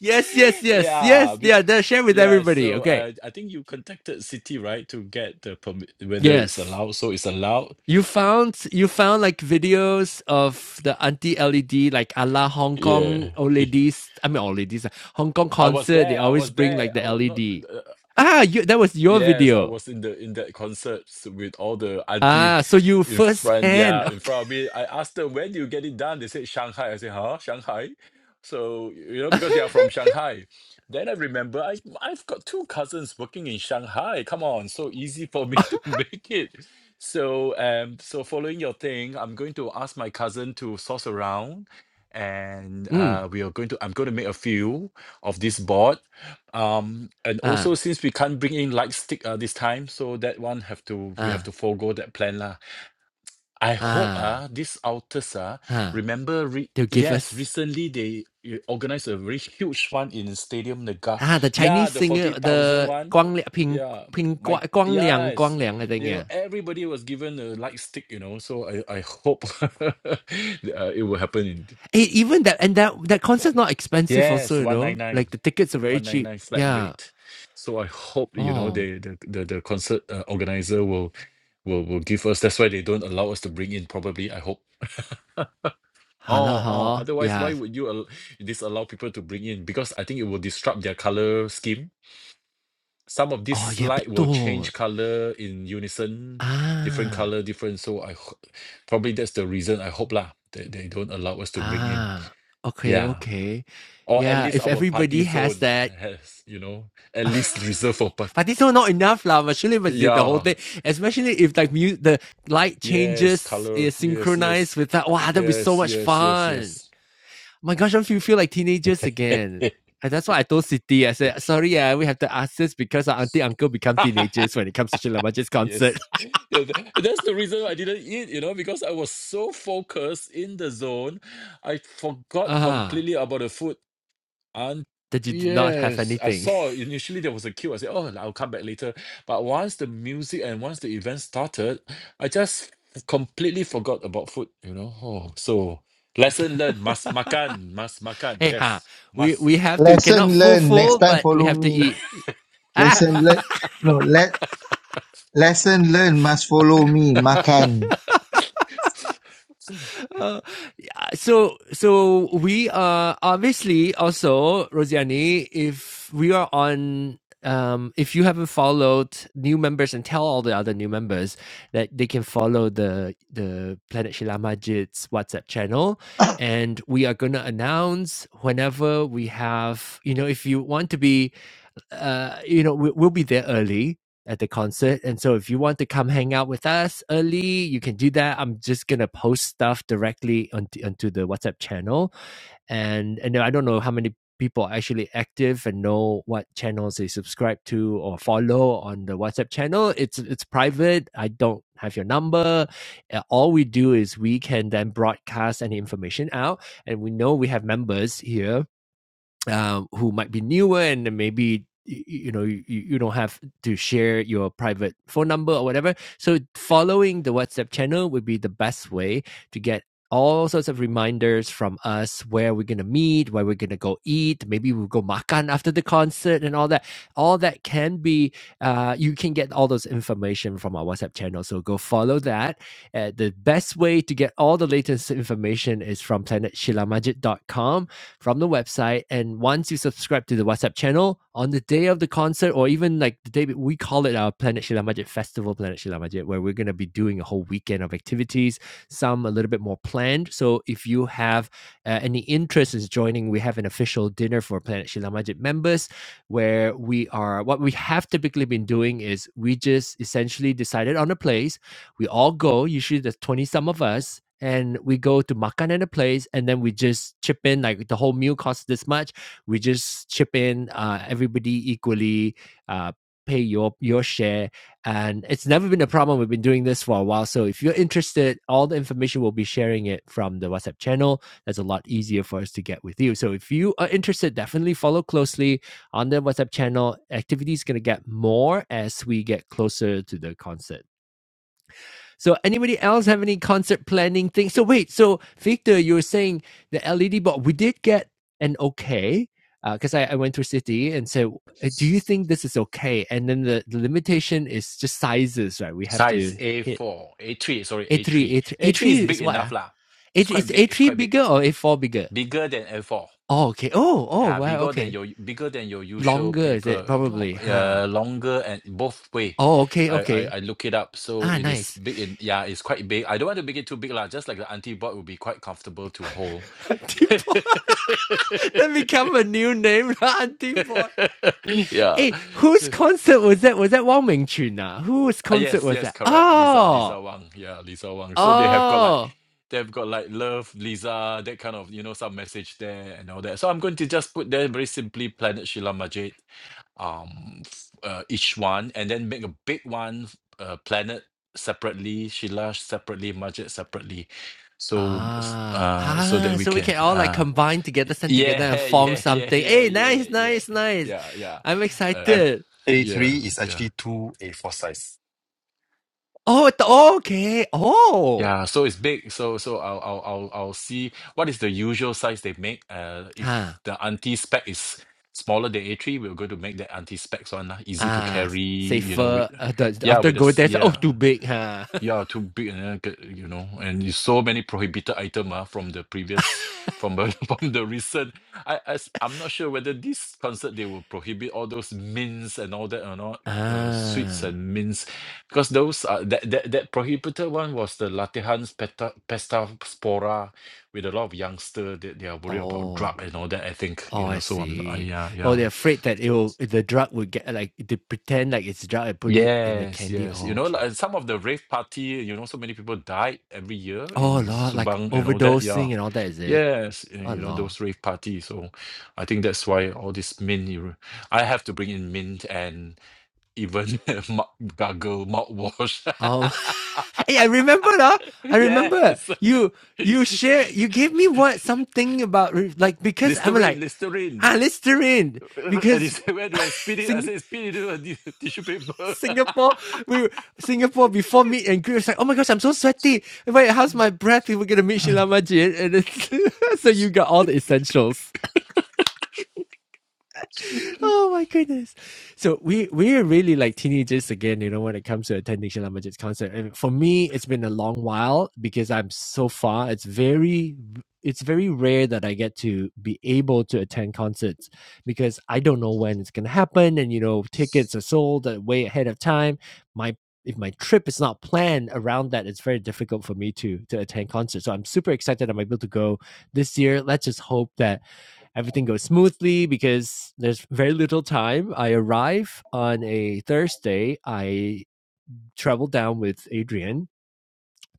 Speaker 1: yes, yes, yes,
Speaker 7: Yeah,
Speaker 1: yes. Yeah,
Speaker 7: bec-
Speaker 1: that share with
Speaker 7: yeah.
Speaker 1: everybody.
Speaker 7: So
Speaker 1: Okay.
Speaker 7: uh, I think you contacted City, right, to get the permit, whether it's
Speaker 1: Yes.
Speaker 7: allowed. So it's allowed.
Speaker 1: You found you found like videos of the anti LED like a la Hong Kong
Speaker 7: Yeah.
Speaker 1: old ladies. I mean old ladies, uh, Hong Kong
Speaker 7: I was
Speaker 1: concert. They
Speaker 7: there. I
Speaker 1: always
Speaker 7: was
Speaker 1: bring like
Speaker 7: there.
Speaker 1: the
Speaker 7: I was
Speaker 1: LED.
Speaker 7: not.
Speaker 1: Ah, you, that was your
Speaker 7: Yes, I
Speaker 1: video.
Speaker 7: was in the in that concerts with all the auntie
Speaker 1: Ah, so you
Speaker 7: in
Speaker 1: first
Speaker 7: front, yeah,
Speaker 1: hand.
Speaker 7: in front of me. I asked them, when do you get it done? They said Shanghai. I said, huh? Shanghai? So, you know,
Speaker 1: Okay.
Speaker 7: because they are from Shanghai. Then I remember I I've got two cousins working in Shanghai. Come on, so easy for me to make it. So, um, so following your thing, I'm going to ask my cousin to source around and
Speaker 1: Mm.
Speaker 7: uh we are going to I'm going to make a few of this board um, and also
Speaker 1: Ah,
Speaker 7: since we can't bring in light stick uh, this time, so that one have to we have
Speaker 1: ah,
Speaker 7: to forego that plan lah. I hope
Speaker 1: ah,
Speaker 7: ah this Altus ah
Speaker 1: ah.
Speaker 7: remember re-
Speaker 1: They'll give
Speaker 7: yes
Speaker 1: us
Speaker 7: recently they uh, organized a very huge one in Stadium Naga.
Speaker 1: ah the
Speaker 7: Yeah,
Speaker 1: Chinese
Speaker 7: the
Speaker 1: singer
Speaker 7: forty thousand
Speaker 1: the
Speaker 7: one.
Speaker 1: Guang Li- Ping
Speaker 7: Yeah,
Speaker 1: Ping
Speaker 7: my
Speaker 1: Gua- Guang Liang
Speaker 7: yes,
Speaker 1: Guang Liang I think
Speaker 7: you know
Speaker 1: yeah.
Speaker 7: everybody was given a light stick, you know. So I I hope uh, it will happen in
Speaker 1: Eh, even that and that that concert's not expensive also
Speaker 7: yes
Speaker 1: you
Speaker 7: one
Speaker 1: know
Speaker 7: nine nine.
Speaker 1: like the tickets are very cheap
Speaker 7: 199 flat
Speaker 1: yeah.
Speaker 7: rate. So I hope that, you know
Speaker 1: Oh,
Speaker 7: they, the the the concert uh, organizer will will will give us. That's why they don't allow us to bring in. Probably I hope.
Speaker 1: hala
Speaker 7: Oh oh.
Speaker 1: ha
Speaker 7: Otherwise, why
Speaker 1: yeah.
Speaker 7: would you al- disallow people to bring in? Because I think it will disrupt their color scheme. Some of
Speaker 1: Oh
Speaker 7: this
Speaker 1: yeah
Speaker 7: light will
Speaker 1: betul.
Speaker 7: change color in unison, different
Speaker 1: Ah
Speaker 7: color, different. So I ho- probably that's the reason. I hope lah that they don't allow us to bring in.
Speaker 1: ah okay
Speaker 7: Yeah.
Speaker 1: okay
Speaker 7: Or at
Speaker 1: yeah.
Speaker 7: least
Speaker 1: If
Speaker 7: our party
Speaker 1: everybody has
Speaker 7: zone
Speaker 1: that.
Speaker 7: has, you know, at least reserved for
Speaker 1: Partito not enough lah. Must surely must the whole
Speaker 7: Yeah,
Speaker 1: thing, especially if like mu- the light
Speaker 7: yes,
Speaker 1: changes
Speaker 7: color.
Speaker 1: is
Speaker 7: Yes,
Speaker 1: synchronized
Speaker 7: yes.
Speaker 1: with that. Wow, that'd be so
Speaker 7: Yes,
Speaker 1: much
Speaker 7: yes, yes,
Speaker 1: fun.
Speaker 7: yes.
Speaker 1: My gosh, I feel feel like teenagers again. And that's why I told City, I said, sorry, yeah, we have to ask this because our auntie uncle become teenagers when it comes to Sheila Majid's
Speaker 7: Yes.
Speaker 1: concert.
Speaker 7: Yeah, th- that's the reason I didn't eat, you know, because I was so focused in the zone, I
Speaker 1: Ah,
Speaker 7: forgot
Speaker 1: uh,
Speaker 7: completely about the food. And
Speaker 1: that you did not have
Speaker 7: yes, I
Speaker 1: anything.
Speaker 7: saw initially there was a queue. I said, "Oh, I'll come back later." But once the music and once the event started, I just completely forgot about food, you know. Oh, so lesson learned, must makan, must makan.
Speaker 1: hey ha,
Speaker 7: Yes,
Speaker 1: we
Speaker 7: must.
Speaker 1: we have to
Speaker 2: Lesson
Speaker 1: cannot full
Speaker 2: learned. Next
Speaker 1: full,
Speaker 2: time,
Speaker 1: but we
Speaker 2: follow
Speaker 1: have to
Speaker 2: me.
Speaker 1: eat. Ah,
Speaker 2: Lesson learned. No, let lesson learned must follow me. Makan.
Speaker 1: uh, so so we are obviously also Rosiani. If we are on, um, if you haven't followed new members, and tell all the other new members that they can follow the the Planet Shila Majid's WhatsApp channel, and we are gonna announce whenever we have. You know, if you want to be uh, you know, we, we'll be there early at the concert. And so if you want to come hang out with us early, you can do that. I'm just going to post stuff directly onto, onto the WhatsApp channel. And, and I don't know how many people are actually active and know what channels they subscribe to or follow on the WhatsApp channel. It's, it's private. I don't have your number. Uh, All we do is we can then broadcast any information out. And we know we have members here um, who might be newer and maybe y- you know you, you don't have to share your private phone number or whatever so following the whatsapp channel would be the best way to get all sorts of reminders from us where we're going to meet where we're going to go eat maybe we'll go makan after the concert and all that all that can be uh, you can get all those information from our whatsapp channel so go follow that uh, the best way to get all the latest information is from planetshilamajit.com from the website. And once you subscribe to the WhatsApp channel on the day of the concert, or even like the day we call it our Planet Shilamajet Festival, Planet Shilamajet, where we're going to be doing a whole weekend of activities, some a little bit more planned. So if you have uh, any interest in joining, we have an official dinner for Planet Shilamajet members where we are, what we have typically been doing is we just essentially decided on a place we all go, usually there's 20 some of us, and we go to Makanana place and then we just chip in, like the whole meal costs this much. We just chip in, uh, everybody equally, uh, pay your your share and it's never been a problem we've been doing this for a while so if you're interested all the information we'll be sharing it from the whatsapp channel that's a lot easier for us to get with you so if you are interested definitely follow closely on the whatsapp channel activity is going to get more as we get closer to the concert so anybody else have any concert planning things? So wait, so Victor, you were saying the LED board We did get an okay because uh, I, I went through city and said, "Uh, "Do you think this is okay?" And then the, the limitation is just sizes, right? We have
Speaker 7: Size
Speaker 1: to hit
Speaker 7: A4, A3, sorry,
Speaker 1: A three,
Speaker 7: A3.
Speaker 1: A three, A
Speaker 7: A3
Speaker 1: three
Speaker 7: is
Speaker 1: is
Speaker 7: big
Speaker 1: what? Ah,
Speaker 7: enough lah.
Speaker 1: A
Speaker 7: It's
Speaker 1: three
Speaker 7: quite
Speaker 1: is
Speaker 7: big,
Speaker 1: A
Speaker 7: it's
Speaker 1: three
Speaker 7: quite big.
Speaker 1: bigger or A four bigger?
Speaker 7: Bigger than A4.
Speaker 1: Oh, okay. Oh, oh,
Speaker 7: Yeah,
Speaker 1: wow.
Speaker 7: bigger than
Speaker 1: Okay,
Speaker 7: your bigger than your usual
Speaker 1: longer is it
Speaker 7: paper, long,
Speaker 1: probably? Huh.
Speaker 7: uh, longer and both way.
Speaker 1: Oh, okay,
Speaker 7: I, I
Speaker 1: okay.
Speaker 7: I look it up, so
Speaker 1: Ah,
Speaker 7: it is
Speaker 1: nice.
Speaker 7: big. In, yeah, it's quite big. I don't want to make it too big, lah. Just like the auntie board would be quite comfortable to hold.
Speaker 1: Auntie boy, that become a new name, Auntie boy.
Speaker 7: yeah.
Speaker 1: Hey, whose concert was that? Was that Wang Mingchun? Ah? Whose
Speaker 7: Uh,
Speaker 1: concert
Speaker 7: yes,
Speaker 1: was
Speaker 7: yes,
Speaker 1: that?
Speaker 7: correct. Lisa,
Speaker 1: Oh,
Speaker 7: Lisa Wang. Yeah, Lisa Wang. So they have got like
Speaker 1: oh,
Speaker 7: they've got like love, Lisa, that kind of you know some message there and all that. So I'm going to just put there very simply, Planet Sheila Majid um f- uh, each one and then make a big one uh, planet separately Sheila separately Majid separately so s-
Speaker 1: ah,
Speaker 7: uh so that
Speaker 1: ah.
Speaker 7: we
Speaker 1: So we
Speaker 7: can
Speaker 1: can all like
Speaker 7: uh
Speaker 1: combine together, send together, and
Speaker 7: yeah
Speaker 1: form
Speaker 7: yeah yeah
Speaker 1: something.
Speaker 7: yeah
Speaker 1: Hey,
Speaker 7: yeah
Speaker 1: nice,
Speaker 7: yeah
Speaker 1: nice, nice.
Speaker 7: yeah yeah
Speaker 1: I'm
Speaker 7: uh
Speaker 5: And
Speaker 1: excited.
Speaker 7: yeah
Speaker 5: A3 is
Speaker 7: yeah
Speaker 5: actually two A4 size.
Speaker 1: Oh, it- oh, okay. Oh,
Speaker 7: yeah so it's big so so I'll I'll I'll, I'll see what is the usual size they make uh
Speaker 1: huh.
Speaker 7: if the anti spec is smaller than A3 we're going to make the anti specs one lah, easy to
Speaker 1: Ah,
Speaker 7: carry you know with
Speaker 1: safer. Uh, the,
Speaker 7: yeah
Speaker 1: after
Speaker 7: with
Speaker 1: go
Speaker 7: us
Speaker 1: there, oh,
Speaker 7: yeah
Speaker 1: too big, huh?
Speaker 7: Yeah, too big, and get- you know, and you so many prohibited item ah, from the previous, from the from the recent. I, I s- I'm not sure whether this concert they will prohibit all those mints and all that or not. Uh, sweets
Speaker 1: ah,
Speaker 7: and mints, because those are that that, that prohibited one was the Latihan's pesta pesta spora, with a lot of youngster that they, are worried about
Speaker 1: oh.
Speaker 7: drug and all that. I think
Speaker 1: Oh,
Speaker 7: you know.
Speaker 1: I
Speaker 7: So I'm not- uh,
Speaker 1: see.
Speaker 7: yeah
Speaker 1: Oh,
Speaker 7: yeah.
Speaker 1: they're afraid that it'll the drug would get like they pretend like it's drug and put it in the
Speaker 7: Yes,
Speaker 1: candy.
Speaker 7: yes. You
Speaker 1: Oh,
Speaker 7: know, like,
Speaker 1: okay.
Speaker 7: some of the rave party, you know, so many people died every year
Speaker 1: Oh,
Speaker 7: in
Speaker 1: Lord, like
Speaker 7: Subang and all that. Yeah.
Speaker 1: overdosing and all that, is it?
Speaker 7: Yes, and,
Speaker 1: Oh,
Speaker 7: you know,
Speaker 1: Lord.
Speaker 7: those rave parties. So I think that's why all this mint, you know, I have to bring in mint and even mou- gargle, mouthwash.
Speaker 1: Um, hey, I remember now. I
Speaker 7: Yes.
Speaker 1: remember you you share you gave me what something about re- like because I'm
Speaker 7: Listerine,
Speaker 1: like
Speaker 7: Listerine.
Speaker 1: ah Listerine
Speaker 7: And he
Speaker 1: because
Speaker 7: said, Where do I spit it? I said, Spit it into a t- tissue paper.
Speaker 1: Singapore, we Singapore before meet and greet was like, oh my gosh, I'm so sweaty. Wait, how's my breath? We were gonna meet Sheila Majid, and it's, so you got all the essentials oh my goodness. So we we are really like teenagers again, you know, when it comes to attending Sheila Majid's concert. And for me, it's been a long while because I'm so far. It's very it's very rare that I get to be able to attend concerts because I don't know when it's gonna happen, and you know, tickets are sold uh, way ahead of time. My if my trip is not planned around that, it's very difficult for me to to attend concerts. So I'm super excited I'm able to go this year. Let's just hope that everything goes smoothly because there's very little time. I arrive on a Thursday. I travel down with Adrian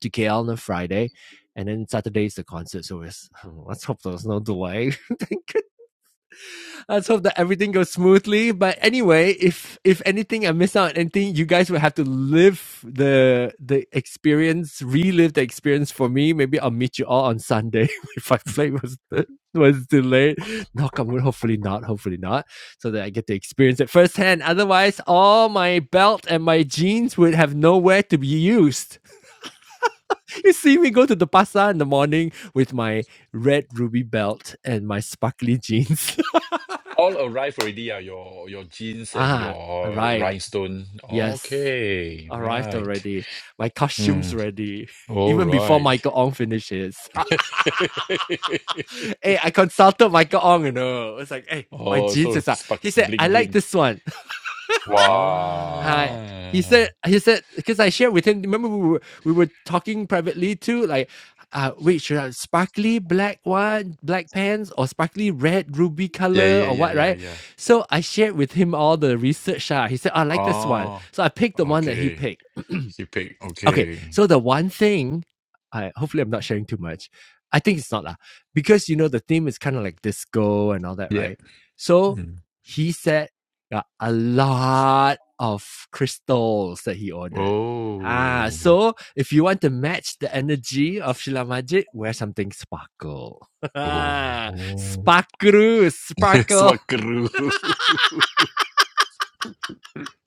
Speaker 1: to KL on a Friday. And then Saturday is the concert. So it's, let's hope there's no delay. Thank. Let's hope that everything goes smoothly. But anyway, if if anything I miss out on anything, you guys will have to live the the experience, relive the experience for me. Maybe I'll meet you all on Sunday if my flight was was delayed. Knock on wood, hopefully not, hopefully not. So that I get to experience it firsthand. Otherwise, all my belt and my jeans would have nowhere to be used. You see me go to the pasar in the morning with my red ruby belt and my sparkly jeans.
Speaker 7: All arrived already, ah, your your jeans and
Speaker 1: ah,
Speaker 7: your
Speaker 1: arrived.
Speaker 7: rhinestone.
Speaker 1: Yes,
Speaker 7: Okay,
Speaker 1: arrived
Speaker 7: right.
Speaker 1: already. My
Speaker 7: Hmm.
Speaker 1: costume's ready.
Speaker 7: All
Speaker 1: Even before
Speaker 7: right.
Speaker 1: Michael Ong finishes. hey, I consulted Michael Ong, you know. It's like, hey, my
Speaker 7: Oh,
Speaker 1: jeans
Speaker 7: so
Speaker 1: is out.
Speaker 7: spark
Speaker 1: He said, I
Speaker 7: bling
Speaker 1: like
Speaker 7: bling.
Speaker 1: this one.
Speaker 5: Wow.
Speaker 1: Hi. He
Speaker 7: Ah.
Speaker 1: said, he said, because I shared with him, remember we were, we were talking privately too, like, uh, wait, should I have sparkly black one, black pants, or sparkly red ruby
Speaker 7: Yeah,
Speaker 1: color,
Speaker 7: yeah,
Speaker 1: or
Speaker 7: yeah,
Speaker 1: what,
Speaker 7: yeah,
Speaker 1: right?
Speaker 7: yeah.
Speaker 1: So I shared with him all the research. ah. He said, I like this one.
Speaker 7: Oh.
Speaker 1: So I picked the one that he
Speaker 7: Okay.
Speaker 1: picked
Speaker 7: He picked.
Speaker 1: Okay,
Speaker 7: Okay.
Speaker 1: so the one thing, I hopefully I'm not sharing too much. I think it's not lah, because you know the theme is kind of like disco and all that,
Speaker 7: Yep.
Speaker 1: right? So
Speaker 7: Mm.
Speaker 1: he said uh, a lot of crystals that he ordered. Ah,
Speaker 7: Oh.
Speaker 1: so if you want to match the energy of Sheila Majid, wear something sparkle.
Speaker 7: Oh.
Speaker 1: sparkle, sparkle.
Speaker 7: Swakaru.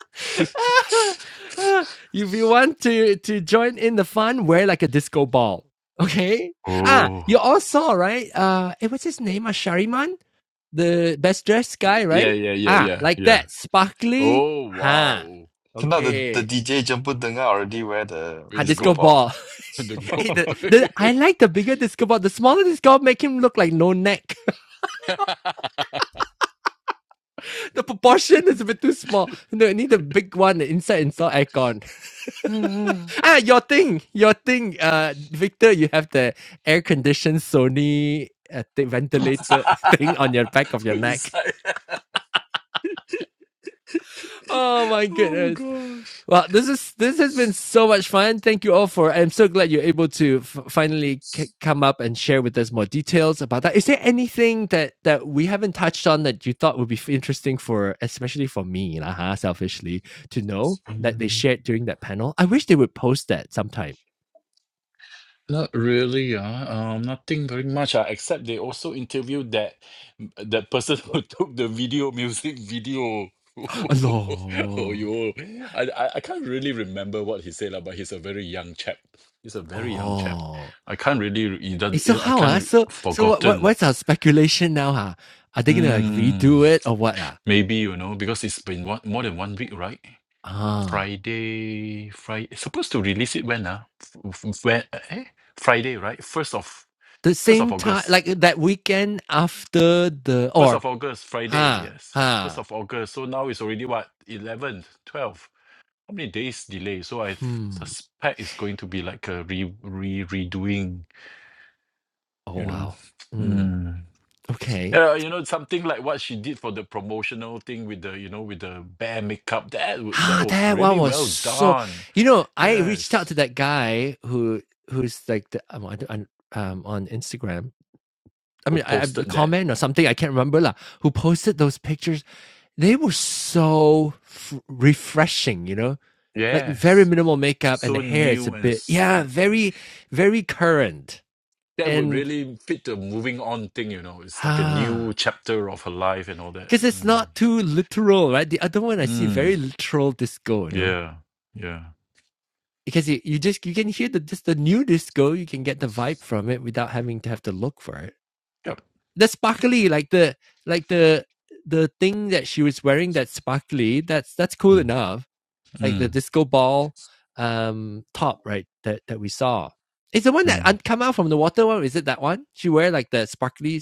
Speaker 1: if you want to to join in the fun, wear like a disco ball. Okay. Ah,
Speaker 7: Oh.
Speaker 1: you all saw right? Uh, eh, what's his name? Uh, Shariman, the best dressed guy,
Speaker 7: Yeah,
Speaker 1: right?
Speaker 7: yeah, yeah,
Speaker 1: Ah,
Speaker 7: yeah,
Speaker 1: like
Speaker 7: yeah.
Speaker 1: that, sparkly.
Speaker 7: Oh
Speaker 1: Ha.
Speaker 7: wow.
Speaker 1: Huh.
Speaker 5: So now the, the
Speaker 1: Okay.
Speaker 5: DJ jumper dengar already wear the
Speaker 1: Ha,
Speaker 7: With the
Speaker 5: disco
Speaker 1: disco
Speaker 7: globe.
Speaker 5: ball.
Speaker 1: ball.
Speaker 7: The globe.
Speaker 1: Eh, the, the, I like the bigger disco ball. The smaller disco ball make him look like no neck. the proportion is a bit too small. No, I need the big one inside install aircon. ah, your thing, your thing. Uh, Victor, you have the air conditioned Sony uh, the ventilator thing on your back of your
Speaker 7: Put
Speaker 1: neck.
Speaker 7: inside.
Speaker 1: Oh my
Speaker 7: Oh
Speaker 1: goodness.
Speaker 7: gosh.
Speaker 1: Well, this is this has been so much fun. Thank you all for. I'm so glad you're able to f- finally c- come up and share with us more details about that. Is there anything that that we haven't touched on that you thought would be f- interesting for, especially for me, lah, huh, selfishly, to know that they shared during that panel? I wish they would post that sometime.
Speaker 7: Not really, ah, um, nothing very much, ah, except they also interviewed that that person who took the video, music video. Oh,
Speaker 1: Allah.
Speaker 7: yo, I, I I can't really remember what he said, lah, but he's a very young chap. He's a very young chap.
Speaker 1: Oh.
Speaker 7: I can't really, re- he
Speaker 1: Eh,
Speaker 7: does-
Speaker 1: so
Speaker 7: I
Speaker 1: how, ah?
Speaker 7: can't re-
Speaker 1: So so what what
Speaker 7: forgotten.
Speaker 1: what's our speculation now, huh? Are they gonna like
Speaker 7: Mm,
Speaker 1: redo it or what, ah?
Speaker 7: maybe, you know, because it's been one, more than one week, right?
Speaker 1: Ah.
Speaker 7: Friday, Friday, supposed to release it when, ah? F- f- When, eh? Friday, right? First of
Speaker 1: The
Speaker 7: first of
Speaker 1: same time
Speaker 7: August.
Speaker 1: like that weekend after the
Speaker 7: First
Speaker 1: or
Speaker 7: of August, Friday,
Speaker 1: huh,
Speaker 7: yes. First
Speaker 1: huh.
Speaker 7: of August. So now it's already what? 11th, 12th. How many days delay? So I th-
Speaker 1: Hmm.
Speaker 7: suspect it's going to be like a re, re redoing,
Speaker 1: Oh
Speaker 7: you know.
Speaker 1: wow. Hmm.
Speaker 7: Mm.
Speaker 1: Okay.
Speaker 7: Uh, you know, something like what she did for the promotional thing with the, you know, with the bear makeup. That w- that
Speaker 1: Ah,
Speaker 7: was
Speaker 1: that one
Speaker 7: really
Speaker 1: was
Speaker 7: well
Speaker 1: so
Speaker 7: done.
Speaker 1: you know, I reached out to
Speaker 7: Yes.
Speaker 1: that guy who who's like the um, I don't- um on Instagram I
Speaker 7: Who
Speaker 1: mean, I, I
Speaker 7: posted that?
Speaker 1: comment or something, I can't remember lah, who posted those pictures. They were so f- refreshing, you know, like very
Speaker 7: Yes.
Speaker 1: minimal makeup and the
Speaker 7: So
Speaker 1: hair is a
Speaker 7: new and
Speaker 1: bit,
Speaker 7: s-
Speaker 1: yeah, very, very current.
Speaker 7: that would
Speaker 1: And,
Speaker 7: really fit the moving on thing, you know. It's like a new
Speaker 1: ah,
Speaker 7: chapter of her life and all that.
Speaker 1: because it's
Speaker 7: Mm.
Speaker 1: not too literal, right? The other one I see
Speaker 7: Mm.
Speaker 1: very literal disco, you know,
Speaker 7: Yeah. Yeah.
Speaker 1: because you, you just, you can hear the, just the new disco, you can get the vibe from it without having to have to look for it.
Speaker 7: Yep.
Speaker 1: the sparkly, like the like the the thing that she was wearing that sparkly, that's that's cool
Speaker 7: Mm.
Speaker 1: enough. Like
Speaker 7: Mm.
Speaker 1: the disco ball um top, right? That that we saw. It's the one that um,
Speaker 7: Mm.
Speaker 1: come out from the water. What is it? That one she wear like the sparkly,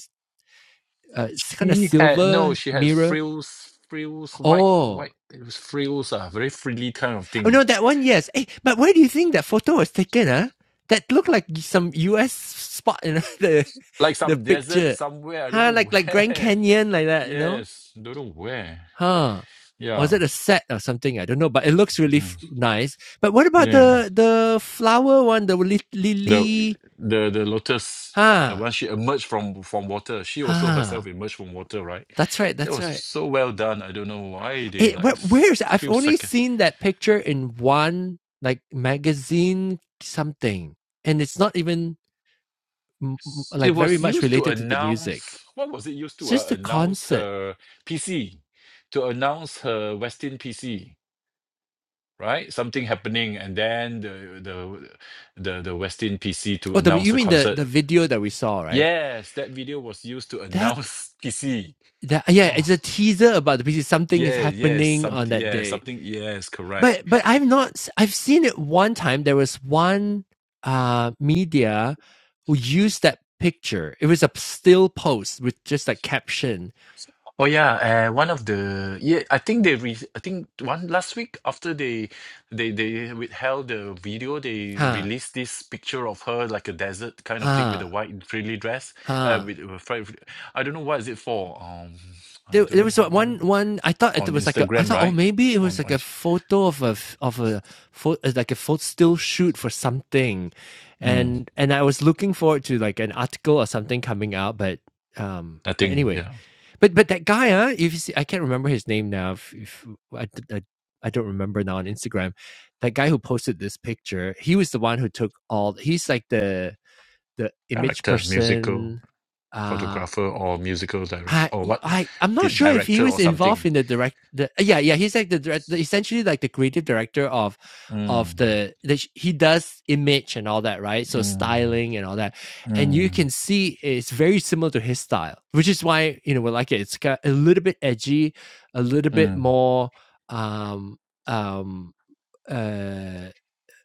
Speaker 1: uh, kind of
Speaker 7: She had no,
Speaker 1: silver
Speaker 7: she had
Speaker 1: mirror.
Speaker 7: frills, frills, white,
Speaker 1: Oh,
Speaker 7: white. It was frills, ah, very frilly kind of
Speaker 1: oh
Speaker 7: thing,
Speaker 1: no, that one. Yes. Hey, but where do you think that photo was taken? Huh? That looked like some U.S. spot in you know, the
Speaker 7: like
Speaker 1: the
Speaker 7: some desert
Speaker 1: picture.
Speaker 7: somewhere. I don't
Speaker 1: Huh?
Speaker 7: know
Speaker 1: Like like Grand
Speaker 7: where.
Speaker 1: Canyon like that. You know?
Speaker 7: Yes, don't know where.
Speaker 1: Huh. Or is
Speaker 7: Yeah.
Speaker 1: it a set or something? I don't know, but it looks really f-
Speaker 7: Mm.
Speaker 1: nice. But what about
Speaker 7: Yeah.
Speaker 1: the the flower one, the li-
Speaker 7: the
Speaker 1: lily?
Speaker 7: the the lotus the
Speaker 1: Huh.
Speaker 7: one she emerged from from water she also
Speaker 1: Huh.
Speaker 7: herself emerged from water right
Speaker 1: That's right.
Speaker 7: that
Speaker 1: That's
Speaker 7: was
Speaker 1: right.
Speaker 7: so well done i don't know why they
Speaker 1: It,
Speaker 7: like
Speaker 1: where,
Speaker 7: s-
Speaker 1: where's I've
Speaker 7: few
Speaker 1: only
Speaker 7: seconds
Speaker 1: seen that picture in one like magazine something, and it's not even mm, mm,
Speaker 7: it
Speaker 1: like very
Speaker 7: was
Speaker 1: much
Speaker 7: used to
Speaker 1: related to the music.
Speaker 7: announce what was it used
Speaker 1: It's
Speaker 7: to uh,
Speaker 1: just the
Speaker 7: announce
Speaker 1: concert.
Speaker 7: her pc to announce her westin pc right something happening and then the the the, the westin pc to
Speaker 1: Oh, the
Speaker 7: announce
Speaker 1: you
Speaker 7: the
Speaker 1: mean the
Speaker 7: concert
Speaker 1: the video that we saw, right?
Speaker 7: yes that video was used to
Speaker 1: That
Speaker 7: announce pc
Speaker 1: that yeah,
Speaker 7: oh.
Speaker 1: it's a teaser about the piece. Something is
Speaker 7: Yeah, yes,
Speaker 1: happening on
Speaker 7: something,
Speaker 1: that
Speaker 7: yeah,
Speaker 1: day.
Speaker 7: something, yes, correct.
Speaker 1: but but I've not i I've seen it one time. There was one uh media who used that picture. It was a still post with just a caption.
Speaker 7: Oh yeah, uh, one of the yeah, I think they re I think one last week after they they they withheld the video, they
Speaker 1: Huh.
Speaker 7: released this picture of her like a desert kind of thing with
Speaker 1: Huh.
Speaker 7: a white frilly dress. Uh,
Speaker 1: Huh.
Speaker 7: with, with fri- fri- I don't know what is it for. Um, I
Speaker 1: There,
Speaker 7: don't
Speaker 1: there
Speaker 7: know
Speaker 1: was
Speaker 7: why, why
Speaker 1: one one I thought it
Speaker 7: on
Speaker 1: was like a I
Speaker 7: Instagram,
Speaker 1: thought oh
Speaker 7: right?
Speaker 1: maybe it
Speaker 7: On
Speaker 1: was like a
Speaker 7: IG.
Speaker 1: photo of a of a photo like a photo still shoot for something
Speaker 7: Mm,
Speaker 1: and and I was looking forward to like an article or something coming out but um
Speaker 7: I
Speaker 1: but
Speaker 7: think
Speaker 1: anyway
Speaker 7: yeah,
Speaker 1: But but that guy, huh? If you see, I can't remember his name now. If, if I d- I- I don't remember now on Instagram, that guy who posted this picture, he was the one who took all. He's like the the image
Speaker 7: director, musical
Speaker 1: person. Uh,
Speaker 7: photographer, or musical director,
Speaker 1: I
Speaker 7: or what,
Speaker 1: I I'm not sure if he
Speaker 7: director
Speaker 1: was
Speaker 7: or
Speaker 1: involved
Speaker 7: something.
Speaker 1: in the direct. The, yeah, yeah, he's like the, direct- essentially like the creative director of of
Speaker 7: Mm.
Speaker 1: the, the he does image and all that right so
Speaker 7: Mm,
Speaker 1: styling and all that and you
Speaker 7: mm,
Speaker 1: can see it's very similar to his style which is why you know we like it it's got a little bit edgy a little bit
Speaker 7: mm,
Speaker 1: more um um uh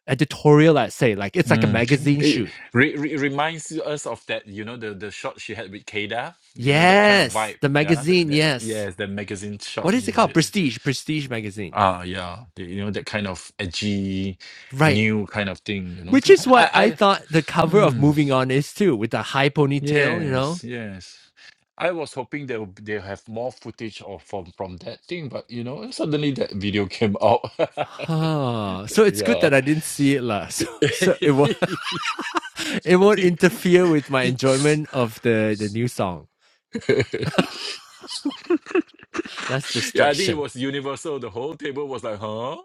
Speaker 1: editorial I'd say like it's like a
Speaker 7: mm.
Speaker 1: magazine
Speaker 7: It
Speaker 1: shoot
Speaker 7: re re reminds you- us of that, you know, the the shot she had with Kada, you know, that kind of
Speaker 1: yes
Speaker 7: vibe.
Speaker 1: the
Speaker 7: Yeah, that,
Speaker 1: magazine
Speaker 7: that
Speaker 1: yes
Speaker 7: yes, the magazine shot.
Speaker 1: what is it
Speaker 7: Yeah, the,
Speaker 1: called prestige prestige magazine
Speaker 7: ah, yeah, the, you know, that kind of edgy,
Speaker 1: Right.
Speaker 7: new kind of thing. You know,
Speaker 1: Which
Speaker 7: so
Speaker 1: is what I
Speaker 7: I,
Speaker 1: thought the
Speaker 7: I,
Speaker 1: cover of
Speaker 7: mm,
Speaker 1: Moving On is too, with the high ponytail, you
Speaker 7: yes,
Speaker 1: know.
Speaker 7: yes. I was hoping they'll they'll have more footage of from from that thing, but you know, suddenly that video came out.
Speaker 1: Huh. So it's good that
Speaker 7: Yeah.
Speaker 1: I didn't see it lah. So, so it won't it won't interfere with my enjoyment of the the new song. That's
Speaker 7: yeah, I think it
Speaker 1: distraction.
Speaker 7: was universal. The whole table was like, huh?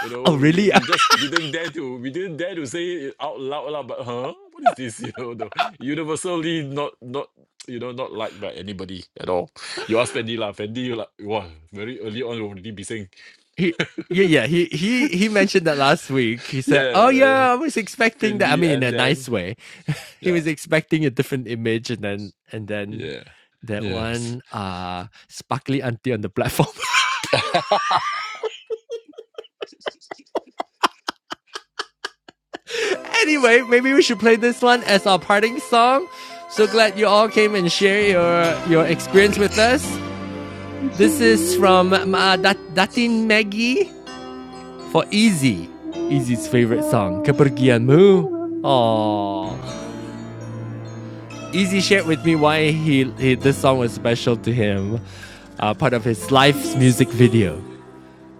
Speaker 7: You know,
Speaker 1: Oh
Speaker 7: we,
Speaker 1: really?
Speaker 7: we just didn't dare to we didn't dare to say it out loud, lah, but huh? What is this? You know, the universally not not you know, not liked by anybody at all. You ask Fendi lah, Fendi you like wow, very early on already be saying
Speaker 1: he, yeah, yeah. He he he mentioned that last week. He said,
Speaker 7: Yeah,
Speaker 1: "Oh
Speaker 7: man.
Speaker 1: yeah, I was expecting that." I
Speaker 7: Fendi
Speaker 1: mean, in
Speaker 7: and
Speaker 1: a
Speaker 7: then
Speaker 1: nice way. he
Speaker 7: yeah,
Speaker 1: was expecting a different image, and then and then
Speaker 7: yeah,
Speaker 1: that
Speaker 7: yes.
Speaker 1: one uh sparkly auntie on the platform. Anyway, maybe we should play this one as our parting song. So glad you all came and share your your experience with us.
Speaker 2: Lesson
Speaker 1: This is from uh, Dat-
Speaker 2: learned
Speaker 1: Datin Maggie for Easy.
Speaker 2: must
Speaker 1: Easy's favorite song,
Speaker 2: follow
Speaker 1: Kepergianmu.
Speaker 2: me.
Speaker 1: Aww. Easy shared with me why he, he this song was special to him, uh, part of his life's music video.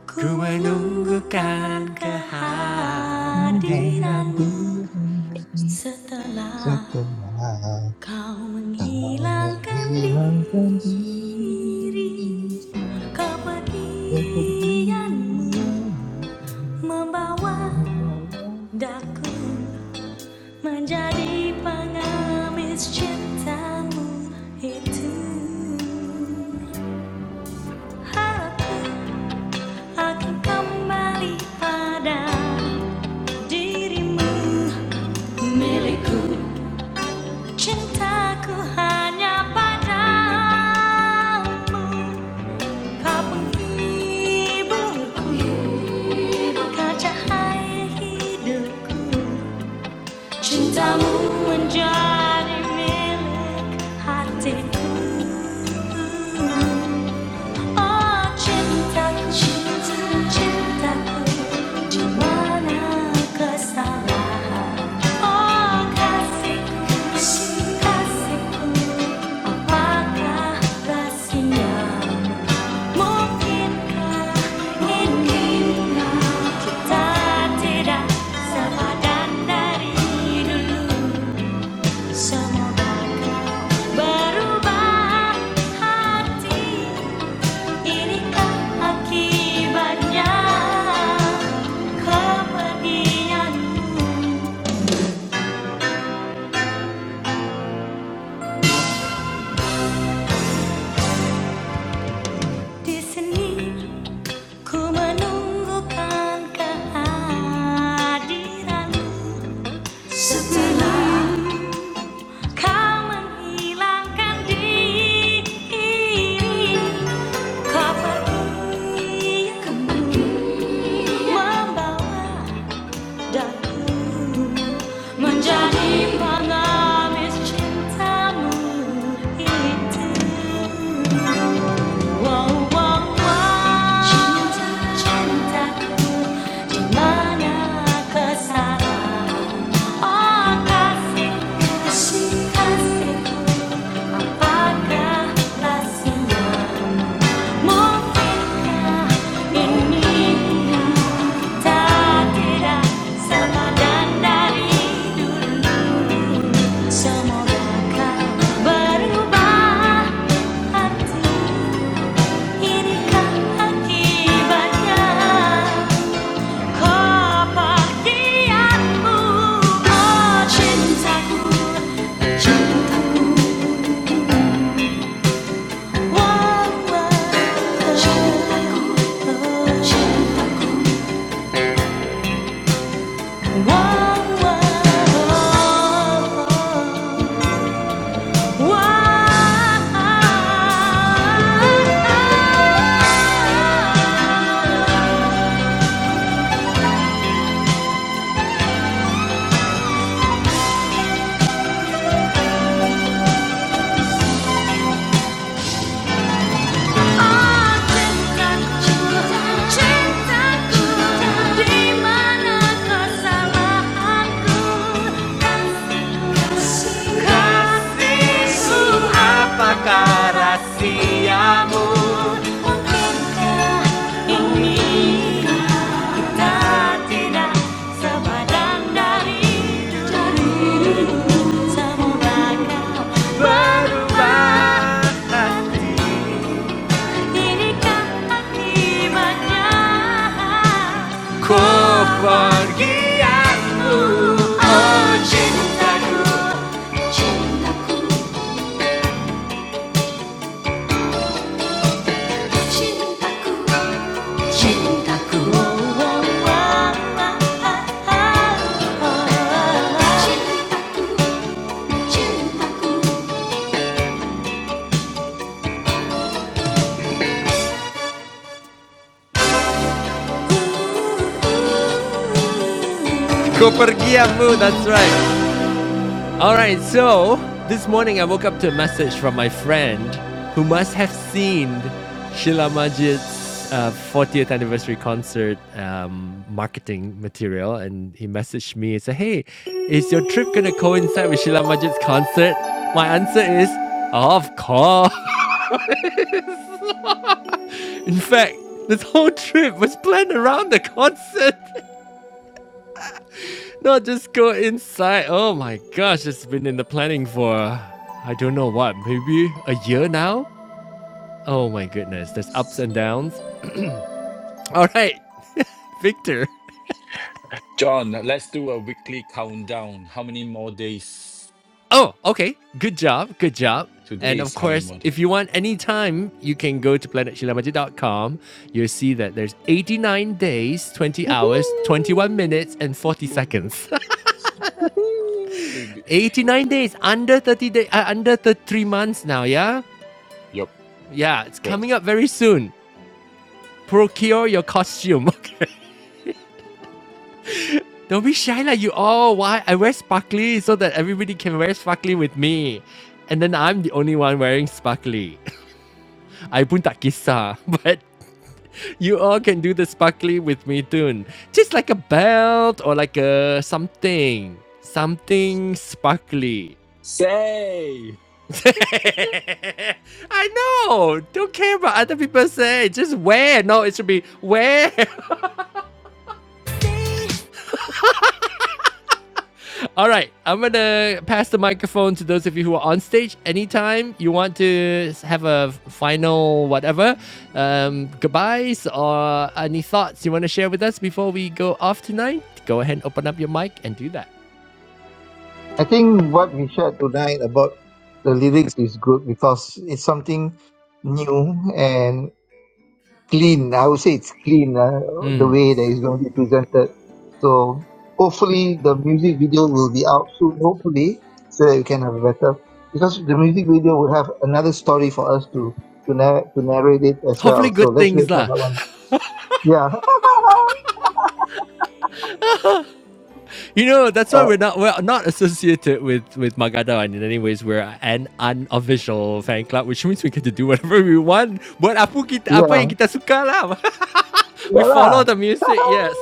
Speaker 1: Ku menunggukan kehadiranmu
Speaker 2: Alhamdulillah,
Speaker 1: setelah
Speaker 2: Setelah
Speaker 1: Kau
Speaker 2: kau
Speaker 1: menghilangkan
Speaker 2: menghilangkan
Speaker 1: diri
Speaker 2: diri,
Speaker 1: Kepergianmu
Speaker 2: kepergian
Speaker 1: Membawa daku Menjadi pengamis cintamu itu Harapku akan kembali pada dirimu Milikku Cintaku hanya padamu Cintamu menjadi milik hatiku Oh cintaku, cintaku Di mana kesalahan Oh kasihku, kasihku Apakah rahsia mungkinkah ini kita tidak sepadan dari dulu semoga berubah hati inikah akibatnya kepergianmu di sini ku menunggukan kehadiranmu setelah Kau menghilangkan diri Kau pergi kembali Membawa daku Menjadi pengamis cintamu itu Wow, wow, wow Cinta, cintaku Di mana kesalahan Semoga kau berubah hati Inikah akibatnya kebahagiaanmu Oh cintaku Cintaku Cintaku Di mana kesalahanku Yesu, Apakah Bukankah kau pergi, oh cintaku, cintaku, cintaku. Go pergi amu, that's right. All right, so this morning I woke up to a message from my friend who must have seen Sheila Majid's uh, 40th anniversary concert um, marketing material, and he messaged me and said, "Hey, is your trip gonna coincide with Sheila Majid's concert?" My answer is, "Of course." In fact, this whole trip was planned around the concert, not just go inside. Oh my gosh, it's been in the planning for I don't know what, maybe a year now? Oh my goodness, there's ups and downs. All right, Victor.
Speaker 7: John, let's do a weekly countdown. How many more days?
Speaker 1: Oh, okay. Good job. Good job. And
Speaker 7: Today
Speaker 1: of
Speaker 7: is how many
Speaker 1: course,
Speaker 7: more days?
Speaker 1: if you want any time, you can go to planet shilamaji dot com. You'll see that there's 89 days, 20 hours, 21 minutes,
Speaker 7: Woohoo!
Speaker 1: and 40 seconds.
Speaker 7: Woohoo!
Speaker 1: 89 days, under 30 days, uh, under three months now. Yeah,
Speaker 7: Yup,
Speaker 1: yeah. It's coming
Speaker 7: correct.
Speaker 1: up very soon. Procure your costume. Okay. Don't be shy like you all. Why? I wear sparkly so that everybody can wear sparkly with me. And then I'm the only one wearing sparkly. I pun tak kisah. But you all can do the sparkly with me too. Just like a belt or like a something. Something sparkly.
Speaker 7: Say!
Speaker 1: I know. Don't care about other people say. Just wear. No, it should be wear. All right, I'm gonna pass the microphone to those of you who are on stage. Anytime you want to have a final whatever, um, goodbyes or any thoughts you want to share with us before we go off tonight, go ahead and open up your mic and do that.
Speaker 2: I think what we shared tonight about the lyrics is good because it's something new and clean. I would say it's clean, uh, the way that it's going to be presented. So hopefully the music video will be out soon, hopefully, so that we can have a better, because the music video will have another story for us to, to, narr- to narrate it as
Speaker 1: Hopefully,
Speaker 2: well. So
Speaker 1: good
Speaker 2: let's wait
Speaker 1: things
Speaker 2: for
Speaker 1: lah.
Speaker 2: that one. Yeah.
Speaker 1: You know that's why
Speaker 2: uh,
Speaker 1: we're not we're not associated with with Magadawan in any ways. We're an unofficial fan club, which means we get to do whatever we want. Buat apa kita apa yang
Speaker 2: yeah.
Speaker 1: kita suka lah.
Speaker 2: Yeah.
Speaker 1: We
Speaker 2: lah.
Speaker 1: follow the music, yes.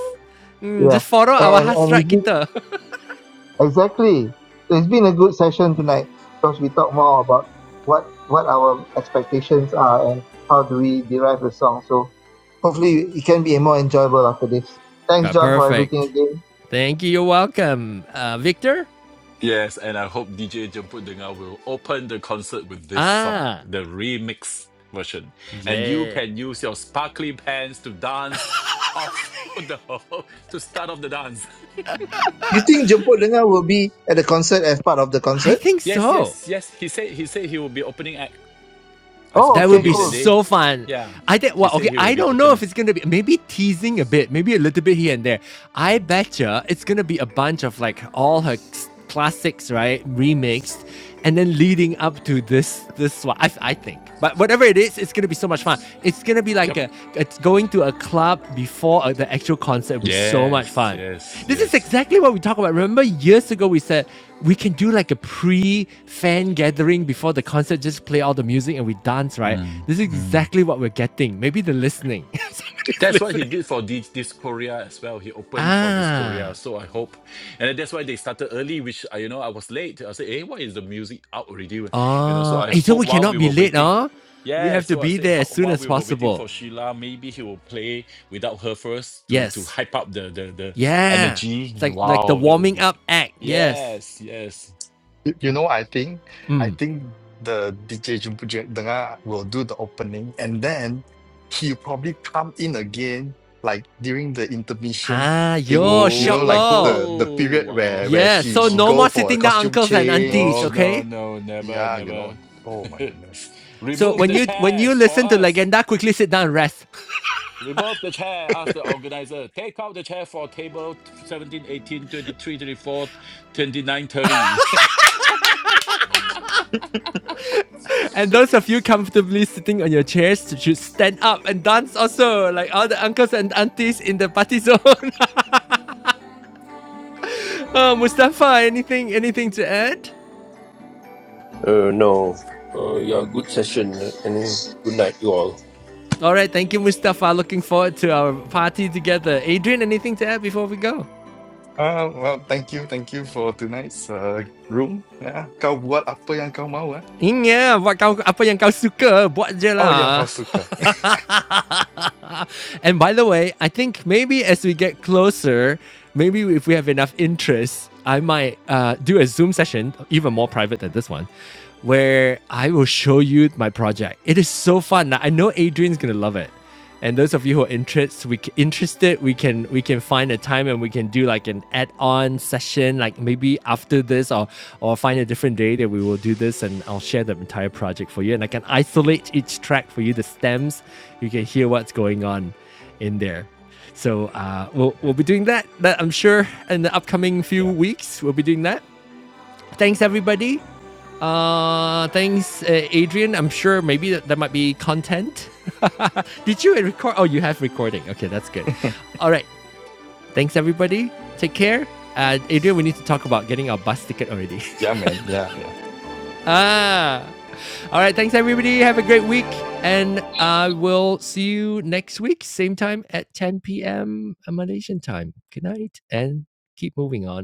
Speaker 1: Mm,
Speaker 2: yeah.
Speaker 1: just follow our
Speaker 2: And, and
Speaker 1: hasrat
Speaker 2: it's
Speaker 1: kita.
Speaker 2: Exactly. It's been a good session tonight because we talk more about what what our expectations are and how do we derive the song. So hopefully it can be more enjoyable after this. Thanks,
Speaker 1: Ah,
Speaker 2: John, for everything
Speaker 1: perfect.
Speaker 2: again.
Speaker 1: Thank you. You're welcome. Uh, Victor?
Speaker 7: Yes, and I hope DJ Jemput Dengar will open the concert with this song,
Speaker 1: Ah,
Speaker 7: the remix version. And you
Speaker 1: yeah.
Speaker 7: can use your sparkly pants to dance off the whole- to start off the dance.
Speaker 2: You think Jemput Lenga will be at the concert as part of the
Speaker 1: I
Speaker 2: concert?
Speaker 1: think
Speaker 7: Yes,
Speaker 1: so.
Speaker 7: yes, yes. He said he said he will be opening act. I
Speaker 2: Oh,
Speaker 1: That
Speaker 7: spoke to
Speaker 1: would
Speaker 2: okay,
Speaker 1: be
Speaker 7: him that
Speaker 2: cool.
Speaker 7: day.
Speaker 1: so fun.
Speaker 7: Yeah.
Speaker 1: I think
Speaker 7: He
Speaker 1: well,
Speaker 7: said
Speaker 1: okay,
Speaker 7: he will
Speaker 1: I
Speaker 7: be
Speaker 1: don't know
Speaker 7: open.
Speaker 1: if it's gonna be maybe teasing a bit, maybe a little bit here and there. I betcha it's gonna be a bunch of like all her classics, right, remixed, and then leading up to this this one. I, I think, but whatever it is, it's gonna be so much fun. It's gonna be like
Speaker 7: Yup.
Speaker 1: a, it's going to a club before uh the actual concert. Would be so much
Speaker 7: Yes,
Speaker 1: fun.
Speaker 7: yes,
Speaker 1: This is
Speaker 7: yes.
Speaker 1: exactly what we talk about. Remember years ago we said we can do like a pre-fan gathering before the concert, just play all the music and we dance, right?
Speaker 7: Mm,
Speaker 1: This is
Speaker 7: mm.
Speaker 1: exactly what we're getting. Maybe they're listening. Somebody's
Speaker 7: That's what he
Speaker 1: listening.
Speaker 7: did for this this Korea as well. He opened for this
Speaker 1: Ah.
Speaker 7: Korea, so I hope, and then that's why they started early. Which I, you know, I was late. I said, "Hey, why is the music out already?" You know, so
Speaker 1: Oh.
Speaker 7: I
Speaker 1: Hey, so
Speaker 7: hope
Speaker 1: we
Speaker 7: while we
Speaker 1: cannot be
Speaker 7: were
Speaker 1: late,
Speaker 7: waiting,
Speaker 1: huh? We
Speaker 7: yeah.
Speaker 1: have to
Speaker 7: So I
Speaker 1: be
Speaker 7: said,
Speaker 1: there as
Speaker 7: "Ho-
Speaker 1: soon
Speaker 7: while
Speaker 1: as
Speaker 7: we were waiting
Speaker 1: possible.
Speaker 7: for Sheila, maybe he will play without her first to to
Speaker 1: Yes.
Speaker 7: hype up the the the
Speaker 1: Yeah.
Speaker 7: energy.
Speaker 1: It's like like the
Speaker 7: Wow, that would
Speaker 1: warming
Speaker 7: be,
Speaker 1: up act. Yes.
Speaker 7: yes, yes.
Speaker 5: You you know, I think I
Speaker 1: Mm.
Speaker 5: think the DJ Jumpujet Dengar will do the opening and then he'll probably come in again like during the intermission
Speaker 1: Ah,
Speaker 5: thing,
Speaker 1: yo,
Speaker 5: you know,
Speaker 1: shock
Speaker 7: Oh,
Speaker 5: like
Speaker 1: lor.
Speaker 5: the the period where where
Speaker 7: wow,
Speaker 1: Yes.
Speaker 5: she
Speaker 1: So
Speaker 5: she
Speaker 1: no
Speaker 5: go
Speaker 1: more
Speaker 7: wow.
Speaker 5: for a
Speaker 1: sitting down
Speaker 5: costume
Speaker 1: uncles and aunties,
Speaker 7: No,
Speaker 5: change.
Speaker 7: no,
Speaker 1: okay?
Speaker 7: no, never,
Speaker 5: Yeah, you know.
Speaker 7: never.
Speaker 5: Oh my goodness.
Speaker 1: So
Speaker 7: Remove
Speaker 1: when
Speaker 7: the
Speaker 1: you when you
Speaker 7: chairs for
Speaker 1: listen to
Speaker 7: us.
Speaker 1: Legenda, quickly sit down and rest.
Speaker 7: Remove the chair, asked the organizer. Take out the chair for table 17, eighteen, twenty-three, twenty-four, twenty-nine, thirty.
Speaker 1: And those of you comfortably sitting on your chairs should stand up and dance also, like all the uncles and aunties in the party zone. oh, Mustafa, anything anything to add?
Speaker 6: Uh, no, uh, yeah, good session and good night, you all.
Speaker 1: All right, thank you, Mustafa. Looking forward to our party together. Adrian, anything to add before we go?
Speaker 5: Ah, well, thank you, thank you for tonight's uh, room. Yeah. Kau buat apa yang kau mau, eh?
Speaker 1: Ingat buat kau apa yang kau suka, buat je
Speaker 5: Oh yeah,
Speaker 1: lah.
Speaker 5: kau suka.
Speaker 1: And by the way, I think maybe as we get closer, maybe if we have enough interest, I might uh, do a Zoom session, even more private than this one, where I will show you my project. It is so fun. I know Adrian's gonna love it. And those of you who are interested, we interested, we can we can find a time and we can do like an add-on session like maybe after this or or find a different day that we will do this and i'll share the entire project for you and i can isolate each track for you the stems you can hear what's going on in there so uh, we'll, we'll
Speaker 5: Yeah.
Speaker 1: be doing that that i'm sure in the upcoming few
Speaker 5: Yeah,
Speaker 1: weeks we'll be doing that thanks everybody uh thanks uh, adrian i'm sure maybe that, that might be content did you record oh you have recording okay that's good all right Thanks, everybody. Take care. Uh, Adrian, we need to talk about getting our bus ticket already.
Speaker 5: yeah man. Yeah, yeah.
Speaker 1: ah. All right. Thanks, everybody. Have a great week. And I uh, will see you next week, same time at 10 p.m. Malaysian time. Good night and keep moving on.